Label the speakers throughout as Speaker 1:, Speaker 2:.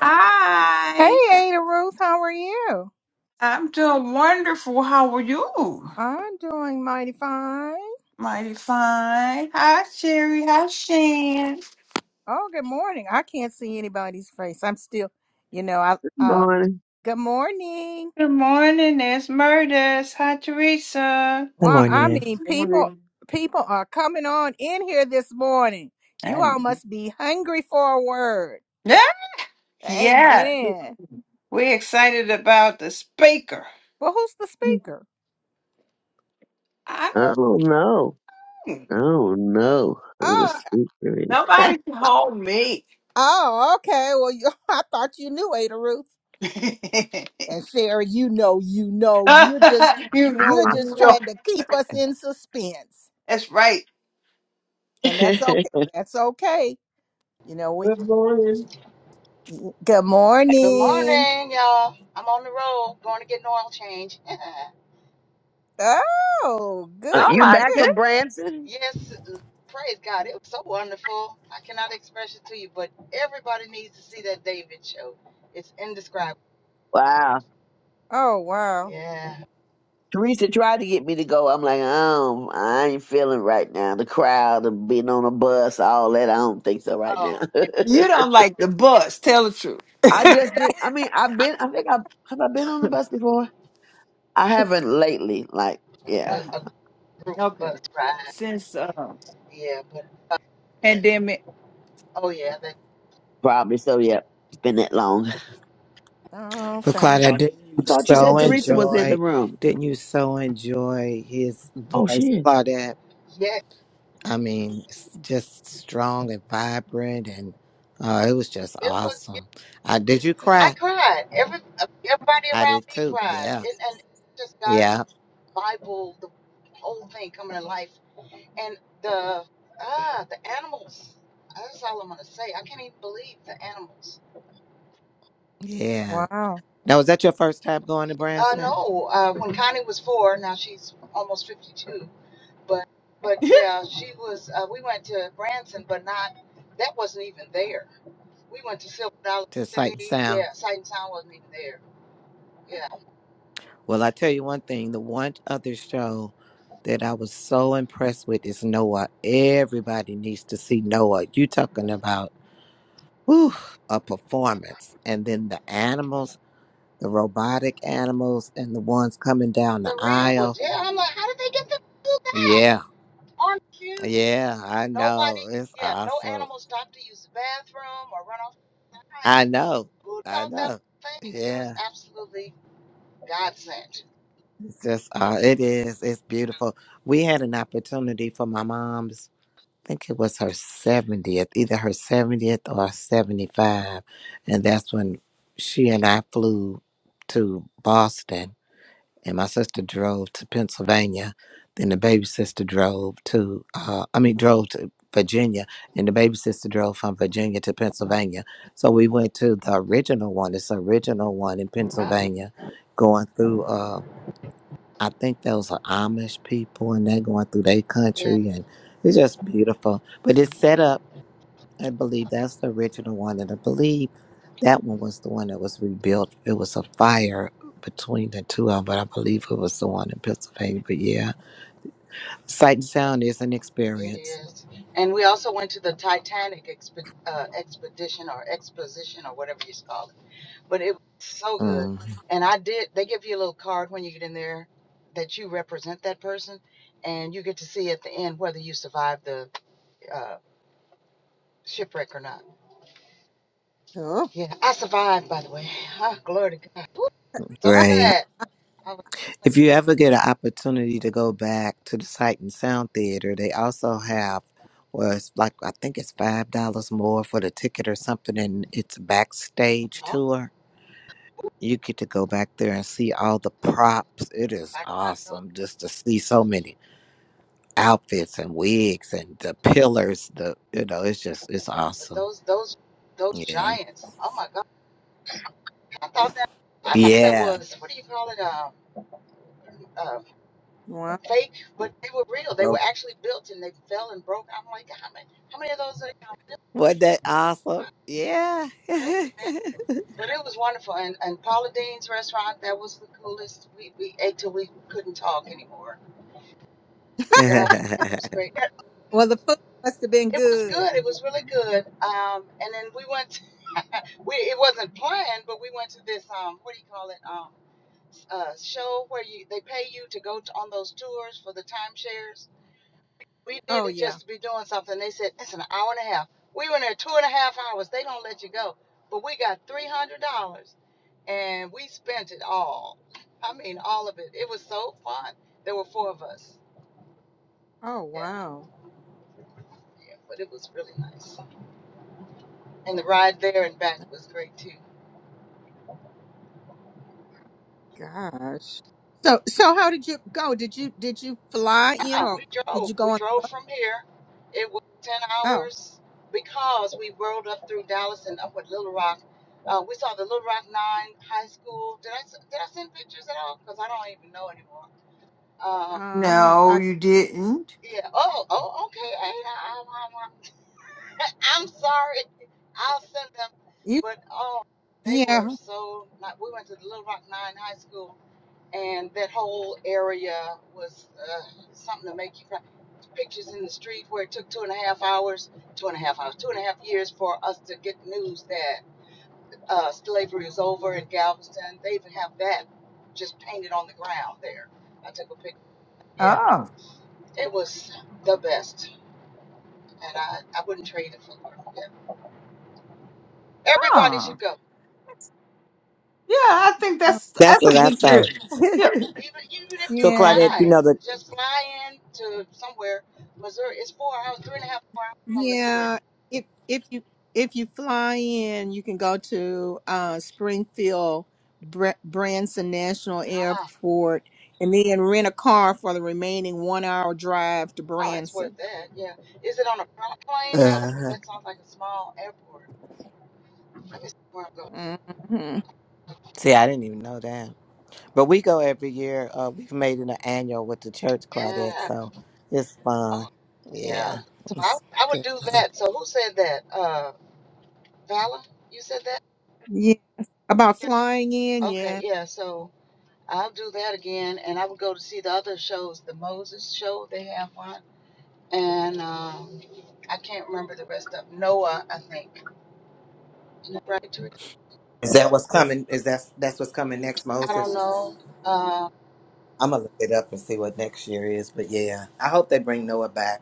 Speaker 1: Hi,
Speaker 2: Hey, Ada Ruth, how are you?
Speaker 1: I'm doing wonderful. How are you?
Speaker 2: I'm doing mighty fine.
Speaker 1: Mighty fine. Hi, Sherry. Hi, Shan.
Speaker 2: Oh, good morning. I can't see anybody's face. I'm still, you know, I
Speaker 1: Uh,
Speaker 2: uh
Speaker 3: Morning.
Speaker 2: good morning.
Speaker 1: Good morning. There's Murders. Hi, Teresa.
Speaker 4: Good
Speaker 2: Wow, I
Speaker 4: morning.
Speaker 2: mean people
Speaker 3: Morning.
Speaker 2: people are coming on in here this morning. You all
Speaker 1: And
Speaker 2: must be hungry for a word.
Speaker 1: yeah, yeah,
Speaker 2: Amen.
Speaker 1: we're excited about the speaker.
Speaker 2: Well, who's the speaker?
Speaker 1: I
Speaker 3: Oh no.
Speaker 1: don't.
Speaker 3: Oh no. Who the
Speaker 2: Oh,
Speaker 3: speaker
Speaker 1: Nobody can hold me.
Speaker 2: oh, okay. Well, you, I thought you knew Ada Ruth.
Speaker 1: you
Speaker 2: And Sherry, you know, you know, you're just
Speaker 1: know,
Speaker 2: you're just
Speaker 1: you know.
Speaker 2: trying to keep us in suspense.
Speaker 1: That's right.
Speaker 3: is?
Speaker 2: and that's okay. That's okay. You know, we,
Speaker 3: Good morning.
Speaker 2: good
Speaker 5: Good
Speaker 2: morning.
Speaker 5: morning, y'all. I'm on the road going to get an oil change.
Speaker 2: Oh, good
Speaker 3: Uh,
Speaker 1: Oh
Speaker 2: for
Speaker 3: you
Speaker 1: my
Speaker 3: back
Speaker 2: you.
Speaker 1: goodness.
Speaker 3: from Branson?
Speaker 5: yes, praise God. It was so wonderful. I cannot express it to you, but everybody needs to see that David show. It's indescribable.
Speaker 3: Wow.
Speaker 2: Oh, wow.
Speaker 5: Yeah.
Speaker 3: Teresa tried to get me to go. I'm like, um, I ain't feeling right now. The crowd and being on a bus, all that. I don't think so right now.
Speaker 5: Oh,
Speaker 1: You don't like the bus. Tell the truth.
Speaker 3: I just did. I mean, I've been. I think I've have I been on the bus before. I haven't lately. Like, yeah,
Speaker 5: a,
Speaker 1: Uh-huh.
Speaker 5: a group bus
Speaker 1: Okay.
Speaker 5: ride.
Speaker 1: Since uh,
Speaker 5: Yeah, but
Speaker 1: pandemic.
Speaker 5: oh yeah, that
Speaker 3: probably so. Yeah, it's been that long. I
Speaker 2: Oh,
Speaker 4: But
Speaker 2: okay.
Speaker 4: Claudia, didn't you
Speaker 3: thought you said
Speaker 4: so
Speaker 3: Teresa was in the
Speaker 4: enjoy
Speaker 3: room.
Speaker 4: didn't you so enjoy his
Speaker 3: Oh, she
Speaker 4: voice,
Speaker 3: is.
Speaker 4: Claudette?
Speaker 5: yeah.
Speaker 4: I mean, it's just strong and vibrant and uh, it was just
Speaker 5: It was.
Speaker 4: awesome. Uh, did you
Speaker 5: I
Speaker 4: cry?
Speaker 5: cried. Every everybody
Speaker 4: I did
Speaker 5: around me
Speaker 4: too.
Speaker 5: cried,
Speaker 4: Yeah.
Speaker 5: and, and just God's
Speaker 4: Yeah.
Speaker 5: Bible, the whole thing coming to life and the ah the animals. That's all I'm gonna say. I can't even believe the animals.
Speaker 4: Yeah.
Speaker 2: Wow.
Speaker 4: Now was that your first time going to
Speaker 5: Uh,
Speaker 4: Branson?
Speaker 5: no, uh, when Connie was four, now she's almost 52. But but yeah, she was. Uh, we went to Branson, but not that wasn't even there. We went to Silver Dollar
Speaker 4: To Sight and
Speaker 5: City.
Speaker 4: Sound?
Speaker 5: Yeah, Sight and Sound wasn't even there. Yeah,
Speaker 4: Well, I tell you one thing, the one other show that I was so impressed with is Noah. Everybody needs to see Noah. You talking about whew, a performance. And then the animals, the robotic animals, and the ones coming down the
Speaker 5: the real ones.
Speaker 4: aisle.
Speaker 5: Yeah, I'm like, how did they get to do that
Speaker 4: Yeah,
Speaker 5: on cue?
Speaker 4: yeah, I know.
Speaker 5: Nobody.
Speaker 4: It's
Speaker 5: Yeah, no
Speaker 4: awesome.
Speaker 5: animals stop to use the bathroom or run off.
Speaker 4: I know.
Speaker 5: who
Speaker 4: I
Speaker 5: thought that
Speaker 4: know.
Speaker 5: thing? It was
Speaker 4: Yeah,
Speaker 5: absolutely godsend.
Speaker 4: it's just, uh, it is. It's beautiful. We had an opportunity for my mom's. I think it was her 70th, either her 70th or 75. And that's when she and I flew to Boston and my sister drove to Pennsylvania. Then the baby sister drove to, uh, I mean, drove to Virginia, and the baby sister drove from Virginia to Pennsylvania. So we went to the original one. It's the original one in
Speaker 5: Uh,
Speaker 4: Pennsylvania, going through. Uh, I think those are Amish people, and they're going through their
Speaker 5: yeah,
Speaker 4: country, and it's just beautiful. But it's set up. I believe that's the original one, and I believe that one was the one that was rebuilt. It was a fire between the two of them, but I believe it was the one in Pennsylvania. But yeah, sight and sound is an
Speaker 5: it
Speaker 4: experience.
Speaker 5: is. And we also went to the Titanic expe- uh, expedition or exposition or whatever you call it. But it was so good.
Speaker 4: Mm,
Speaker 5: And I did, they give you a little card when you get in there that you represent that person. And you get to see at the end whether you survived the uh, shipwreck or not.
Speaker 2: Oh,
Speaker 5: Yeah, I survived, by the way. Ah, glory to God. Woo, so
Speaker 4: great.
Speaker 5: glad. I was,
Speaker 4: If you ever get an opportunity to go back to the Sight and Sound Theater, they also have, well, it's like I think it's five dollars more for the ticket or something, and it's a backstage
Speaker 5: oh,
Speaker 4: tour you get to go back there and see all the props. It is
Speaker 5: I did not know
Speaker 4: awesome just to see so many outfits and wigs and the pillars. The you know, it's just it's
Speaker 5: Yeah, but
Speaker 4: awesome.
Speaker 5: those those those
Speaker 4: Yeah,
Speaker 5: giants. Oh my God! I thought that I thought that
Speaker 4: yeah,
Speaker 5: was what do you call it? Um, uh,
Speaker 2: wow.
Speaker 5: fake, but they were real. They were
Speaker 4: bro.
Speaker 5: actually built, and they fell and broke. I'm like, how many how many of those are there?
Speaker 4: Wasn't that awesome? Yeah,
Speaker 5: crazy, man. But it was wonderful, and and Paula Dean's restaurant that was the coolest. We we ate till we couldn't talk anymore. Yeah, and it was
Speaker 4: that's
Speaker 5: great. It
Speaker 2: Well, the food must have been
Speaker 5: it was
Speaker 2: good.
Speaker 5: good. It was really good. Um, and then we went. To, we it wasn't planned, but we went to this um, what do you call it? Um. uh, show where you they pay you to go to, on those tours for the timeshares. We did
Speaker 2: Oh,
Speaker 5: it
Speaker 2: yeah.
Speaker 5: just to be doing something. They said it's an hour and a half. We were in there two and a half hours. They don't let you go, but we got three hundred dollars and we spent it all. I mean, all of it. It was so fun. There were four of us.
Speaker 2: Oh,
Speaker 5: Yeah,
Speaker 2: wow.
Speaker 5: yeah, but it was really nice. And the ride there and back was great too.
Speaker 2: Gosh. So, so how did you go? Did you did you fly in
Speaker 5: Uh-uh,
Speaker 2: or
Speaker 5: we
Speaker 2: did
Speaker 5: drove.
Speaker 2: you go
Speaker 5: We
Speaker 2: on?
Speaker 5: drove from here. It was 10
Speaker 2: Oh,
Speaker 5: hours because we rode up through Dallas and up with Little Rock. Uh, we saw the Little Rock 9 High School. Did I, s- did I send pictures at all? Because I don't even know anymore. Um,
Speaker 2: uh,
Speaker 1: No,
Speaker 2: I,
Speaker 1: you didn't.
Speaker 5: yeah. Oh, oh, okay, Ada. I'm, I'm, I'm, I'm sorry. I'll send them.
Speaker 2: you,
Speaker 5: But, oh, they were
Speaker 2: yeah,
Speaker 5: so, not, we went to the Little Rock 9 High School and that whole area was uh, something to make you cry. Pictures in the street where it took two and a half hours, two and a half hours, two and a half years for us to get news that uh, slavery is over in Galveston. They even have that just painted on the ground there. I took a picture. Yeah,
Speaker 1: Oh,
Speaker 5: it was the best, and I, I wouldn't trade it for the world. Yeah. Everybody
Speaker 1: oh,
Speaker 5: should go,
Speaker 1: yeah. I think that's that's a
Speaker 4: what I
Speaker 1: good
Speaker 4: say.
Speaker 1: trip. Yeah,
Speaker 5: even even if you
Speaker 4: so
Speaker 2: yeah.
Speaker 4: Claudette, you
Speaker 5: fly.
Speaker 4: know the.
Speaker 5: Just fly in to somewhere. Missouri It's four hours, three and a half hours from Missouri.
Speaker 2: Yeah, if if you if you fly in, you can go to uh, Springfield Br- Branson National
Speaker 5: Ah.
Speaker 2: Airport, and then rent a car for the remaining one hour drive to
Speaker 5: Oh, it's worth
Speaker 2: Branson.
Speaker 5: that. Yeah. Is it on a pri- plane though?
Speaker 4: uh
Speaker 5: That sounds like a small airport. Let me see where I'm going.
Speaker 2: hmm
Speaker 4: See, I didn't even know that. But we go every year. Uh, we've made it an annual with the church, Claudette.
Speaker 5: Yeah.
Speaker 4: So it's fun.
Speaker 5: Oh,
Speaker 4: Yeah.
Speaker 5: yeah. So I,
Speaker 4: It's
Speaker 5: I would
Speaker 4: good.
Speaker 5: do that. So who said that? Uh, Vala, you said that.
Speaker 2: Yeah, about flying in.
Speaker 5: Yeah. Okay.
Speaker 2: Yeah,
Speaker 5: Yeah. So I'll do that again, and I would go to see the other shows. The Moses show they have one, and um, I can't remember the rest of Noah. I think. Isn't that Right. Teresa?
Speaker 4: Is that what's coming? Is that that's what's coming next,
Speaker 5: I don't
Speaker 4: Moses?
Speaker 5: know. Uh,
Speaker 4: I'm gonna look it up and see what next year is. But yeah, I hope they bring Noah back.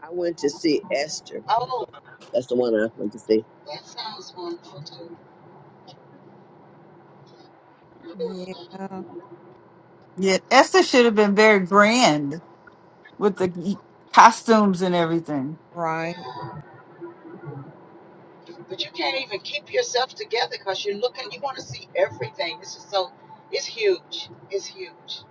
Speaker 3: I went to see Esther.
Speaker 5: oh,
Speaker 3: That's the one I went to see.
Speaker 5: that sounds wonderful too.
Speaker 2: yeah,
Speaker 1: Yeah, Esther should have been very grand with the y- costumes and everything.
Speaker 2: right.
Speaker 5: Yeah. but you can't even keep yourself together because you're looking you want to see everything this is so it's huge it's huge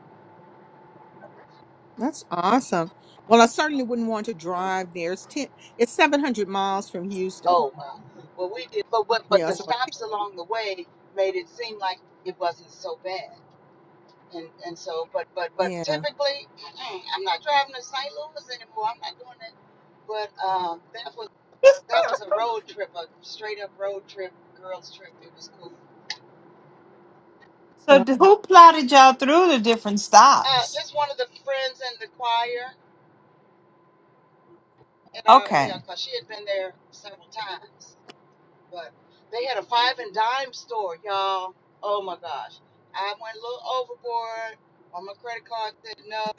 Speaker 2: That's awesome. Well, I certainly wouldn't want to drive there. It's ten. It's seven hundred miles from Houston.
Speaker 5: oh well well we did but what but
Speaker 2: Yeah.
Speaker 5: the
Speaker 2: So
Speaker 5: stops along the way made it seem like it wasn't so bad and and so but but but
Speaker 2: yeah.
Speaker 5: typically i'm not driving to st louis anymore i'm not doing that but um that was that was a road trip a straight up road trip girls trip it was cool
Speaker 1: So,
Speaker 2: Well,
Speaker 1: d- who plotted y'all through the different
Speaker 5: uh
Speaker 1: stops?
Speaker 5: just one of the friends in the choir And uh, yeah,
Speaker 1: Okay.
Speaker 5: 'cause she had been there several times. But they had a five and dime store, y'all. Oh my gosh. I went a little overboard on my credit card, said no.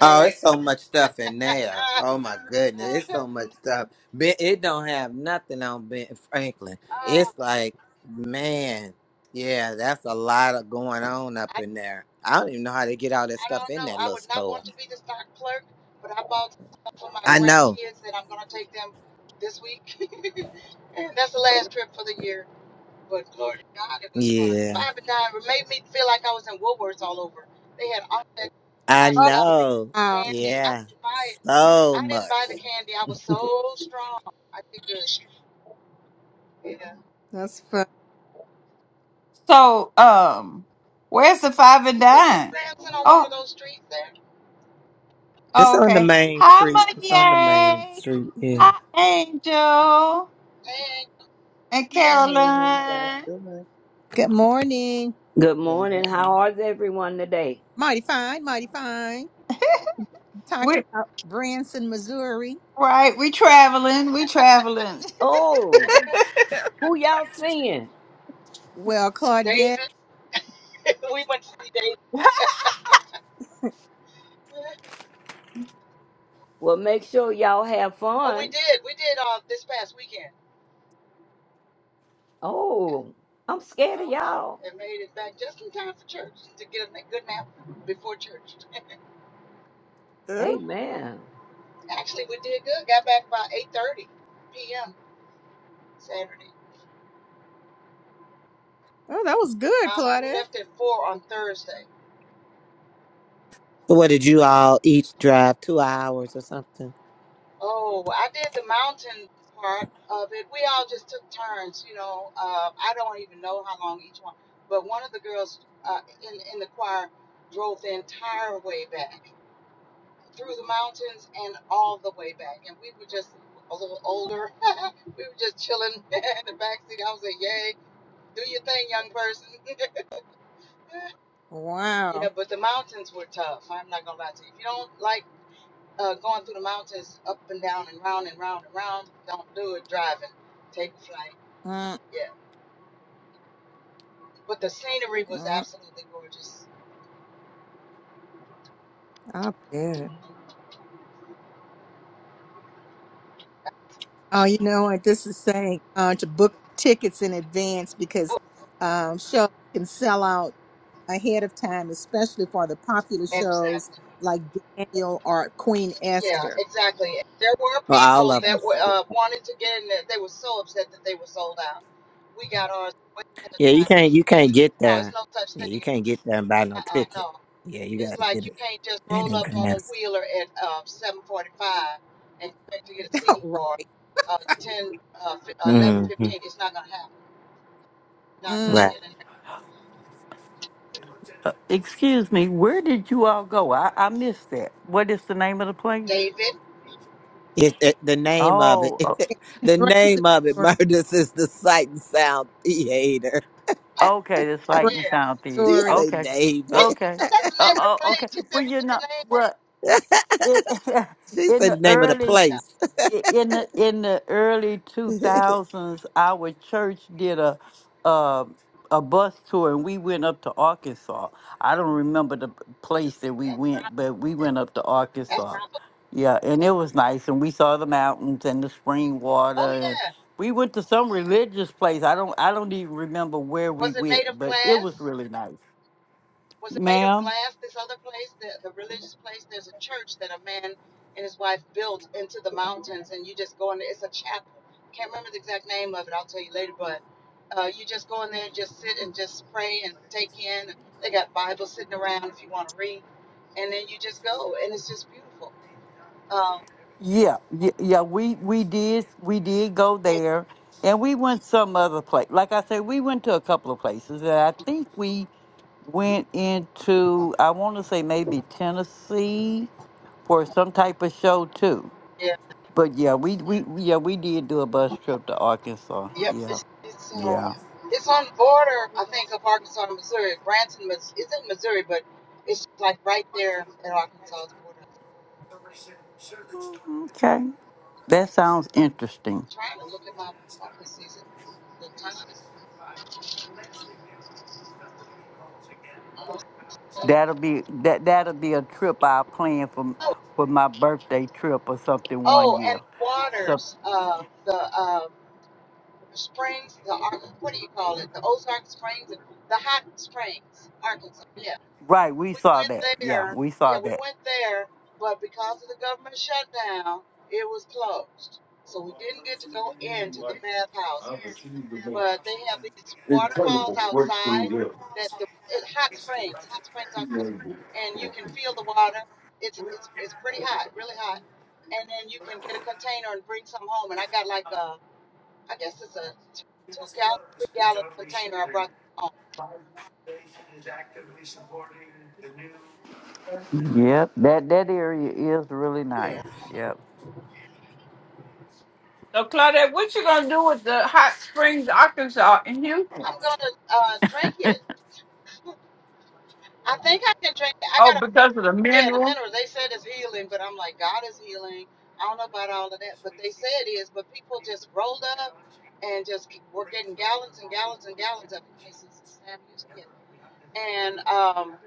Speaker 4: Oh, it's so much stuff in there.
Speaker 5: uh,
Speaker 4: Oh my goodness, it's so much stuff. Ben, it don't have nothing on Ben Franklin. It's
Speaker 5: uh,
Speaker 4: like, man, yeah, that's a lot of going on up
Speaker 5: I, I
Speaker 4: in there. I don't even know how they get all that stuff
Speaker 5: don't
Speaker 4: in
Speaker 5: know.
Speaker 4: that
Speaker 5: I
Speaker 4: little
Speaker 5: would not
Speaker 4: store.
Speaker 5: want to be the stock clerk, but I bought stuff for my
Speaker 4: I know.
Speaker 5: grandkids that I'm going to take them this week. and that's the last trip for the year. But glory to God, it was fun.
Speaker 4: Yeah,
Speaker 5: Five and nine made me feel like I was in Woolworths all over. They had all that
Speaker 4: I
Speaker 2: Oh
Speaker 5: nostalgic
Speaker 4: know.
Speaker 2: wow,
Speaker 5: candy. I
Speaker 4: Yeah,
Speaker 5: didn't buy it.
Speaker 4: so
Speaker 5: I didn't
Speaker 4: much.
Speaker 5: buy the candy. I was so strong. I did good. Yeah.
Speaker 2: that's fun.
Speaker 1: So, um, where's the five and
Speaker 5: Isn't
Speaker 1: dime?
Speaker 5: Branson on one of
Speaker 1: Oh,
Speaker 5: those streets there? And
Speaker 4: It's
Speaker 1: oh
Speaker 4: on the
Speaker 1: okay.
Speaker 4: main
Speaker 1: Hi,
Speaker 4: street. It's on the main
Speaker 1: Monet.
Speaker 4: street. Yeah.
Speaker 1: Hi, Angel
Speaker 5: man,
Speaker 1: and
Speaker 6: Morning, how you guys
Speaker 1: Caroline.
Speaker 6: doing?
Speaker 2: Good morning.
Speaker 7: Good
Speaker 6: Good
Speaker 7: morning.
Speaker 6: morning.
Speaker 7: How is everyone today?
Speaker 2: Mighty fine, mighty fine. Talking about Branson, Missouri.
Speaker 1: Right, we traveling, we traveling.
Speaker 7: Oh, who y'all seeing?
Speaker 2: Well, Claudette,
Speaker 5: David, we went to see David.
Speaker 7: Well, make sure y'all have
Speaker 5: oh, we
Speaker 7: fun.
Speaker 5: did. We did uh, this past weekend.
Speaker 7: Oh, I'm scared
Speaker 5: Uh
Speaker 7: of
Speaker 5: huh.
Speaker 7: y'all.
Speaker 5: And made it back just in time for church to get a good nap before church.
Speaker 2: uh,
Speaker 7: Amen.
Speaker 5: Actually, we did good. Got back by 8:30 p.m. Saturday.
Speaker 2: oh, that was good,
Speaker 5: Uh-huh. We
Speaker 2: Claudette.
Speaker 5: left at four on Thursday.
Speaker 4: So what did you all each drive two hours or something?
Speaker 5: Oh, I did the mountain part of it. We all just took turns, you know. Uh, I don't even know how long each one, but one of the girls uh, in in the choir drove the entire way back through the mountains and all the way back, and we were just a little older. we were just chilling in the back seat. I was like, "Yay, do your thing, young person." yeah,
Speaker 2: Wow.
Speaker 5: but the mountains were tough. I'm not gonna lie to you. If you don't like uh, going through the mountains up and down and round and round and round. Don't do it driving. Take a flight.
Speaker 2: Mm,
Speaker 5: Yeah. But the scenery was
Speaker 2: mm,
Speaker 5: absolutely gorgeous.
Speaker 2: I bet. Oh, you know what? This is saying uh, to book tickets in advance because um, shows can sell out ahead of time, especially for the popular shows
Speaker 5: Exactly.
Speaker 2: like Daniel or Queen
Speaker 5: Yeah,
Speaker 2: Esther.
Speaker 5: exactly. There were
Speaker 4: Well, all
Speaker 5: people
Speaker 4: of them.
Speaker 5: that were
Speaker 4: So.
Speaker 5: uh, wanted to get in there. They were so upset that they were sold out. We got ours way ahead
Speaker 4: Yeah,
Speaker 5: of
Speaker 4: you
Speaker 5: time.
Speaker 4: can't. You can't get
Speaker 5: No, it's
Speaker 4: there.
Speaker 5: no such
Speaker 4: Yeah, you
Speaker 5: thing.
Speaker 4: can't get there and buy no
Speaker 5: Uh-uh,
Speaker 4: ticket.
Speaker 5: no.
Speaker 4: Yeah, you
Speaker 5: It's
Speaker 4: gotta
Speaker 5: like
Speaker 4: get
Speaker 5: you
Speaker 4: it
Speaker 5: can't just
Speaker 4: in
Speaker 5: roll up on
Speaker 4: advance.
Speaker 5: Wheeler at uh, 745 and expect to get a seat
Speaker 2: right.
Speaker 5: for uh, 10, uh, 11,
Speaker 4: Mm-hmm.
Speaker 5: fifteen. It's not going to happen. Not gonna
Speaker 2: Mm,
Speaker 4: Right.
Speaker 5: get in here.
Speaker 8: Uh, excuse me, where did you all go? I, I missed that. What is the name of the place?
Speaker 5: David.
Speaker 4: It, it, the name of it.
Speaker 8: Oh, o-
Speaker 4: the
Speaker 2: Branson,
Speaker 4: name of it.
Speaker 2: Missouri.
Speaker 4: Murders is the Sight and Sound Theater.
Speaker 8: okay, the Sight
Speaker 2: Branson,
Speaker 8: and
Speaker 5: Yeah,
Speaker 8: Sound Theory.
Speaker 4: She
Speaker 5: yeah.
Speaker 2: Missouri.
Speaker 4: said
Speaker 8: Okay,
Speaker 5: That's
Speaker 4: David.
Speaker 8: okay,
Speaker 5: that's the
Speaker 8: uh,
Speaker 5: name of the
Speaker 8: oh,
Speaker 5: play.
Speaker 8: okay.
Speaker 5: She said,
Speaker 8: Well,
Speaker 5: "What
Speaker 8: you
Speaker 5: was
Speaker 8: know,
Speaker 5: the name of?"
Speaker 8: well, it,
Speaker 4: She
Speaker 8: in
Speaker 4: said
Speaker 8: the
Speaker 4: the name of the
Speaker 8: early
Speaker 5: Yeah,
Speaker 4: place.
Speaker 8: i- in the in the early 2000s our church did a a, a bus tour and we went up to arkansas i don't remember the p- place that we
Speaker 5: that's
Speaker 8: went
Speaker 5: probably.
Speaker 8: but we went up to
Speaker 5: That's
Speaker 8: arkansas
Speaker 5: probably.
Speaker 8: yeah and it was nice and we saw the mountains and the spring water
Speaker 5: Oh
Speaker 8: and
Speaker 5: yeah.
Speaker 8: we went to some religious place i don't i don't even remember where we
Speaker 5: Was it
Speaker 8: went
Speaker 5: made of
Speaker 8: but it was
Speaker 5: glass?
Speaker 8: really nice
Speaker 5: Was it made of
Speaker 8: ma'am
Speaker 5: glass? This other place, the the religious place. There's a church that a man and his wife built into the mountains, and you just go in. There. It's a chapel. Can't remember the exact name of it. I'll tell you later, but. Uh, you just go in there and just sit and just pray and take in. They got Bibles sitting around if you want to read. And then you just go, and it's just beautiful. Um,
Speaker 8: Yeah, y- yeah, we we did we did go
Speaker 5: yeah,
Speaker 8: there, and we went some other place. Like I said, we went to a couple of places, and I think we went into I want to say maybe Tennessee for some type of show too.
Speaker 5: yeah,
Speaker 8: But yeah, we we yeah we did do a bus trip to Arkansas.
Speaker 5: yep.
Speaker 8: Yeah,
Speaker 5: It's it's you know,
Speaker 8: yeah.
Speaker 5: it's on the border, I think, of Arkansas and Missouri. Branson, Mis- it's in Missouri, but it's like right there at Arkansas's border.
Speaker 8: Okay, that sounds interesting.
Speaker 5: I'm trying to look at my phone to see the time.
Speaker 8: That'll be that that'll be a trip I plan for
Speaker 5: Oh,
Speaker 8: for my birthday trip or something one
Speaker 5: oh, and
Speaker 8: year. So
Speaker 5: waters, uh, the uh, springs, the Ar- what do you call it? The Ozark Springs, the hot springs, Arkansas. yeah.
Speaker 8: right, we
Speaker 5: we
Speaker 8: saw
Speaker 5: went
Speaker 8: that. Yeah,
Speaker 5: there.
Speaker 8: we
Speaker 5: Yeah,
Speaker 8: saw
Speaker 5: we
Speaker 8: that.
Speaker 5: went there, but because of the government shutdown, it was closed. So we didn't get to go into the bathhouse. But they have these waterfalls outside that the hot springs, hot springs outside, and you can feel the water. It's it's it's pretty hot, really hot. And then you can get a container and bring some home. And I got like a, I guess it's a t- two gallon, three gallon container I brought home.
Speaker 8: Yep, that that area is really
Speaker 5: Yeah.
Speaker 8: nice. Yep,
Speaker 1: So Claudette, what you gonna do with the hot springs, Arkansas in Houston?
Speaker 5: I'm gonna uh, drink it. I think I can drink it. I
Speaker 1: Oh,
Speaker 5: got
Speaker 1: because of the
Speaker 5: Yeah, the
Speaker 1: mineral.
Speaker 5: minerals. They said it's healing, but I'm like, God is healing. I don't know about all of that, but they say it is. But people just rolled up and just keep, we're getting gallons and gallons and gallons of it. This is Sam Yeah. And um,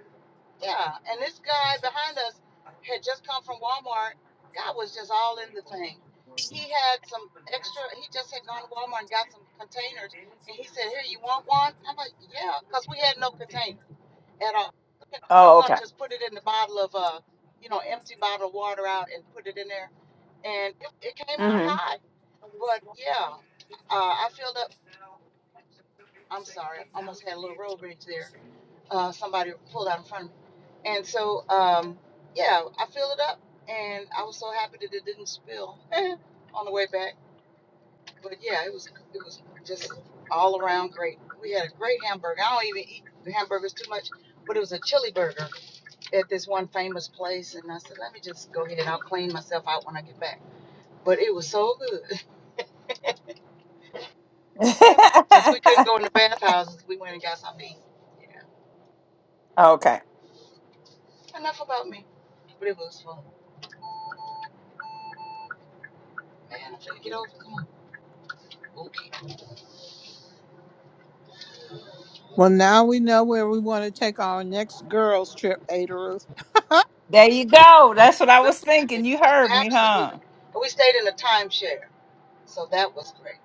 Speaker 5: yeah, and this guy behind us had just come from Walmart. God was just all in the thing. He had some extra. He just had gone to Walmart and got some containers, and he said, "Here, you want one?" I'm like, "Yeah," because we had no containers at all. We were
Speaker 1: Oh,
Speaker 5: gonna
Speaker 1: okay.
Speaker 5: just put it in the bottle of uh, you know, empty bottle of water out and put it in there, and it, it came out
Speaker 1: Mm-hmm.
Speaker 5: high. But yeah, uh, I filled up. I'm sorry, I almost had a little road rage there. Uh, somebody pulled out in front of me, and so um, yeah, I filled it up, and I was so happy that it didn't spill on the way back. But yeah, it was it was just all around great. We had a great hamburger. I don't even eat hamburgers too much, but it was a chili burger at this one famous place, and I said, let me just go ahead and I'll clean myself out when I get back. But it was so good. Since we couldn't go in the bathhouses, we went and got something to eat. Yeah.
Speaker 1: okay.
Speaker 5: Enough about me. But it was fun. Man, I'm trying to get over. Come on. Okay.
Speaker 2: Well, now we know where we want to take our next girls' trip, Ada Ruth.
Speaker 1: There you go. That's what I was
Speaker 5: Absolutely.
Speaker 1: thinking. You heard me, huh?
Speaker 5: And we stayed in a timeshare. So that was great.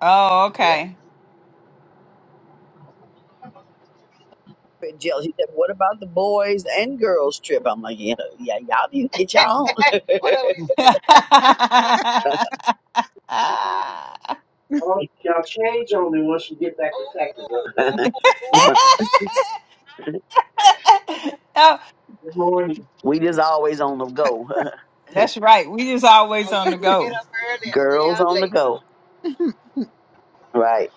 Speaker 1: Oh,
Speaker 5: Yeah.
Speaker 1: okay.
Speaker 3: But Jill, he said, "What about the boys and girls trip?" I'm like, "Yeah, yeah, y'all need to get y'all own."
Speaker 5: Whatever he said. oh,
Speaker 3: Oh, y'all change only once you get back to Texas.
Speaker 5: oh, oh.
Speaker 3: Okay.
Speaker 1: oh,
Speaker 3: Good morning. we just always on the go,
Speaker 1: that's right. We just always
Speaker 5: oh
Speaker 1: on
Speaker 5: yeah,
Speaker 1: the
Speaker 5: we get
Speaker 1: go.
Speaker 5: up early and stay
Speaker 3: girls
Speaker 5: out
Speaker 3: on
Speaker 5: late.
Speaker 3: the go, right?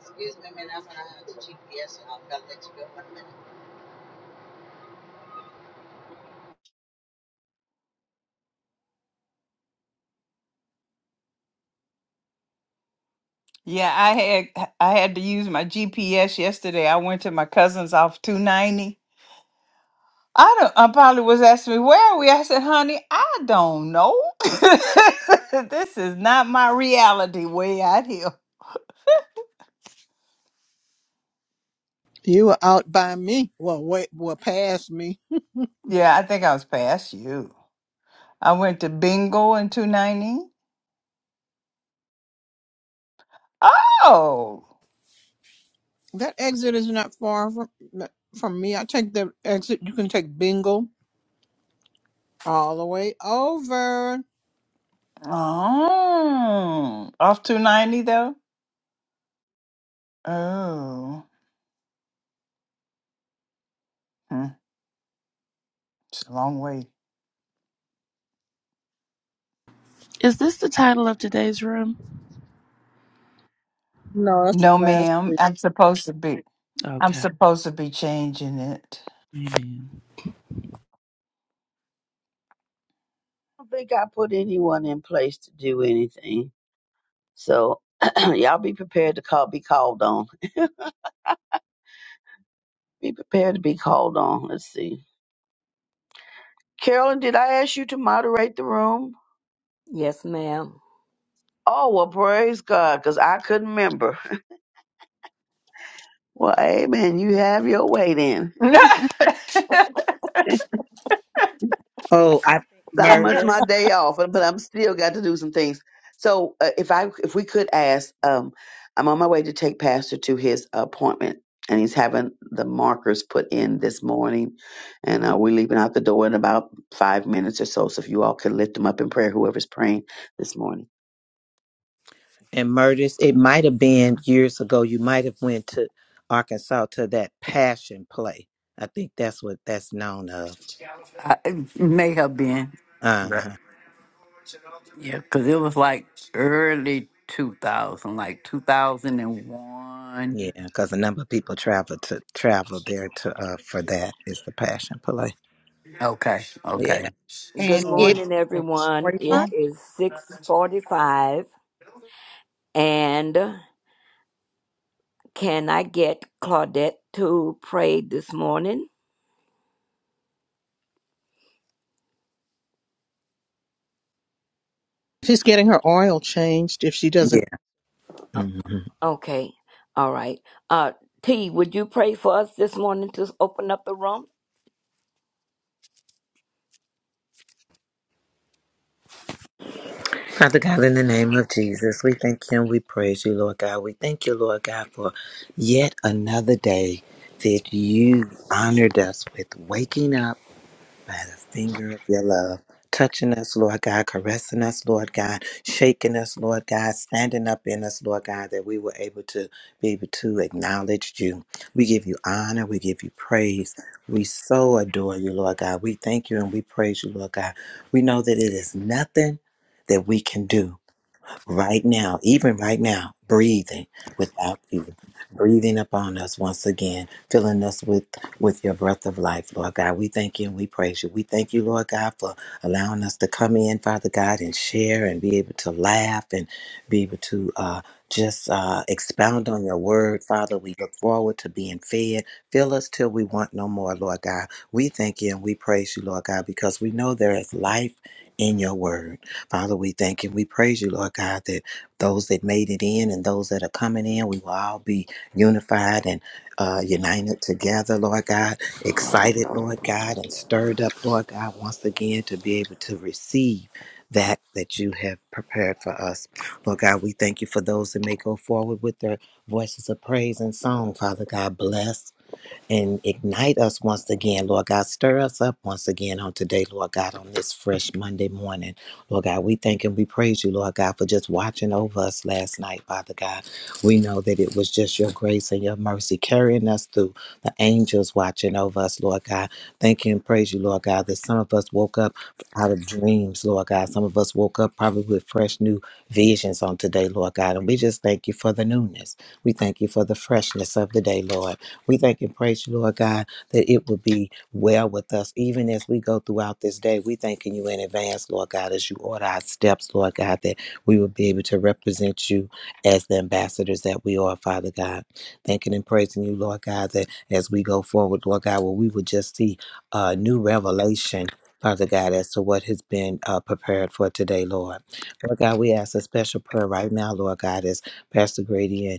Speaker 5: Excuse me, man. i have
Speaker 3: I
Speaker 5: to GPS and I'll come let to go for a minute.
Speaker 1: Yeah, I had I had to use my GPS yesterday. I went to my cousin's off 290. I don't I probably was asking me, where are we? I said, honey, I don't know. this is not my reality way out here.
Speaker 2: You were out by me. Well, wait, well, past me.
Speaker 1: Yeah, I think I was past you. I went to bingo in 290. Oh.
Speaker 2: That exit is not far from from me. I take the exit. You can take Bingle all the way over.
Speaker 1: Oh. Off 290 though? Oh. Hmm, It's a long way.
Speaker 9: Is this the title of today's room?
Speaker 2: No, that's
Speaker 1: No,
Speaker 2: from last
Speaker 1: ma'am.
Speaker 2: week.
Speaker 1: I'm supposed to be. I'm
Speaker 9: Okay.
Speaker 1: supposed to be changing it.
Speaker 9: Amen.
Speaker 3: don't think I put anyone in place to do anything, so y'all be prepared to call, be called on. Be prepared to be called on. Let's see. Carolyn, did I ask you to moderate the room?
Speaker 7: Yes, ma'am.
Speaker 3: Oh, well, praise God, because I couldn't remember. Well, amen. You have your way then.
Speaker 4: oh, I think
Speaker 3: I must
Speaker 4: Murders.
Speaker 3: my day off, but I'm still got to do some things. So uh, if I if we could ask, um, I'm on my way to take Pastor to his appointment, and he's having the markers put in this morning, and uh, we're leaving out the door in about five minutes or so. So if you all could lift him up in prayer, whoever's praying this morning.
Speaker 4: and murders. It might have been years ago. You might have went to Arkansas to that passion play. I think that's what that's known of.
Speaker 8: I, it may have been.
Speaker 4: Uh huh.
Speaker 8: Yeah, because it was like early two thousand, like two thousand and one.
Speaker 4: Yeah, because a number of people travel to travel there to uh for that is the passion play.
Speaker 8: Okay,
Speaker 4: Yeah,
Speaker 8: okay.
Speaker 7: Good
Speaker 2: And it's
Speaker 7: morning, everyone. It
Speaker 2: 45.
Speaker 7: is 645. And can I get Claudette to pray this morning?
Speaker 2: She's getting her oil changed if she
Speaker 4: yeah.
Speaker 2: doesn't.
Speaker 7: Uh,
Speaker 4: hmm
Speaker 7: okay. All right. Uh, T, would you pray for us this morning to open up the room?
Speaker 4: Father God, in the name of Jesus, we thank you and we praise you, Lord God. We thank you, Lord God, for yet another day that you honored us with waking up by the finger of your love, touching us, Lord God, caressing us, Lord God, shaking us, Lord God, standing up in us, Lord God, that we were able to be able to acknowledge you. We give you honor, we give you praise. We so adore you, Lord God. We thank you and we praise you, Lord God. We know that it is nothing that we can do right now, even right now, breathing without you, breathing upon us once again, filling us with, with your breath of life, Lord God. We thank you and we praise you. We thank you, Lord God, for allowing us to come in, Father God, and share and be able to laugh and be able to uh, just uh, expound on your word, Father. We look forward to being fed. Fill us till we want no more, Lord God. We thank you and we praise you, Lord God, because we know there is life in your word. Father, we thank you. We praise you, Lord God, that those that made it in and those that are coming in, we will all be unified and uh, united together, Lord God, excited, Lord God, and stirred up, Lord God, once again to be able to receive that that you have prepared for us. Lord God, we thank you for those that may go forward with their voices of praise and song, Father God. Bless and ignite us once again, Lord God. Stir us up once again on today, Lord God, on this fresh Monday morning. Lord God, we thank and we praise you, Lord God, for just watching over us last night, Father God. We know that it was just your grace and your mercy carrying us through the angels watching over us, Lord God. Thank you and praise you, Lord God, that some of us woke up out of dreams, Lord God. Some of us woke up probably with fresh new visions on today, Lord God. And we just thank you for the newness. We thank you for the freshness of the day, Lord. We thank and praise you, Lord God, that it will be well with us even as we go throughout this day. We thanking you in advance, Lord God, as you order our steps, Lord God, that we will be able to represent you as the ambassadors that we are, Father God. Thanking and praising you, Lord God, that as we go forward, Lord God, well, we will just see a new revelation. Father God, as to what has been uh, prepared for today, Lord. Lord God, we ask a special prayer right now, Lord God, as Pastor Grady and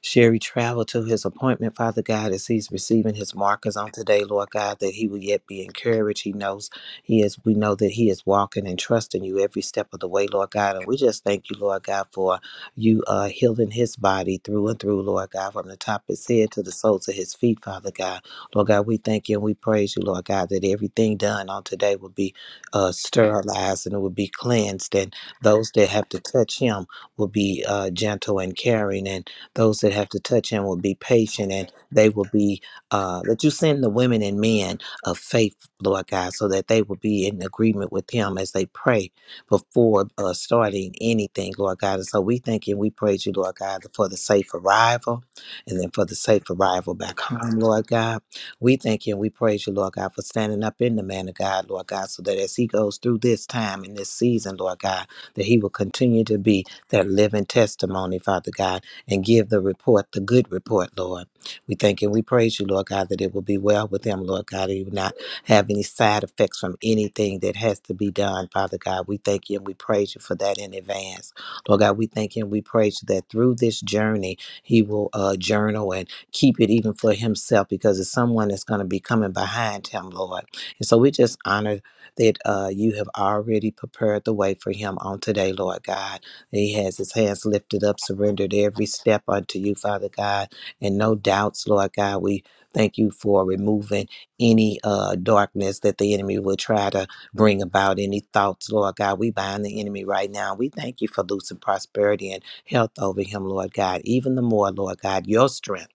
Speaker 4: Sherry traveled to his appointment, Father God, as he's receiving his markers on today, Lord God, that he will yet be encouraged. He knows he is, we know that he is walking and trusting you every step of the way, Lord God. And we just thank you, Lord God, for you uh, healing his body through and through, Lord God, from the top of his head to the soles of his feet, Father God. Lord God, we thank you and we praise you, Lord God, that everything done on today will be uh, sterilized and it will be cleansed, and those that have to touch him will be uh, gentle and caring. And those that have to touch him will be patient and they will be, uh, that you send the women and men of faith, Lord God, so that they will be in agreement with him as they pray before uh, starting anything, Lord God. And so we thank you and we praise you, Lord God, for the safe arrival and then for the safe arrival back home, Lord God. We thank you and we praise you, Lord God, for standing up in the man of God, Lord God, so that as he goes through this time and this season, Lord God, that he will continue to be that living testimony, Father God, and give the report, the good report, Lord. We thank and we praise you, Lord God, that it will be well with him, Lord God. He will not have any side effects from anything that has to be done, Father God. We thank you and we praise you for that in advance. Lord God, we thank you and we praise you that through this journey, he will uh, journal and keep it even for himself because it's someone that's going to be coming behind him, Lord. And so we just honor that uh, you have already prepared the way for him on today, Lord God. He has his hands lifted up, surrendered every step unto you, Father God, and no doubts, Lord God. We thank you for removing any uh, darkness that the enemy will try to bring about, any thoughts, Lord God. We bind the enemy right now. We thank you for loosing prosperity and health over him, Lord God. Even the more, Lord God, your strength.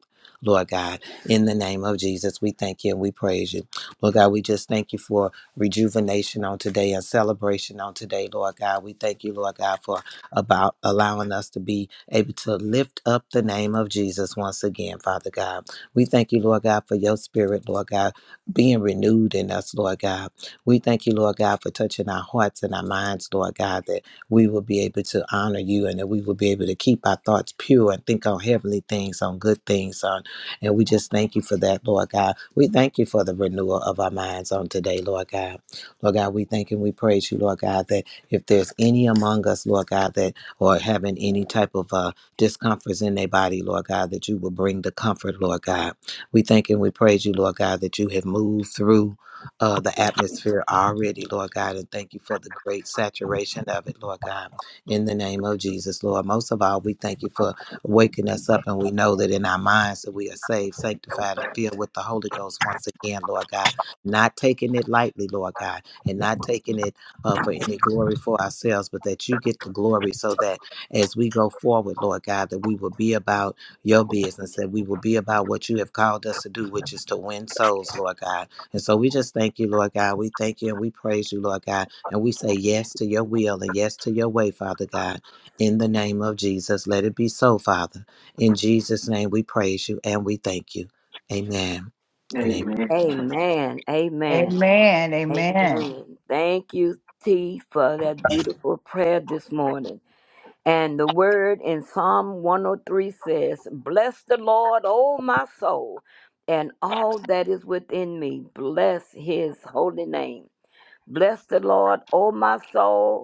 Speaker 4: Lord God, in the name of Jesus, we thank you and we praise you. Lord God, we just thank you for rejuvenation on today and celebration on today, Lord God. We thank you, Lord God, for about allowing us to be able to lift up the name of Jesus once again, Father God. We thank you, Lord God, for your spirit, Lord God, being renewed in us, Lord God. We thank you, Lord God, for touching our hearts and our minds, Lord God, that we will be able to honor you and that we will be able to keep our thoughts pure and think on heavenly things, on good things, on and we just thank you for that, Lord God. We thank you for the renewal of our minds on today, Lord God. Lord God, we thank and we praise you, Lord God, that if there's any among us, Lord God, that or having any type of uh, discomforts in their body, Lord God, that you will bring the comfort, Lord God. We thank and we praise you, Lord God, that you have moved through. Uh, the atmosphere already, Lord God, and thank you for the great saturation of it, Lord God, in the name of Jesus, Lord. Most of all, we thank you for waking us up, and we know that in our minds that we are saved, sanctified, and filled with the Holy Ghost once again, Lord God, not taking it lightly, Lord God, and not taking it uh, for any glory for ourselves, but that you get the glory so that as we go forward, Lord God, that we will be about your business, that we will be about what you have called us to do, which is to win souls, Lord God. And so we just thank you, Lord God. We thank you and we praise you, Lord God. And we say yes to your will and yes to your way, Father God. In the name of Jesus, let it be so, Father. In Jesus' name, we praise you and we thank you. Amen. Amen.
Speaker 10: Amen
Speaker 7: Amen. Amen.
Speaker 1: Amen. Amen.
Speaker 7: Amen. Thank you, T, for that beautiful prayer this morning. And the word in Psalm 103 says, Bless the Lord, O my soul, and all that is within me. Bless his holy name. Bless the Lord, O my soul,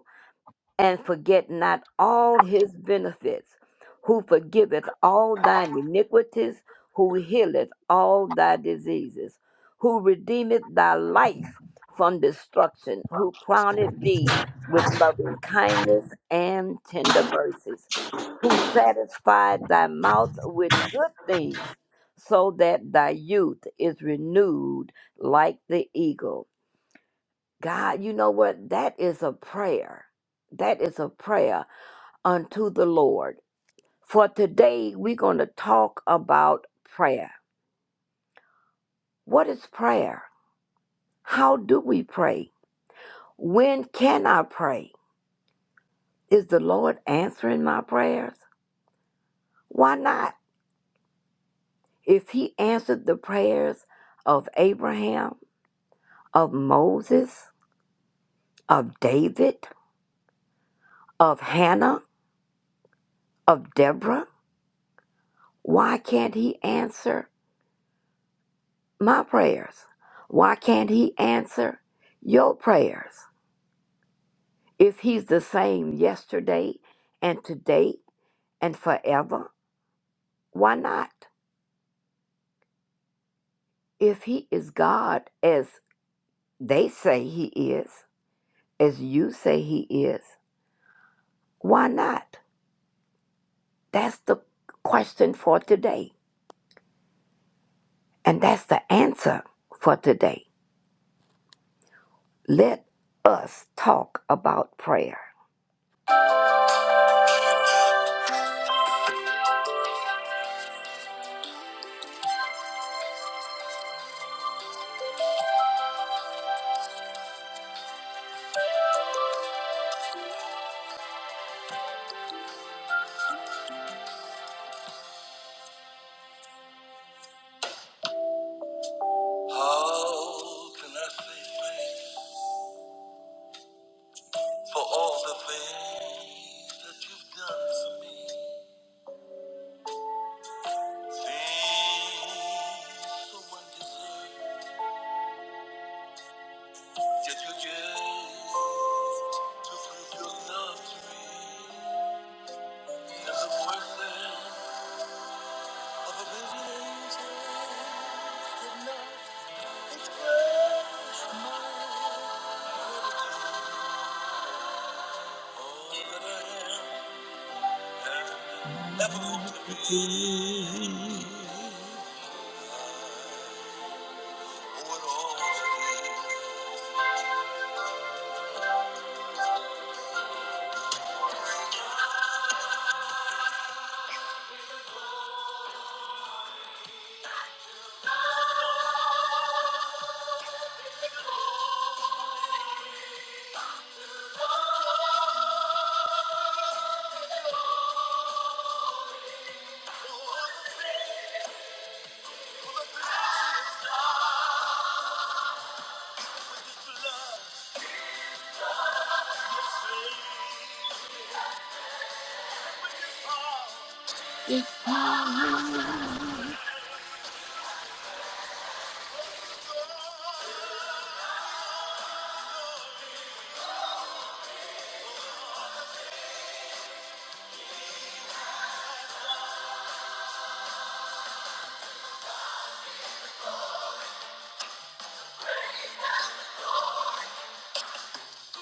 Speaker 7: and forget not all his benefits, who forgiveth all thine iniquities, who healeth all thy diseases, who redeemeth thy life from destruction, who crowneth thee with loving kindness and tender mercies, who satisfied thy mouth with good things, so that thy youth is renewed like the eagle. God, you know what? That is a prayer. That is a prayer unto the Lord. For today, we're going to talk about prayer. What is prayer? How do we pray? When can I pray? Is the Lord answering my prayers? Why not? If He answered the prayers of Abraham, of Moses, of David, of Hannah, of Deborah, why can't He answer my prayers? Why can't he answer your prayers if he's the same yesterday and today and forever? Why not? If he is God as they say he is, as you say he is, why not? That's the question for today. And that's the answer for today. Let us talk about prayer. How can I say thanks? for all the things that you've done for me. Things so undeserved, yet you gave to prove your love to me. And the voices of a million angels could not express my gratitude. All that I am and ever hope to be. Oh, it all to be. If I'm heartbroken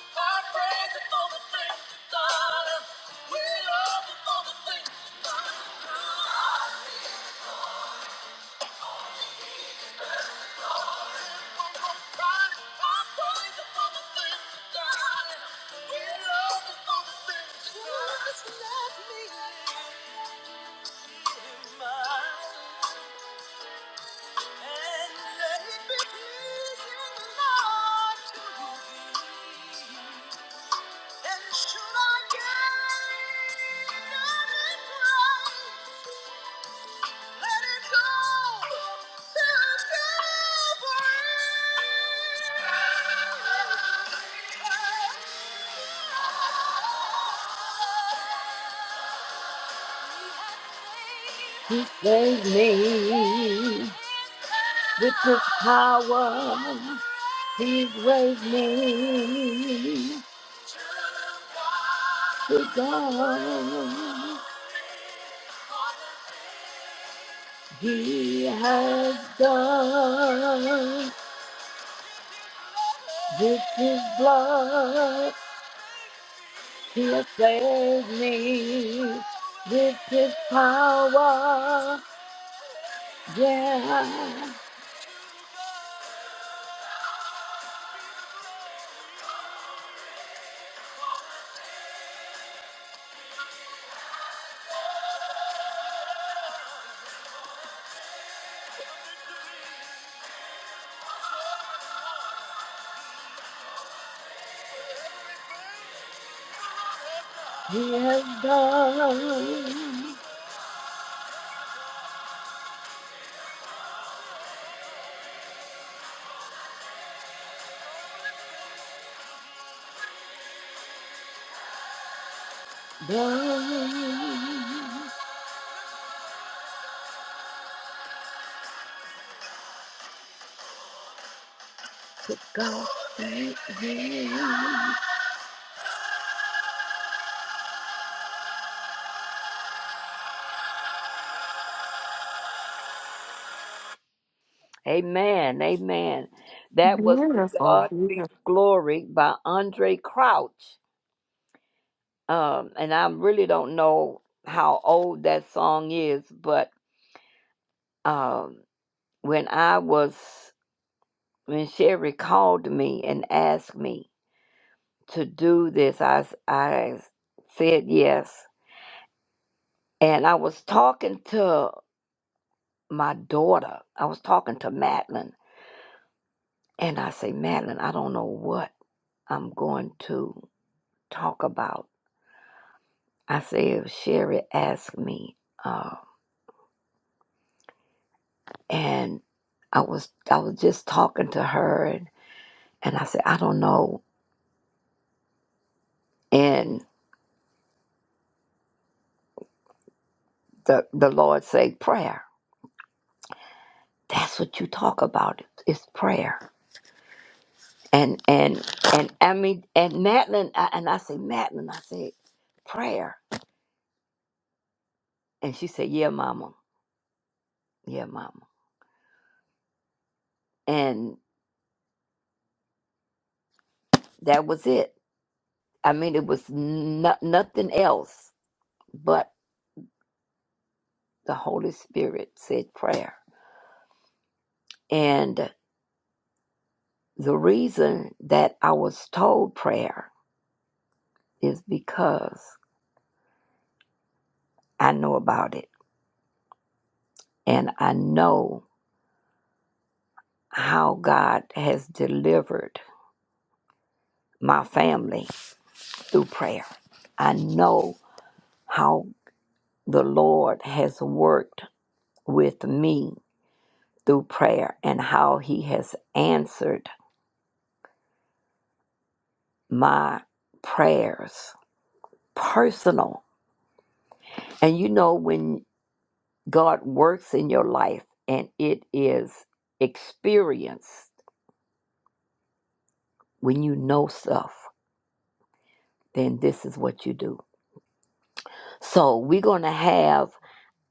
Speaker 7: for the things we started, we're over for the things we started. And let and to you. And should I gain any praise, let it go to Calvary. He saved me with his power. He raised me. To God He has done with His blood. He has saved me with His power. Yeah, He has done. Done. To God thank Him. Amen. Amen. That was to
Speaker 1: Beautiful,
Speaker 7: God be
Speaker 1: beautiful.
Speaker 7: the glory by Andre Crouch. Um, and I really don't know how old that song is, but um, when I was, when Sherry called me and asked me to do this, I, s- I said yes. And I was talking to my daughter, I was talking to Madeline, and I say, Madeline, I don't know what I'm going to talk about I said, Sherry asked me, uh, and I was I was just talking to her, and, and I said, I don't know. And the the Lord said prayer. That's what you talk about. It's prayer. And and and I mean and Madeline I, and I say Madeline, I said prayer, and she said, Yeah, Mama, yeah, Mama, and that was it. I mean, it was no, nothing else but the Holy Spirit said prayer, and. The reason that I was told prayer is because I know about it and I know how God has delivered my family through prayer. I know how the Lord has worked with me through prayer and how He has answered my prayers personal. And you know, when God works in your life and it is experienced When you know stuff, then this is what you do. So we're going to have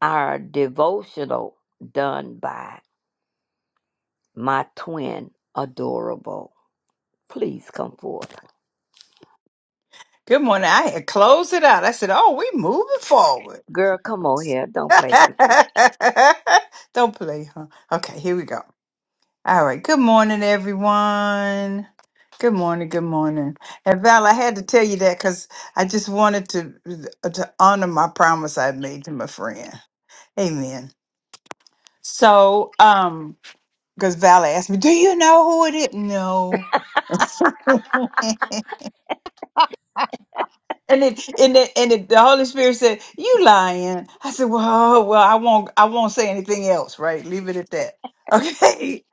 Speaker 7: our devotional done by my twin, Adorable. Please come forward.
Speaker 1: Good morning. I had closed it out. I said, Oh, we moving forward.
Speaker 7: Girl, come on here. Don't play me.
Speaker 1: Don't play, huh? Okay, here we go. All right. Good morning, everyone. Good morning. Good morning. And Val, I had to tell you that because I just wanted to uh, to honor my promise I made to my friend. Amen. So, um, because Val asked me, "Do you know who it is?" No. And it and it, and it, the Holy Spirit said, "You lying." I said, "Well, oh, well, I won't. I won't say anything else. Right? Leave it at that." Okay.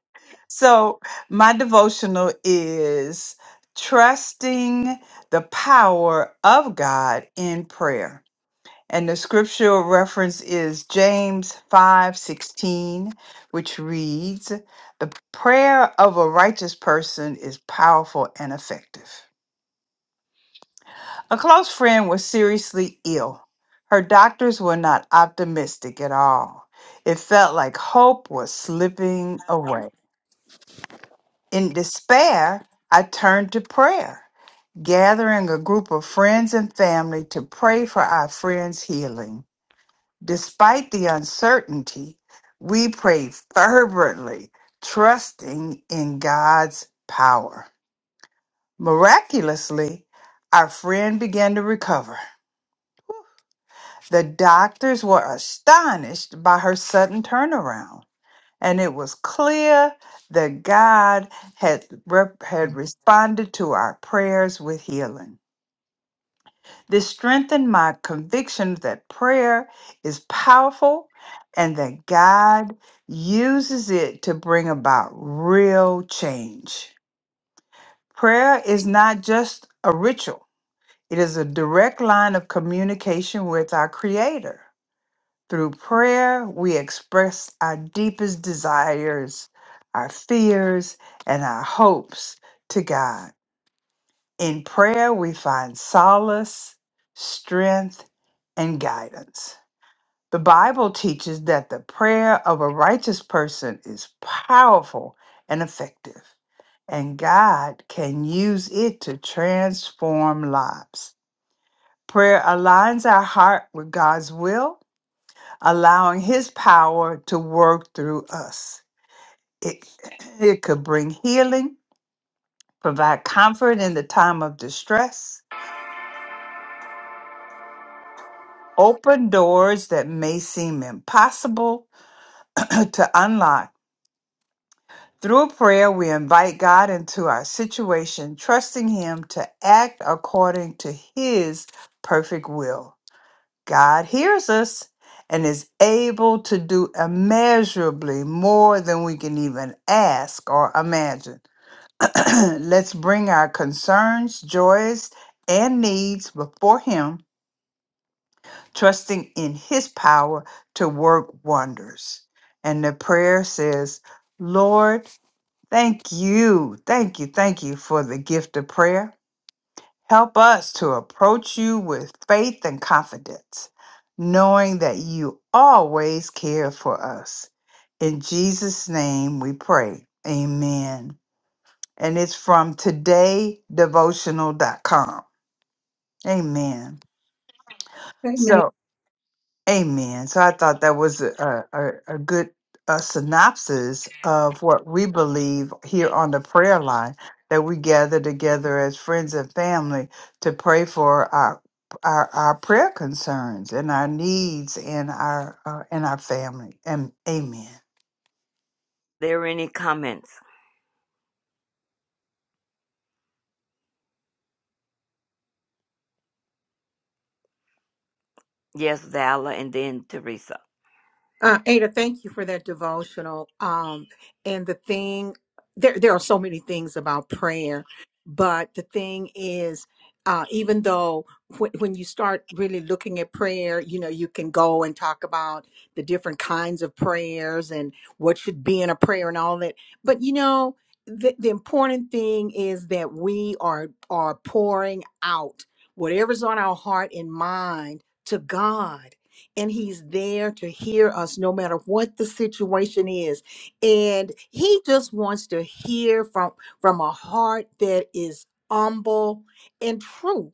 Speaker 1: So my devotional is trusting the power of God in prayer, and the scriptural reference is James five sixteen, which reads, "The prayer of a righteous person is powerful and effective." A close friend was seriously ill. Her doctors were not optimistic at all. It felt like hope was slipping away. In despair, I turned to prayer, gathering a group of friends and family to pray for our friend's healing. Despite the uncertainty, we prayed fervently, trusting in God's power. Miraculously, our friend began to recover. The doctors were astonished by her sudden turnaround, and it was clear that God had, rep- had responded to our prayers with healing. This strengthened my conviction that prayer is powerful and that God uses it to bring about real change. Prayer is not just a ritual, it is a direct line of communication with our Creator. Through prayer, we express our deepest desires, our fears, and our hopes to God. In prayer, we find solace, strength, and guidance. The Bible teaches that the prayer of a righteous person is powerful and effective, and God can use it to transform lives. Prayer aligns our heart with God's will allowing his power to work through us. It, it could bring healing, provide comfort in the time of distress, open doors that may seem impossible to unlock. Through prayer, we invite God into our situation, trusting Him to act according to His perfect will. God hears us and is able to do immeasurably more than we can even ask or imagine. Let's bring our concerns, joys, and needs before Him, trusting in His power to work wonders. And the prayer says, Lord, thank you, thank you, thank you for the gift of prayer. Help us to approach you with faith and confidence, knowing that you always care for us. In Jesus' name we pray. Amen and it's from today devotional dot com. Amen. So, amen. So, I thought that was a, a, a good uh synopsis of what we believe here on the prayer line that we gather together as friends and family to pray for our. Our, our prayer concerns and our needs and our uh, and our family and amen
Speaker 7: There any comments? Yes, Vala, and then Teresa.
Speaker 2: Uh, Ada, thank you for that devotional. Um, and the thing, there, there are so many things about prayer, but the thing is, uh, even though when, when you start really looking at prayer, you know, you can go and talk about the different kinds of prayers and what should be in a prayer and all that. But you know, the, the important thing is that we are are pouring out whatever's on our heart and mind to God and he's there to hear us no matter what the situation is and he just wants to hear from from a heart that is humble and true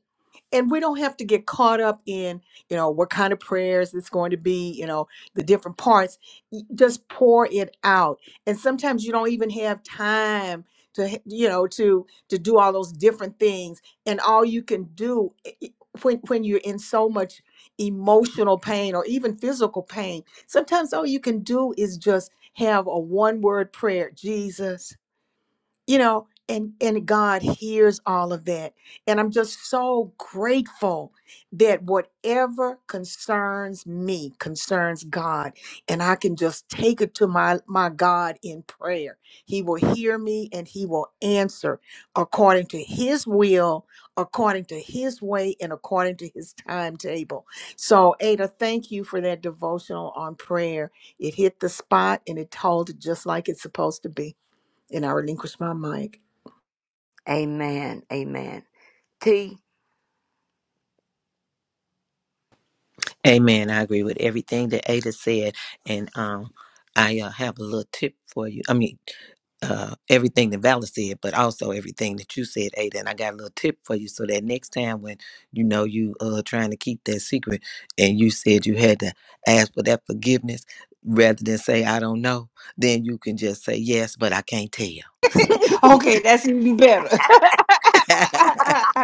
Speaker 2: and we don't have to get caught up in you know what kind of prayers it's going to be you know the different parts Y- just pour it out and sometimes you don't even have time to h- you know to to do all those different things and all you can do i- i- when when you're in so much emotional pain or even physical pain sometimes all you can do is just have a one word prayer jesus you know and and god hears all of that and i'm just so grateful that whatever concerns me concerns god and i can just take it to my my god in prayer he will hear me and he will answer according to his will according to his way and according to his timetable so ada thank you for that devotional on prayer it hit the spot and it told it just like it's supposed to be and I relinquish my mic.
Speaker 7: Amen. Amen. T.
Speaker 4: Amen. I agree with everything that Ada said, and um, I uh, have a little tip for you. I mean, uh, everything that Vala said, but also everything that you said, Ada. And I got a little tip for you, so that next time when you know you uh trying to keep that secret, and you said you had to ask for that forgiveness rather than say I don't know, then you can just say yes, but I can't tell.
Speaker 1: okay that's even better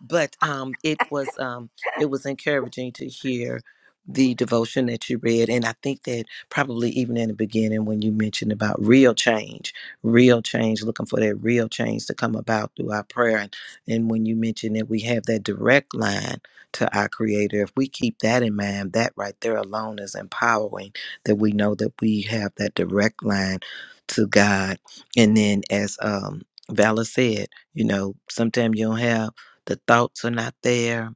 Speaker 4: but um, it was um, it was encouraging to hear the devotion that you read, and I think that probably even in the beginning when you mentioned about real change, real change, looking for that real change to come about through our prayer, and, and when you mentioned that we have that direct line to our Creator, if we keep that in mind, that right there alone is empowering. That we know that we have that direct line to God, and then as um, Vala said, you know, sometimes you don't have the thoughts are not there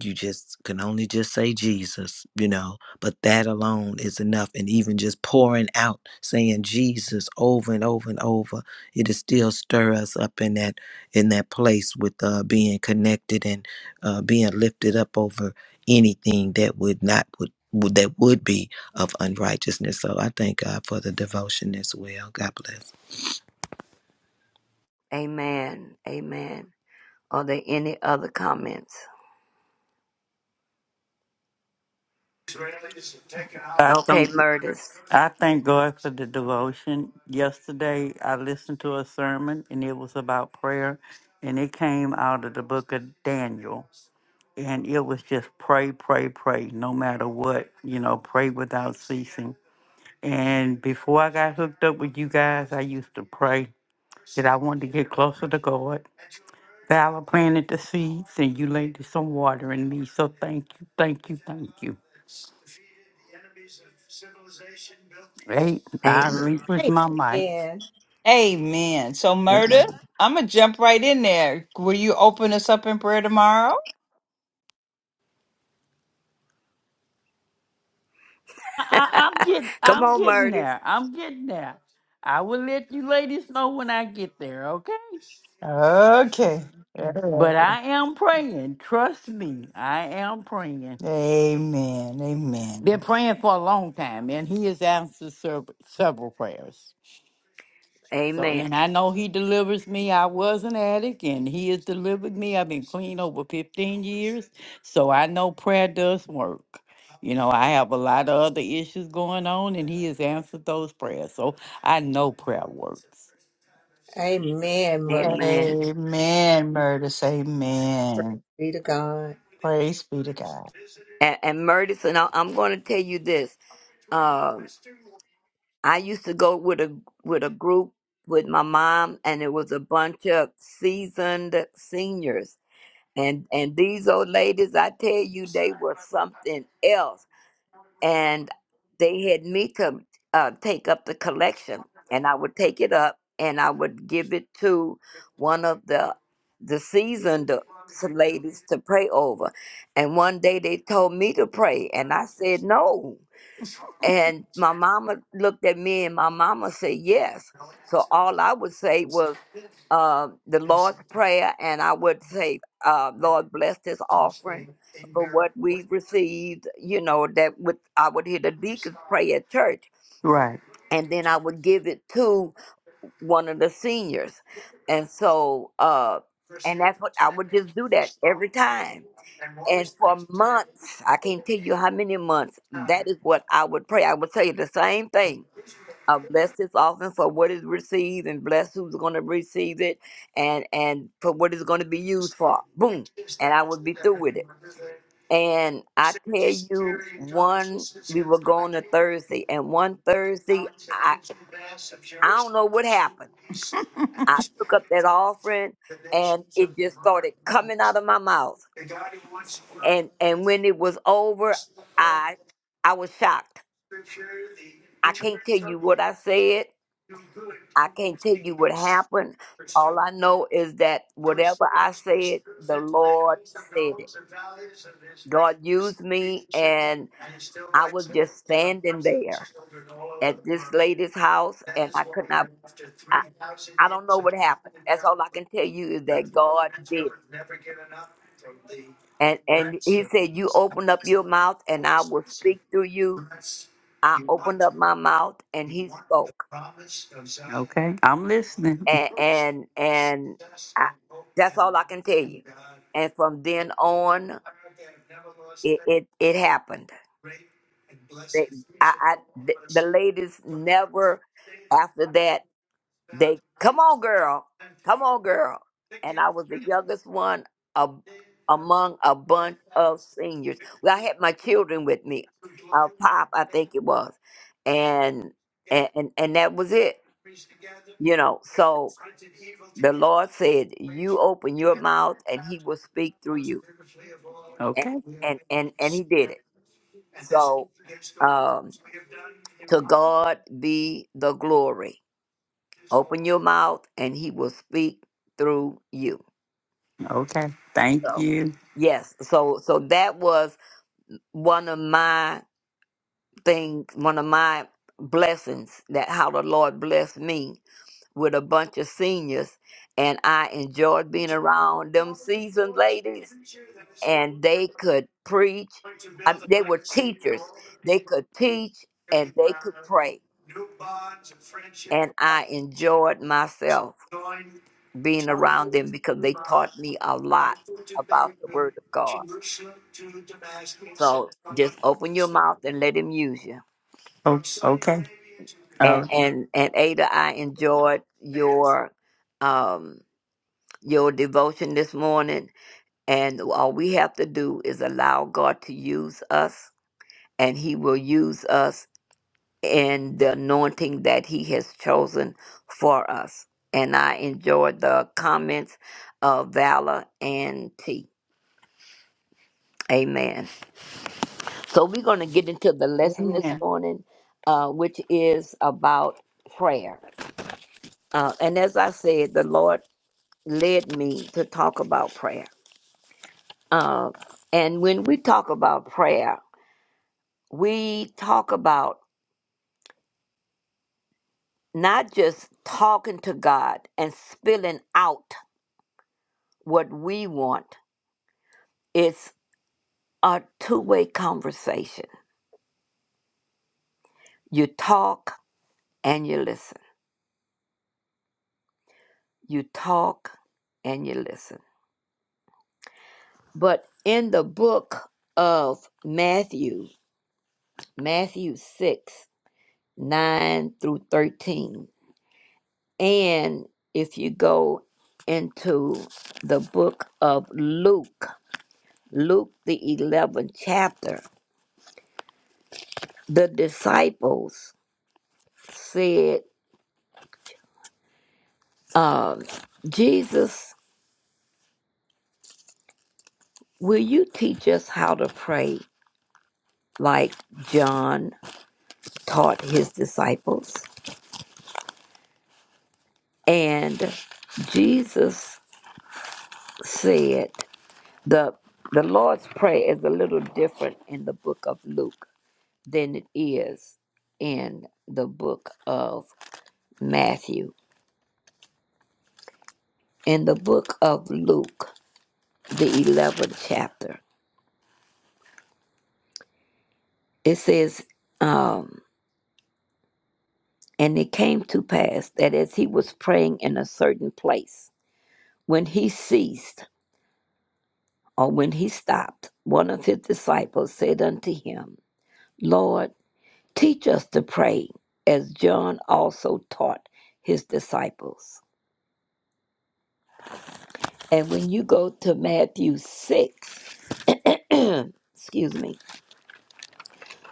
Speaker 4: you just can only just say jesus you know but that alone is enough and even just pouring out saying jesus over and over and over it'll still stir us up in that in that place with uh, being connected and uh, being lifted up over anything that would not would would- that would be of unrighteousness. So I thank God for the devotion as well. God bless.
Speaker 7: Amen. Amen. Are there any other comments?
Speaker 8: I
Speaker 7: Okay,
Speaker 8: think.
Speaker 7: Murders.
Speaker 8: I thank God for the devotion. Yesterday, I listened to a sermon and it was about prayer, and it came out of the book of Daniel. And it was just pray, pray, pray, no matter what, you know, pray without ceasing. And before I got hooked up with you guys, I used to pray that I wanted to get closer to God. Valor planted the seeds, and you laid some water in me. So thank you, thank you, thank you. Hey, I
Speaker 7: Amen.
Speaker 8: relinquished my mic.
Speaker 2: Amen.
Speaker 1: Amen. So, Murder,
Speaker 7: Amen.
Speaker 1: I'm going to jump right in there. Will you open us up in prayer tomorrow?
Speaker 8: I, I'm getting,
Speaker 7: Come
Speaker 8: I'm
Speaker 7: on,
Speaker 8: getting
Speaker 7: Murders.
Speaker 8: there. I'm getting there. I will let you ladies know when I get there, okay?
Speaker 1: Okay.
Speaker 8: But
Speaker 1: Amen.
Speaker 8: I am praying. Trust me, I am praying. Been
Speaker 1: Amen.
Speaker 8: praying for a long time, and He has answered sev- several prayers. So,
Speaker 7: Amen.
Speaker 8: and I know He delivers me. I was an addict and He has delivered me. I've been clean over 15 years. So I know prayer does work. You know, I have a lot of other issues going on and He has answered those prayers. So I know prayer works.
Speaker 2: Amen. Mother.
Speaker 7: Amen.
Speaker 1: Amen, Murder.
Speaker 2: Praise
Speaker 1: Amen.
Speaker 2: be to God.
Speaker 1: Praise be to God.
Speaker 7: and, and Murtis, and I, I'm going to tell you this. Um, I used to go with a with a group with my mom, and it was a bunch of seasoned seniors, and and these old ladies, I tell you, they were something else and they had me to uh, take up the collection and i would take it up and i would give it to one of the the seasoned ladies to pray over and one day they told me to pray and i said no and my mama looked at me and my mama said yes. So all I would say was uh, the Lord's Prayer, and I would say, uh, Lord, bless this offering for what we received, you know, that would I would hear the deacons pray at church,
Speaker 8: Right.
Speaker 7: and then I would give it to one of the seniors. And so, uh, and that's what I would just do that every time and for months, I can't tell you how many months, that is what I would pray. I would tell you the same thing. Uh, bless this offering for what is received and bless who's going to receive it and, and for what it's going to be used for. Boom. And I would be through with it. And I tell you, one, we were going to Thursday, and one Thursday, I, I don't know what happened. I took up that offering and it just started coming out of my mouth. and and when it was over i i was shocked i can't tell you what i said i can't tell you what happened all i know is that whatever i said the lord said it god used me and i was just standing there at this lady's house and i could not i, I don't know what happened that's all i can tell you is that god did it and and he said you open up your mouth and i will speak through you I opened up my mouth and he spoke.
Speaker 8: Okay. I'm listening.
Speaker 7: And and, and I, that's all I can tell you. And from then on, it it, it happened. They, I, I the, the ladies never after that they come on girl, come on girl. And I was the youngest one of, among a bunch of seniors. Well, I had my children with me, uh, Pop, I think it was, and and and, and that was it you know so the Lord said, "You open your mouth, and He will speak through you," and
Speaker 8: Okay.
Speaker 7: and and and He did it. So, um, to God be the glory. Open your mouth, and He will speak through you.
Speaker 8: Okay. Thank
Speaker 7: So,
Speaker 8: you.
Speaker 7: yes. So so that was one of my things. One of my blessings that how the Lord blessed me with a bunch of seniors, and I enjoyed being around them seasoned ladies and they could preach. Um, they were teachers. They could teach and they could pray. And I enjoyed myself being around them because they taught me a lot about the Word of God. So just open your mouth and let Him use you.
Speaker 8: O- Okay. All
Speaker 7: And
Speaker 8: right.
Speaker 7: and and Ada, I enjoyed your um, your devotion this morning. And all we have to do is allow God to use us, and He will use us and the anointing that he has chosen for us. And I enjoyed the comments of Valor and T. Amen. So we're going to get into the lesson this
Speaker 1: Amen.
Speaker 7: morning, uh, which is about prayer. Uh, and as I said, the Lord led me to talk about prayer. Uh, and when we talk about prayer, we talk about not just talking to God and spilling out what we want It's a two way conversation. You talk and you listen. You talk and you listen. But in the book of Matthew, Matthew 6, 9 through 13, and if you go into the book of Luke, Luke the 11th chapter, the disciples said, um, Jesus, will you teach us how to pray? like John taught his disciples. And Jesus said the the Lord's Prayer is a little different in the book of Luke than it is in the book of Matthew. In the book of Luke, the 11th chapter, it says, um, And it came to pass that as he was praying in a certain place, when he ceased, or when he stopped, one of his disciples said unto him, Lord, teach us to pray, as John also taught his disciples. And when you go to Matthew 6, excuse me,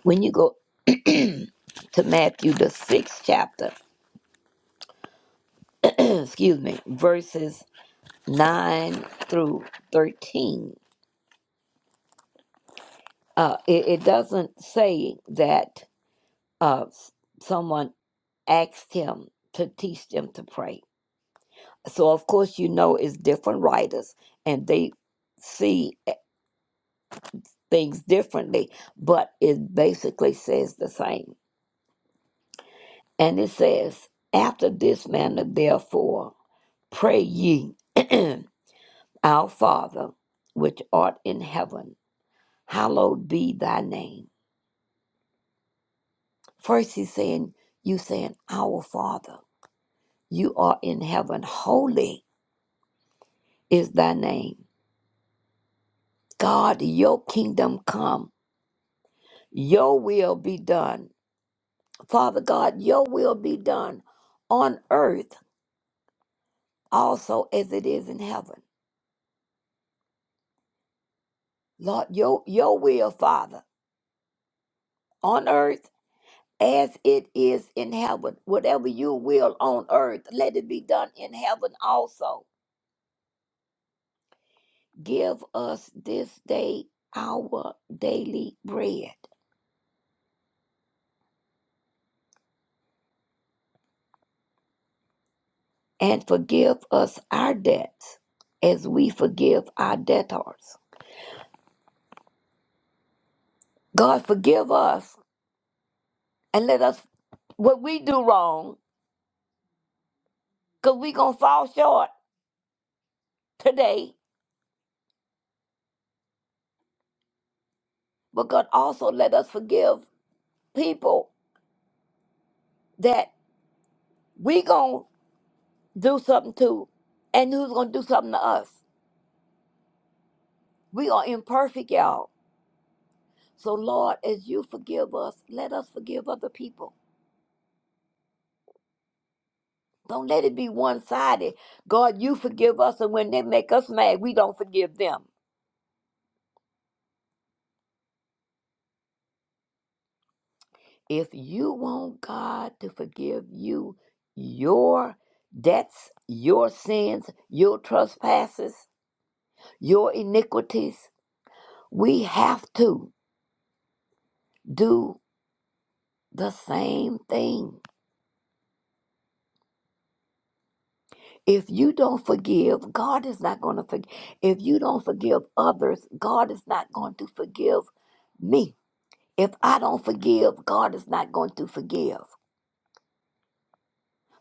Speaker 7: when you go to Matthew, the sixth chapter, excuse me, verses 9 through 13, uh, it, it doesn't say that uh, someone. asked him to teach them to pray. So, of course, you know it's different writers and they see eh, things differently, but it basically says the same. And it says, After this manner, therefore, pray ye, Our Father, which art in heaven, hallowed be thy name. First, he's saying, You saying, Our Father, you are in heaven, holy is thy name. God, your kingdom come Your will be done. Father God, your will be done on earth also as it is in heaven. Lord, your, your will, Father, on earth as it is in heaven. Whatever you will on earth, let it be done in heaven also. Give us this day our daily bread and forgive us our debts as we forgive our debtors. God, forgive us and let us what we do wrong, because we gonna fall short today. But God also let us forgive people that we gonna do something to, and who's gonna do something to us. We are imperfect, y'all. So Lord, as you forgive us, let us forgive other people. Don't let it be one sided. God, you forgive us, and when they make us mad, we don't forgive them. If you want God to forgive you your debts, your sins, your trespasses, your iniquities, we have to do the same thing. If you don't forgive, God is not going to forgive. If you don't forgive others, God is not going to forgive me. If I don't forgive, God is not going to forgive.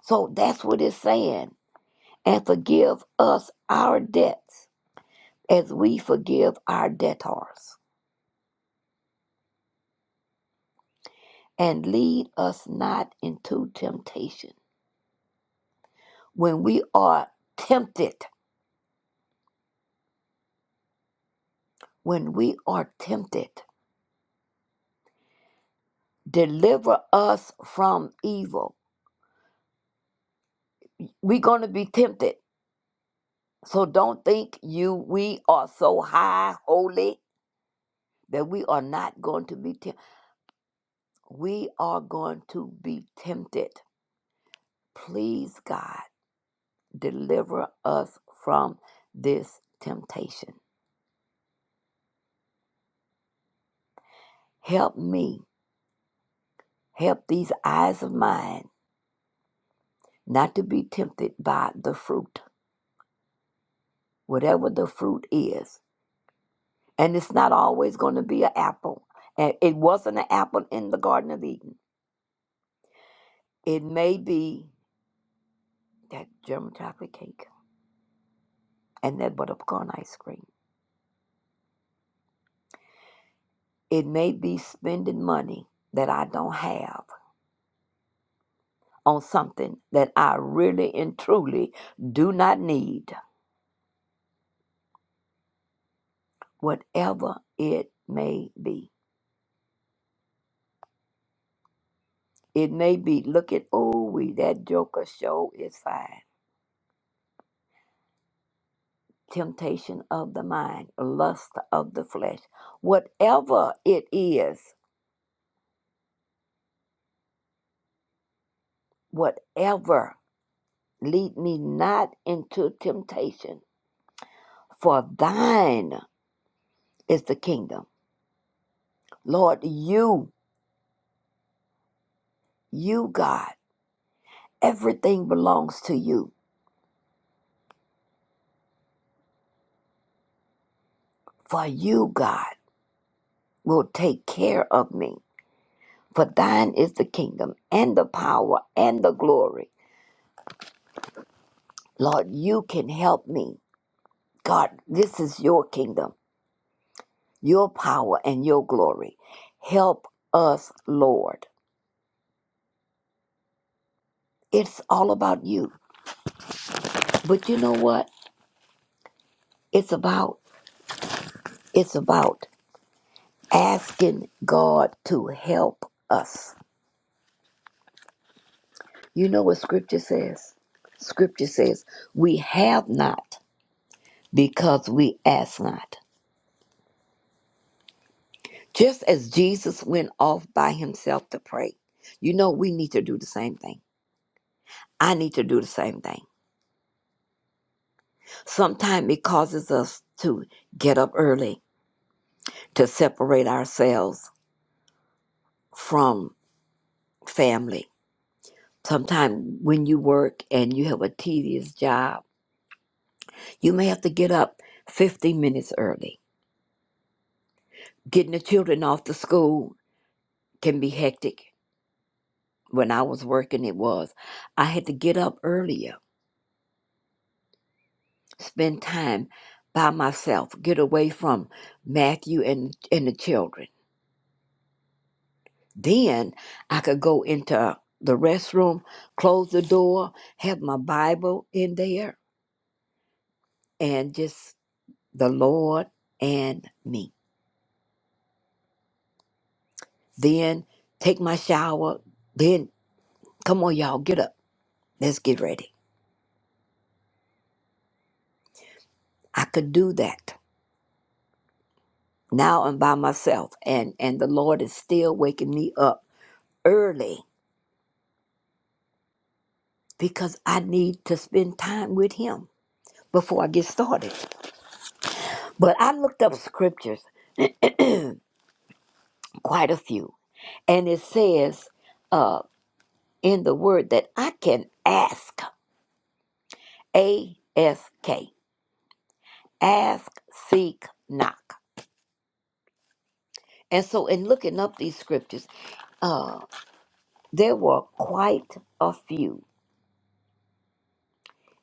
Speaker 7: So that's what it's saying. And forgive us our debts as we forgive our debtors. And lead us not into temptation. When we are tempted, when we are tempted, deliver us from evil. We're going to be tempted. So don't think you we are so high holy that we are not going to be tempted. We are going to be tempted. Please God, deliver us from this temptation. Help me Help these eyes of mine not to be tempted by the fruit, whatever the fruit is. And it's not always going to be an apple. And it wasn't an apple in the Garden of Eden. It may be that German chocolate cake and that buttercorn ice cream. It may be spending money that I don't have on something that I really and truly do not need, whatever it may be. It may be looking, oh, we that joker show is fine. Temptation of the mind, lust of the flesh, whatever it is, whatever, lead me not into temptation, for thine is the kingdom. Lord, you, you, God, everything belongs to you, for you, God, will take care of me. For thine is the kingdom and the power and the glory. Lord, you can help me. God, this is your kingdom, your power, and your glory. Help us, Lord. It's all about you. But you know what? It's about it's about asking God to help us. You know what scripture says? Scripture says, "We have not because we ask not." Just as Jesus went off by himself to pray. You know we need to do the same thing. I need to do the same thing. Sometimes it causes us to get up early to separate ourselves from family. Sometimes when you work and you have a tedious job, you may have to get up 15 minutes early. Getting the children off to school can be hectic. When I was working, it was. I had to get up earlier, spend time by myself, get away from Matthew and, and the children Then I could go into the restroom, close the door, have my Bible in there, and just the Lord and me. Then take my shower. Then, come on, y'all, get up. Let's get ready. I could do that. Now I'm by myself, and, and the Lord is still waking me up early because I need to spend time with Him before I get started. But I looked up scriptures quite a few. And it says uh, in the word that I can ask, A S K, ask, seek, knock. And so, in looking up these scriptures, uh, there were quite a few.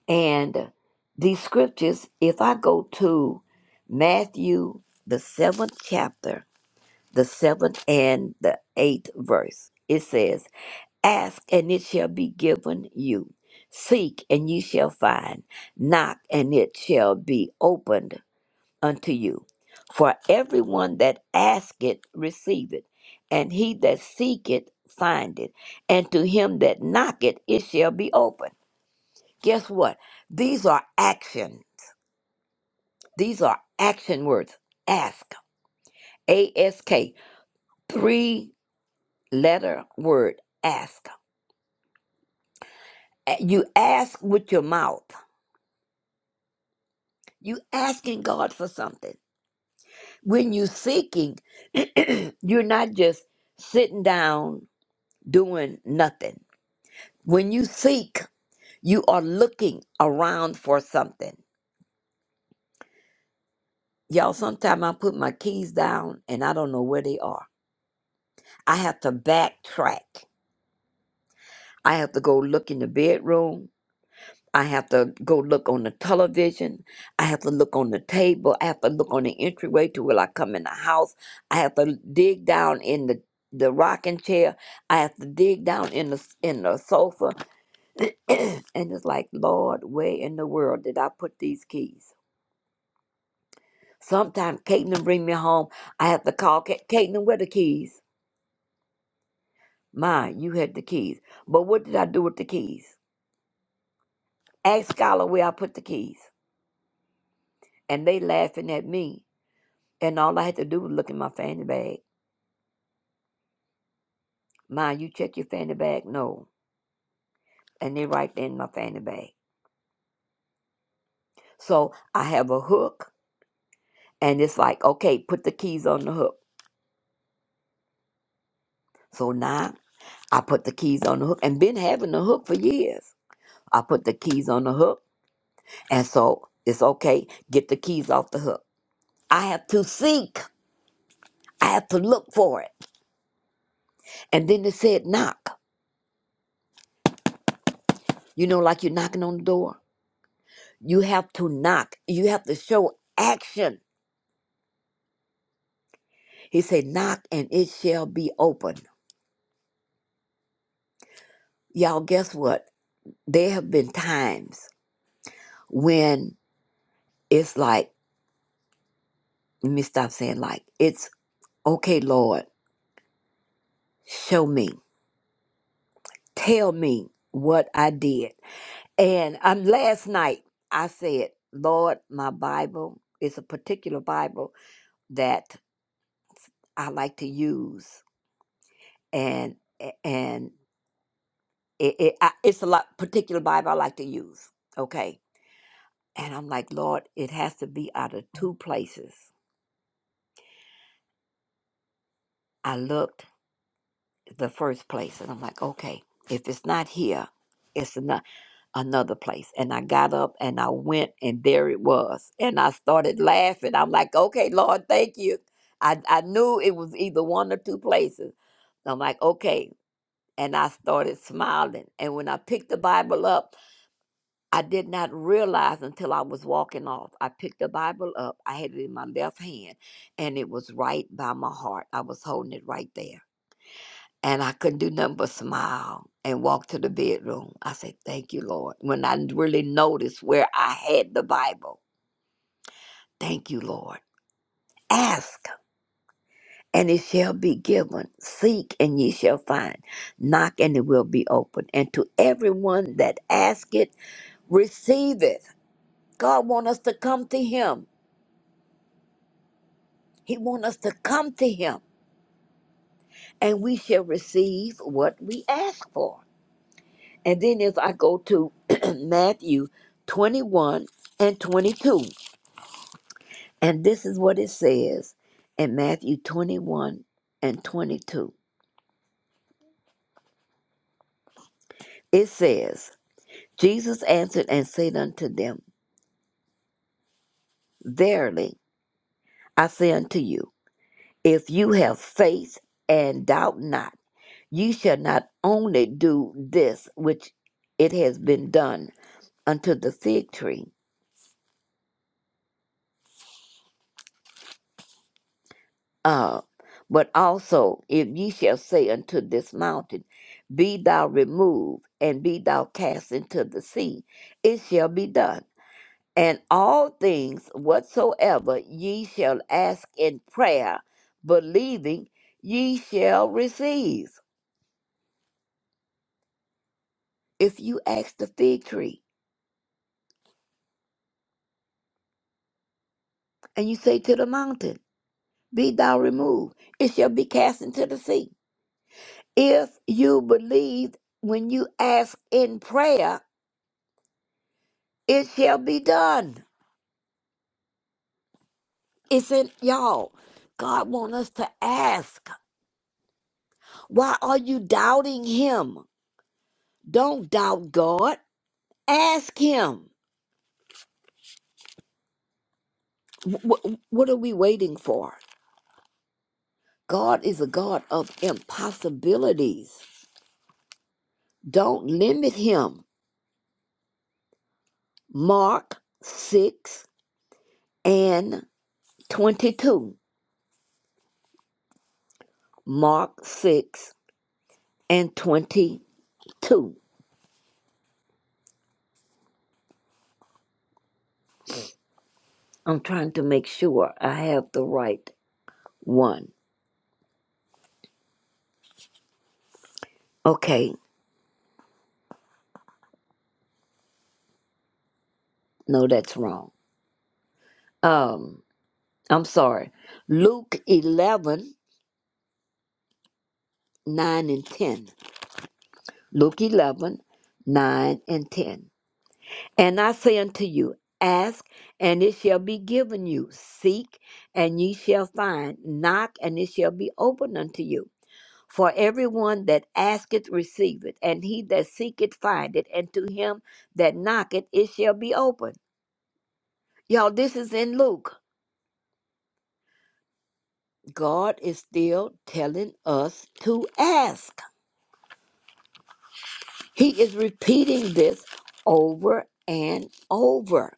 Speaker 7: And these scriptures, if I go to Matthew, the seventh chapter, the seventh and the eighth verse, it says, Ask and it shall be given you. Seek and ye shall find. Knock and it shall be opened unto you. For everyone that asketh receiveth, and he that seeketh findeth, and to him that knocketh it shall be open. Guess what? These are action. These are action words. Ask. A S K. Three letter word. Ask. You ask with your mouth. You asking God for something. When you seeking, you're not just sitting down doing nothing. When you seek, you are looking around for something. Y'all, sometimes I put my keys down and I don't know where they are. I have to backtrack. I have to go look in the bedroom. I have to go look on the television. I have to look on the table. I have to look on the entryway to where I come in the house. I have to dig down in the, the rocking chair. I have to dig down in the s- in the sofa. and it's like, Lord, where in the world did I put these keys? Sometimes Caitlin bring me home. I have to call Ca- Caitlin, where the keys? My, you had the keys. But what did I do with the keys? Ask Scholar where I put the keys. And they laughing at me And all I had to do was look in my fanny bag. Mind you, check your fanny bag? No. And they are right there in my fanny bag. So I have a hook, and it's like, okay, put the keys on the hook. So now I put the keys on the hook, and been having the hook for years. I put the keys on the hook, and so it's okay, get the keys off the hook. I have to seek, I have to look for it. And then it said knock. You know, like you're knocking on the door. You have to knock, you have to show action He said, Knock and it shall be open. Y'all, guess what? There have been times when it's like, let me stop saying like, it's okay, Lord, show me, tell me what I did. And um, last night I said, Lord, my Bible is a particular Bible that I like to use, and and it, it I, it's a lot particular Bible I like to use. Okay, And I'm like, Lord, it has to be out of two places. I looked the first place and I'm like, okay, if it's not here, it's ano- another place. And I got up and I went and there it was. And I started laughing. I'm like, okay, Lord, thank you. I, I knew it was either one or two places. I'm like, okay. And I started smiling. And when I picked the Bible up, I did not realize until I was walking off. I picked the Bible up. I had it in my left hand, and it was right by my heart. I was holding it right there. And I couldn't do nothing but smile and walk to the bedroom. I said, Thank you, Lord. When I really noticed where I had the Bible, thank you, Lord. Ask, and it shall be given. Seek, and ye shall find. Knock, and it will be opened. And to everyone that asketh, receive it. God wants us to come to Him He wants us to come to him and we shall receive what we ask for. And then as I go to Matthew 21 and 22, and this is what it says in Matthew 21 and 22. It says, Jesus answered and said unto them, Verily I say unto you, if you have faith and doubt not, you shall not only do this which it has been done unto the fig tree, Uh, but also, if ye shall say unto this mountain, Be thou removed, and be thou cast into the sea, it shall be done. And all things whatsoever ye shall ask in prayer, believing, ye shall receive. If you ask the fig tree, and you say to the mountain, Be thou removed, it shall be cast into the sea. If you believe when you ask in prayer, It shall be done. It's in y'all. God wants us to ask. Why are you doubting him? Don't doubt God. Ask him. Wh- wh- what are we waiting for? God is a God of impossibilities. Don't limit him. Mark 6 and 22. Mark 6 and 22. I'm trying to make sure I have the right one. Okay. No, that's wrong. Um, I'm sorry. Luke 11 9 and 10. Luke eleven nine and 10. And I say unto you, ask, and it shall be given you. Seek, and ye shall find. Knock, and it shall be opened unto you. For everyone that asketh receiveth, and he that seeketh findeth, and to him that knocketh it shall be opened. Y'all, this is in Luke. God is still telling us to ask. He is repeating this over and over.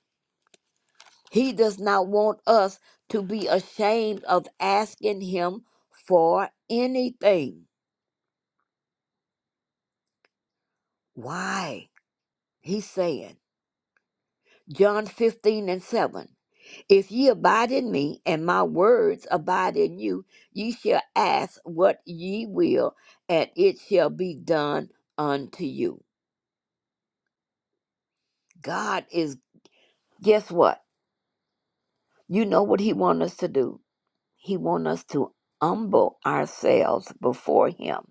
Speaker 7: He does not want us to be ashamed of asking Him for anything. Why? He's saying, John 15 and 7 If ye abide in me, and my words abide in you, ye shall ask what ye will, and it shall be done unto you. God is, guess what? You know what He wants us to do. He wants us to humble ourselves before Him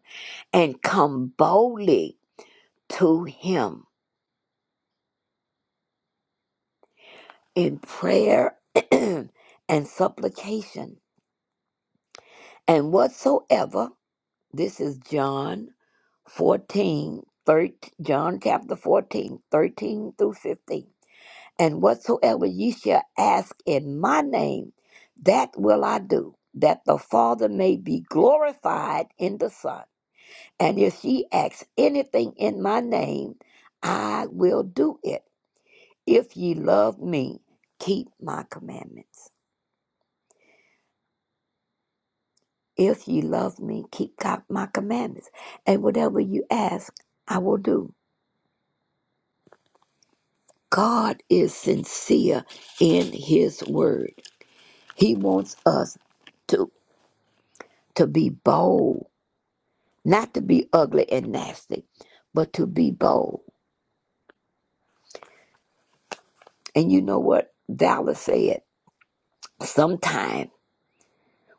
Speaker 7: and come boldly to Him in prayer and supplication. And whatsoever, this is John 14, thirteen, John chapter 14, 13 through 15. And whatsoever ye shall ask in my name, that will I do, that the Father may be glorified in the Son. And if she asks anything in my name, I will do it. If ye love me, keep my commandments. If ye love me, keep co- my commandments. And whatever you ask, I will do. God is sincere in his word. He wants us to, to be bold, not to be ugly and nasty, but to be bold. And you know what Dallas said? Sometimes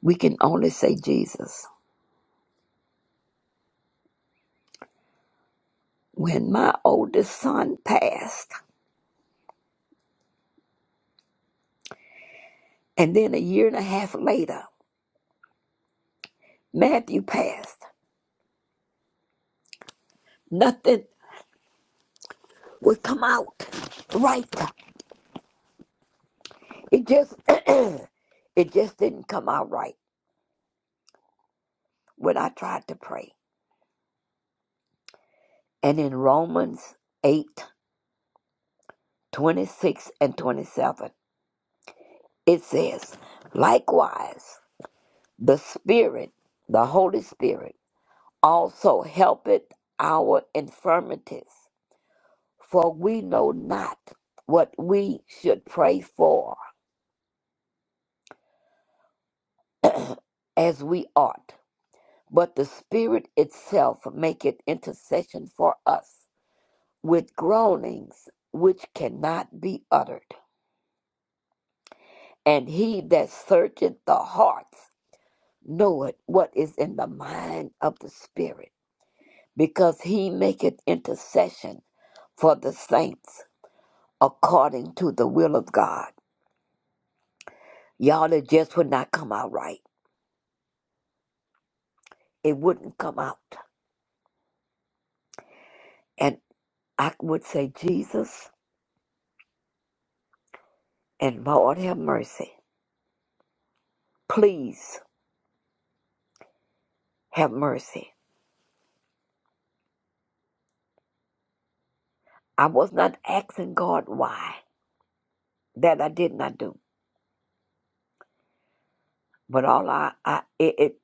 Speaker 7: we can only say Jesus. when my oldest son passed, and then a year and a half later, Matthew passed, nothing would come out right. It just it just didn't come out right when I tried to pray. And in Romans eight twenty-six and 27, it says, likewise, the Spirit, the Holy Spirit, also helpeth our infirmities. For we know not what we should pray for as we ought, but the Spirit itself maketh intercession for us with groanings which cannot be uttered. And he that searcheth the hearts knoweth what is in the mind of the Spirit, because he maketh intercession for the saints according to the will of God. Y'all, it just would not come out right. It wouldn't come out. I would say, Jesus and Lord have mercy. Please have mercy. I was not asking God why that I did not do, but all I, I it, it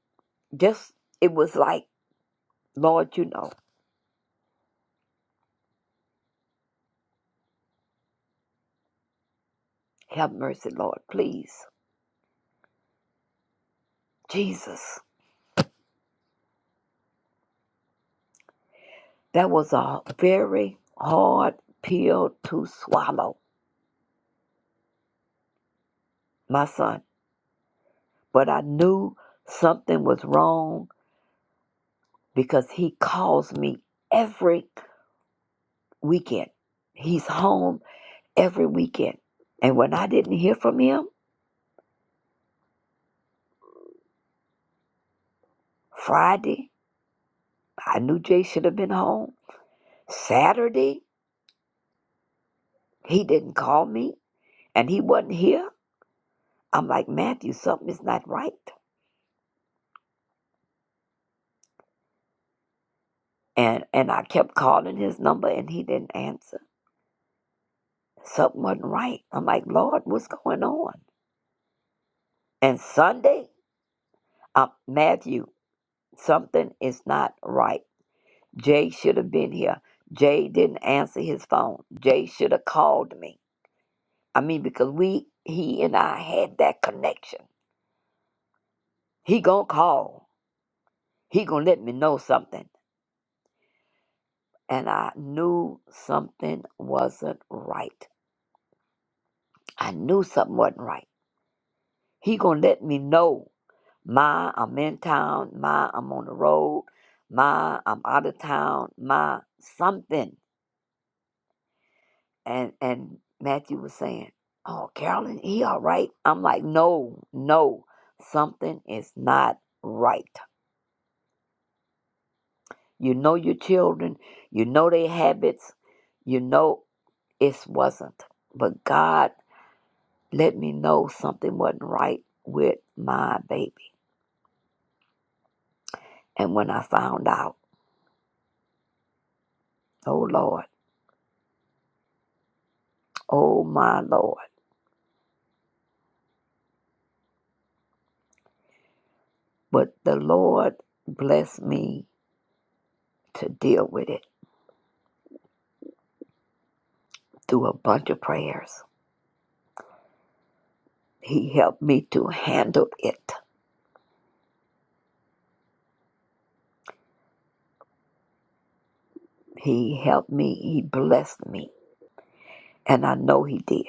Speaker 7: just, it was like, Lord, you know, have mercy, Lord, please. Jesus, that was a very hard pill to swallow, my son. But I knew something was wrong because he calls me every weekend. He's home every weekend. And when I didn't hear from him, Friday, I knew Jay should have been home. Saturday, he didn't call me and he wasn't here. I'm like, Matthew, something is not right. And and I kept calling his number and he didn't answer. Something wasn't right. I'm like, Lord, what's going on? And Sunday, uh, Matthew, something is not right. Jay should have been here. Jay didn't answer his phone. Jay should have called me. I mean, because we, he and I had that connection. He gonna call. He gonna let me know something. And I knew something wasn't right. I knew something wasn't right. He gonna let me know. Ma, I'm in town. Ma, I'm on the road. Ma, I'm out of town. Ma, something. And and Matthew was saying, "Oh, Carolyn, he all right?" I'm like, "No, no, something is not right." You know your children, you know their habits, you know it wasn't. But God let me know something wasn't right with my baby. And when I found out, oh Lord, oh my Lord. But the Lord blessed me to deal with it through a bunch of prayers. He helped me to handle it. He helped me, He blessed me. And I know He did.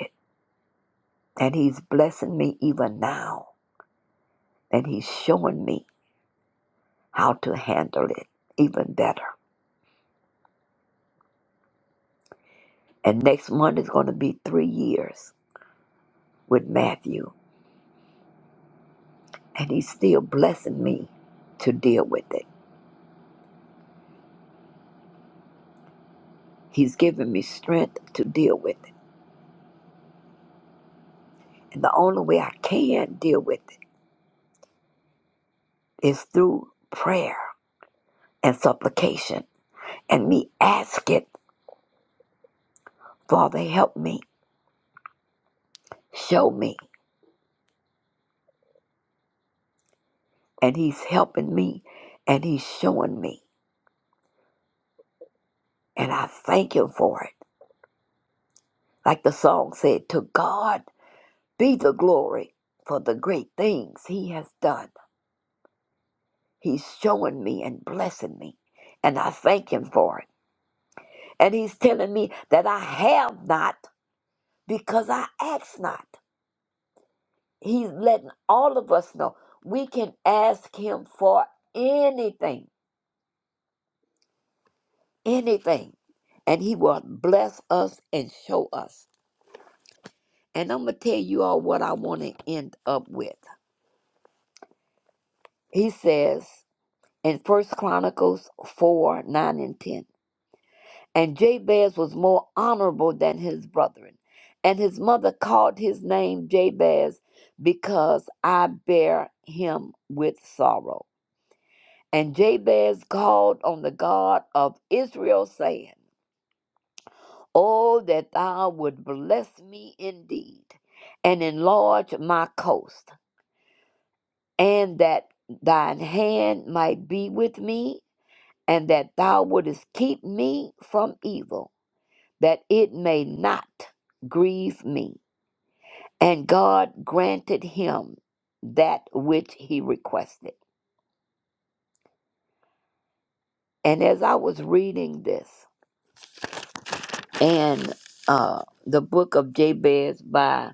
Speaker 7: And He's blessing me even now. And He's showing me. how to handle it even better. And next month is going to be three years with Matthew, and he's still blessing me to deal with it. He's giving me strength to deal with it. And the only way I can deal with it is through prayer and supplication and me asking, Father, help me, show me. And he's helping me and he's showing me. And I thank him for it. Like the song said, to God Be the glory for the great things He has done. He's showing me and blessing me, and I thank Him for it. And He's telling me that I have not because I ask not. He's letting all of us know we can ask Him for anything, anything, and He will bless us and show us. And I'm going to tell you all what I want to end up with. He says in First Chronicles 4 9 and 10. And Jabez was more honorable than his brethren. And his mother called his name Jabez because I bear him with sorrow. And Jabez called on the God of Israel, saying, Oh, that thou would bless me indeed, and enlarge my coast, and that thine hand might be with me, and that thou wouldest keep me from evil that it may not grieve me. And God granted him that which he requested. And as I was reading this and uh, the book of Jabez by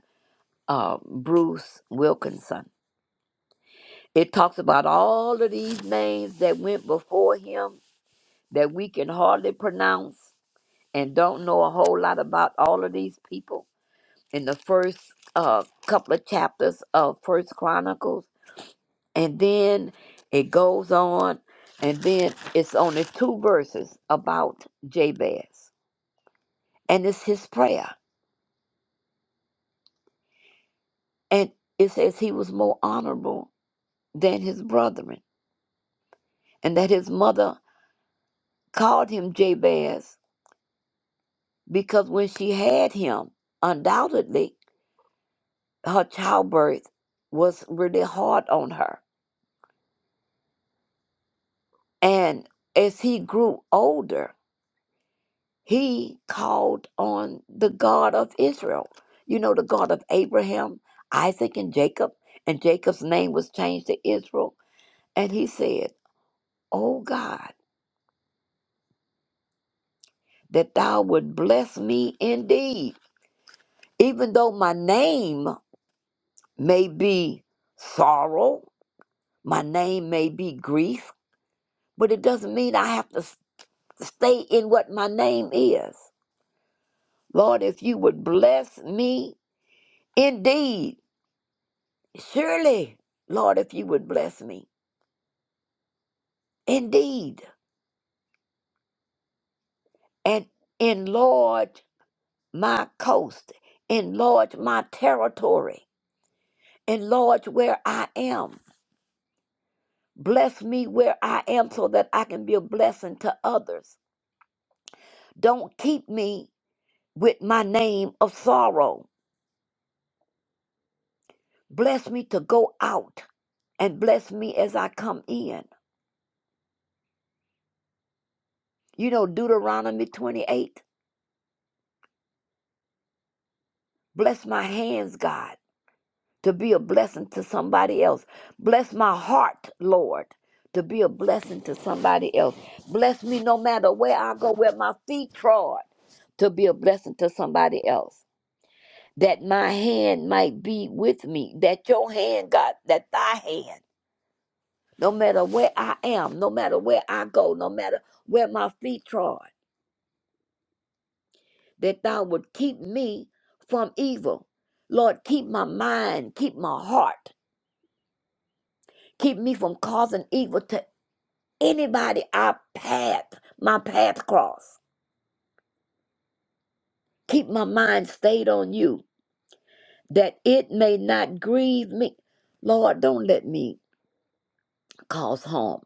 Speaker 7: uh, Bruce Wilkinson, it talks about all of these names that went before him that we can hardly pronounce and don't know a whole lot about all of these people. In the first uh, couple of chapters of First Chronicles, and then it goes on, and then it's only two verses about Jabez, and it's his prayer, and it says he was more honorable than his brethren, and that his mother called him Jabez because when she had him, undoubtedly her childbirth was really hard on her, and as he grew older. he called on the God of Israel. You know, the God of Abraham, Isaac, and Jacob. And Jacob's name was changed to Israel. And he said, "O God, that thou would bless me indeed, even though my name may be sorrow, my name may be grief, but it doesn't mean I have to s- stay in what my name is. Lord, if you would bless me indeed, Surely, Lord, if you would bless me, indeed, and enlarge my coast, enlarge my territory, enlarge where I am. Bless me where I am so that I can be a blessing to others. Don't keep me with my name of sorrow. Bless me to go out and bless me as I come in. You know, Deuteronomy 28 bless my hands, God. to be a blessing to somebody else. Bless my heart, Lord, to be a blessing to somebody else. Bless me no matter where I go, where my feet trod, to be a blessing to somebody else. That my hand might be with me, that your hand, God, that thy hand, no matter where I am, no matter where I go, no matter where my feet trod, that thou would keep me from evil. Lord, keep my mind, keep my heart, keep me from causing evil to anybody I path, my path cross. Keep my mind stayed on you, that it may not grieve me. Lord, don't let me cause harm.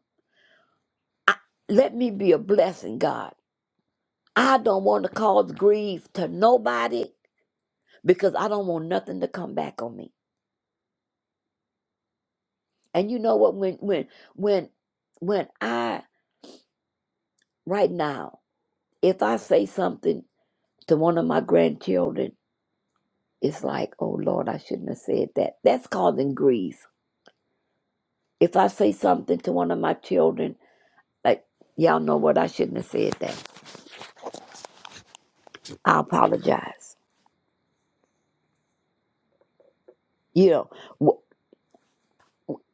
Speaker 7: I, let me be a blessing, God. I don't want to cause grief to nobody because I don't want nothing to come back on me. And you know what? When when when when I right now, if I say something to one of my grandchildren, it's like, oh Lord, I shouldn't have said that. That's causing grief If I say something to one of my children, like, y'all know what, I shouldn't have said that, I apologize. You know, w-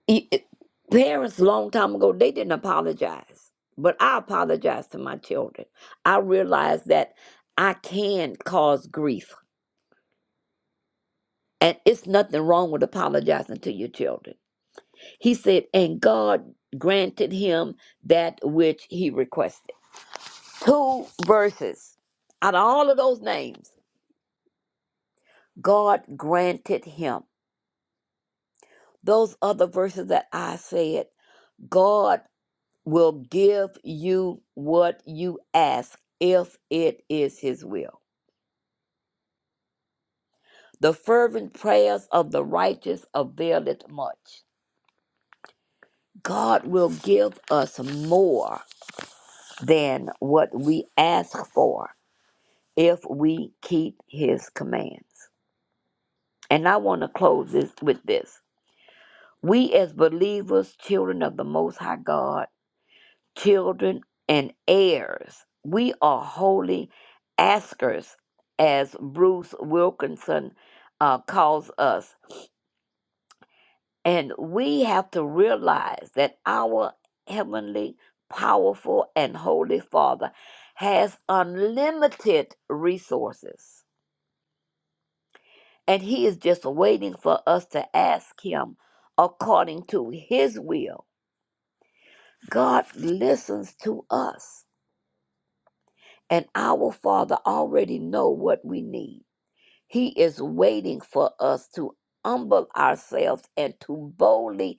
Speaker 7: it- it- parents long time ago, they didn't apologize. But I apologize to my children. I realize that I can cause grief. And it's nothing wrong with apologizing to your children. He said, and God granted him that which he requested. Two verses out of all of those names, God granted him. Those other verses that I said, God will give you what you ask if it is His will. The fervent prayers of the righteous availeth much. God will give us more than what we ask for if we keep His commands. And I want to close this with this. We, as believers, children of the Most High God, children, and heirs. We are holy askers, as Bruce Wilkinson uh, calls us. And we have to realize that our heavenly, powerful, and holy Father has unlimited resources. And He is just waiting for us to ask Him according to His will. God listens to us. And our Father already know what we need. He is waiting for us to humble ourselves and to boldly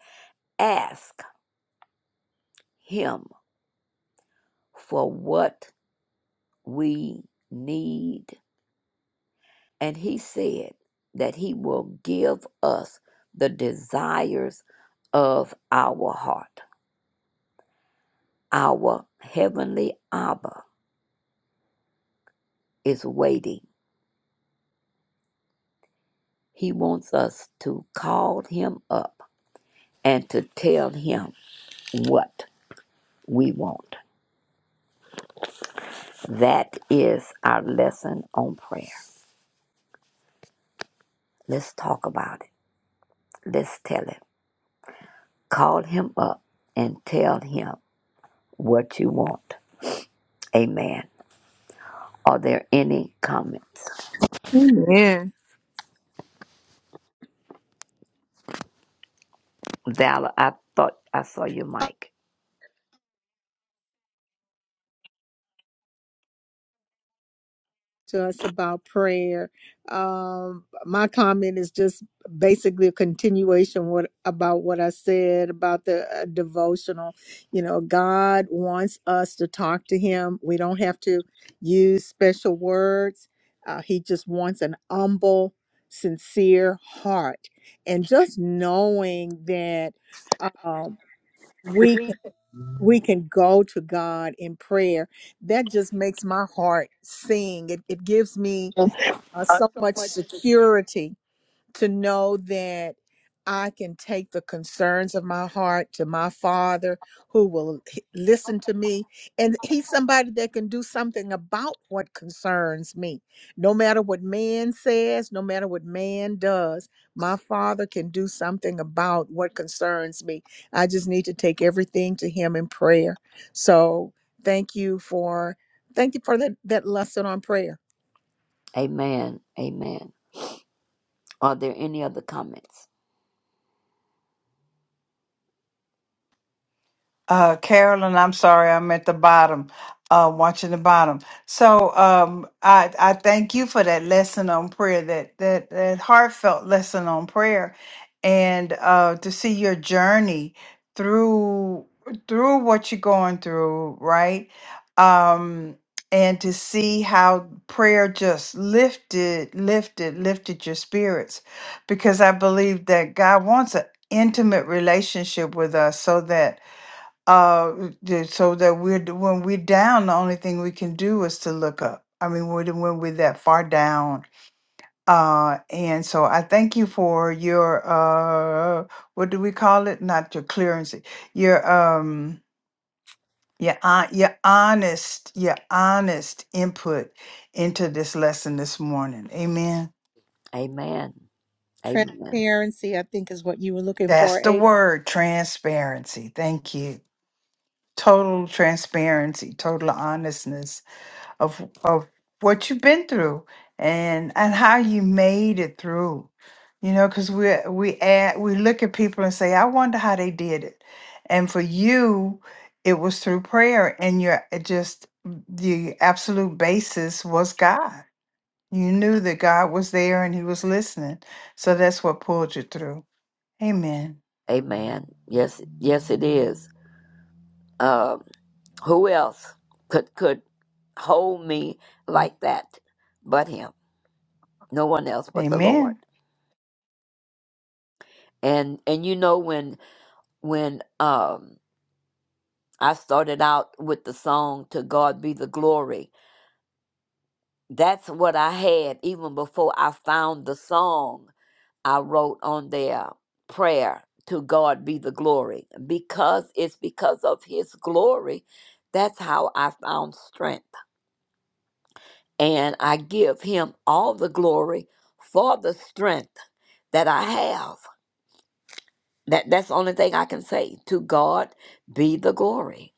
Speaker 7: ask him for what we need. And he said that he will give us the desires of our heart. Our heavenly Abba is waiting. He wants us to call him up and to tell him what we want. That is our lesson on prayer. Let's talk about it. Let's tell him. Call him up and tell him what you want. Amen. Are there any comments?
Speaker 2: Amen.
Speaker 7: Valor, I thought I saw your mic.
Speaker 2: To us about prayer. Um, my comment is just basically a continuation what about what I said about the uh, devotional. You know, God wants us to talk to Him. We don't have to use special words. Uh, he just wants an humble, sincere heart, and just knowing that. Um, we can- we can go to God in prayer. That just makes my heart sing. It, it gives me uh, so much security to know that I can take the concerns of my heart to my father who will h- listen to me. And he's somebody that can do something about what concerns me. No matter what man says, no matter what man does, my father can do something about what concerns me. I just need to take everything to him in prayer. So thank you for thank you for that, that lesson on prayer
Speaker 7: Amen. Amen. Are there any other comments?
Speaker 1: Uh, Carolyn, I'm sorry, I'm at the bottom, uh, watching the bottom. So um, I I thank you for that lesson on prayer, that that that heartfelt lesson on prayer, and uh, to see your journey through through what you're going through, right? Um, and to see how prayer just lifted, lifted, lifted your spirits, because I believe that God wants an intimate relationship with us, so that uh th- so that we're d- when we're down the only thing we can do is to look up i mean when, when we're that far down uh and so i thank you for your uh what do we call it not your clearance your um your, hon- your honest your honest input into this lesson this morning amen
Speaker 7: Amen. Amen.
Speaker 2: Transparency, I think, is what you were looking for,
Speaker 1: that's the
Speaker 2: Ada.
Speaker 1: word transparency thank you total transparency total honestness of of what you've been through and and how you made it through you know because we we add, we look at people and say i wonder how they did it and for you it was through prayer and your it just the absolute basis was god you knew that god was there and he was listening so that's what pulled you through amen
Speaker 7: Amen. Yes, yes, it is. Um, who else could could hold me
Speaker 2: Mm.
Speaker 7: like that but him? no one else but the Lord.
Speaker 1: amen
Speaker 7: And and you know when when um I started out with the song to God be the glory. That's what I had even before I found the song I wrote on there prayer to God be the glory because it's because of his glory that's how I found strength and I give him all the glory for the strength that I have That that's the only thing I can say. To God be the glory.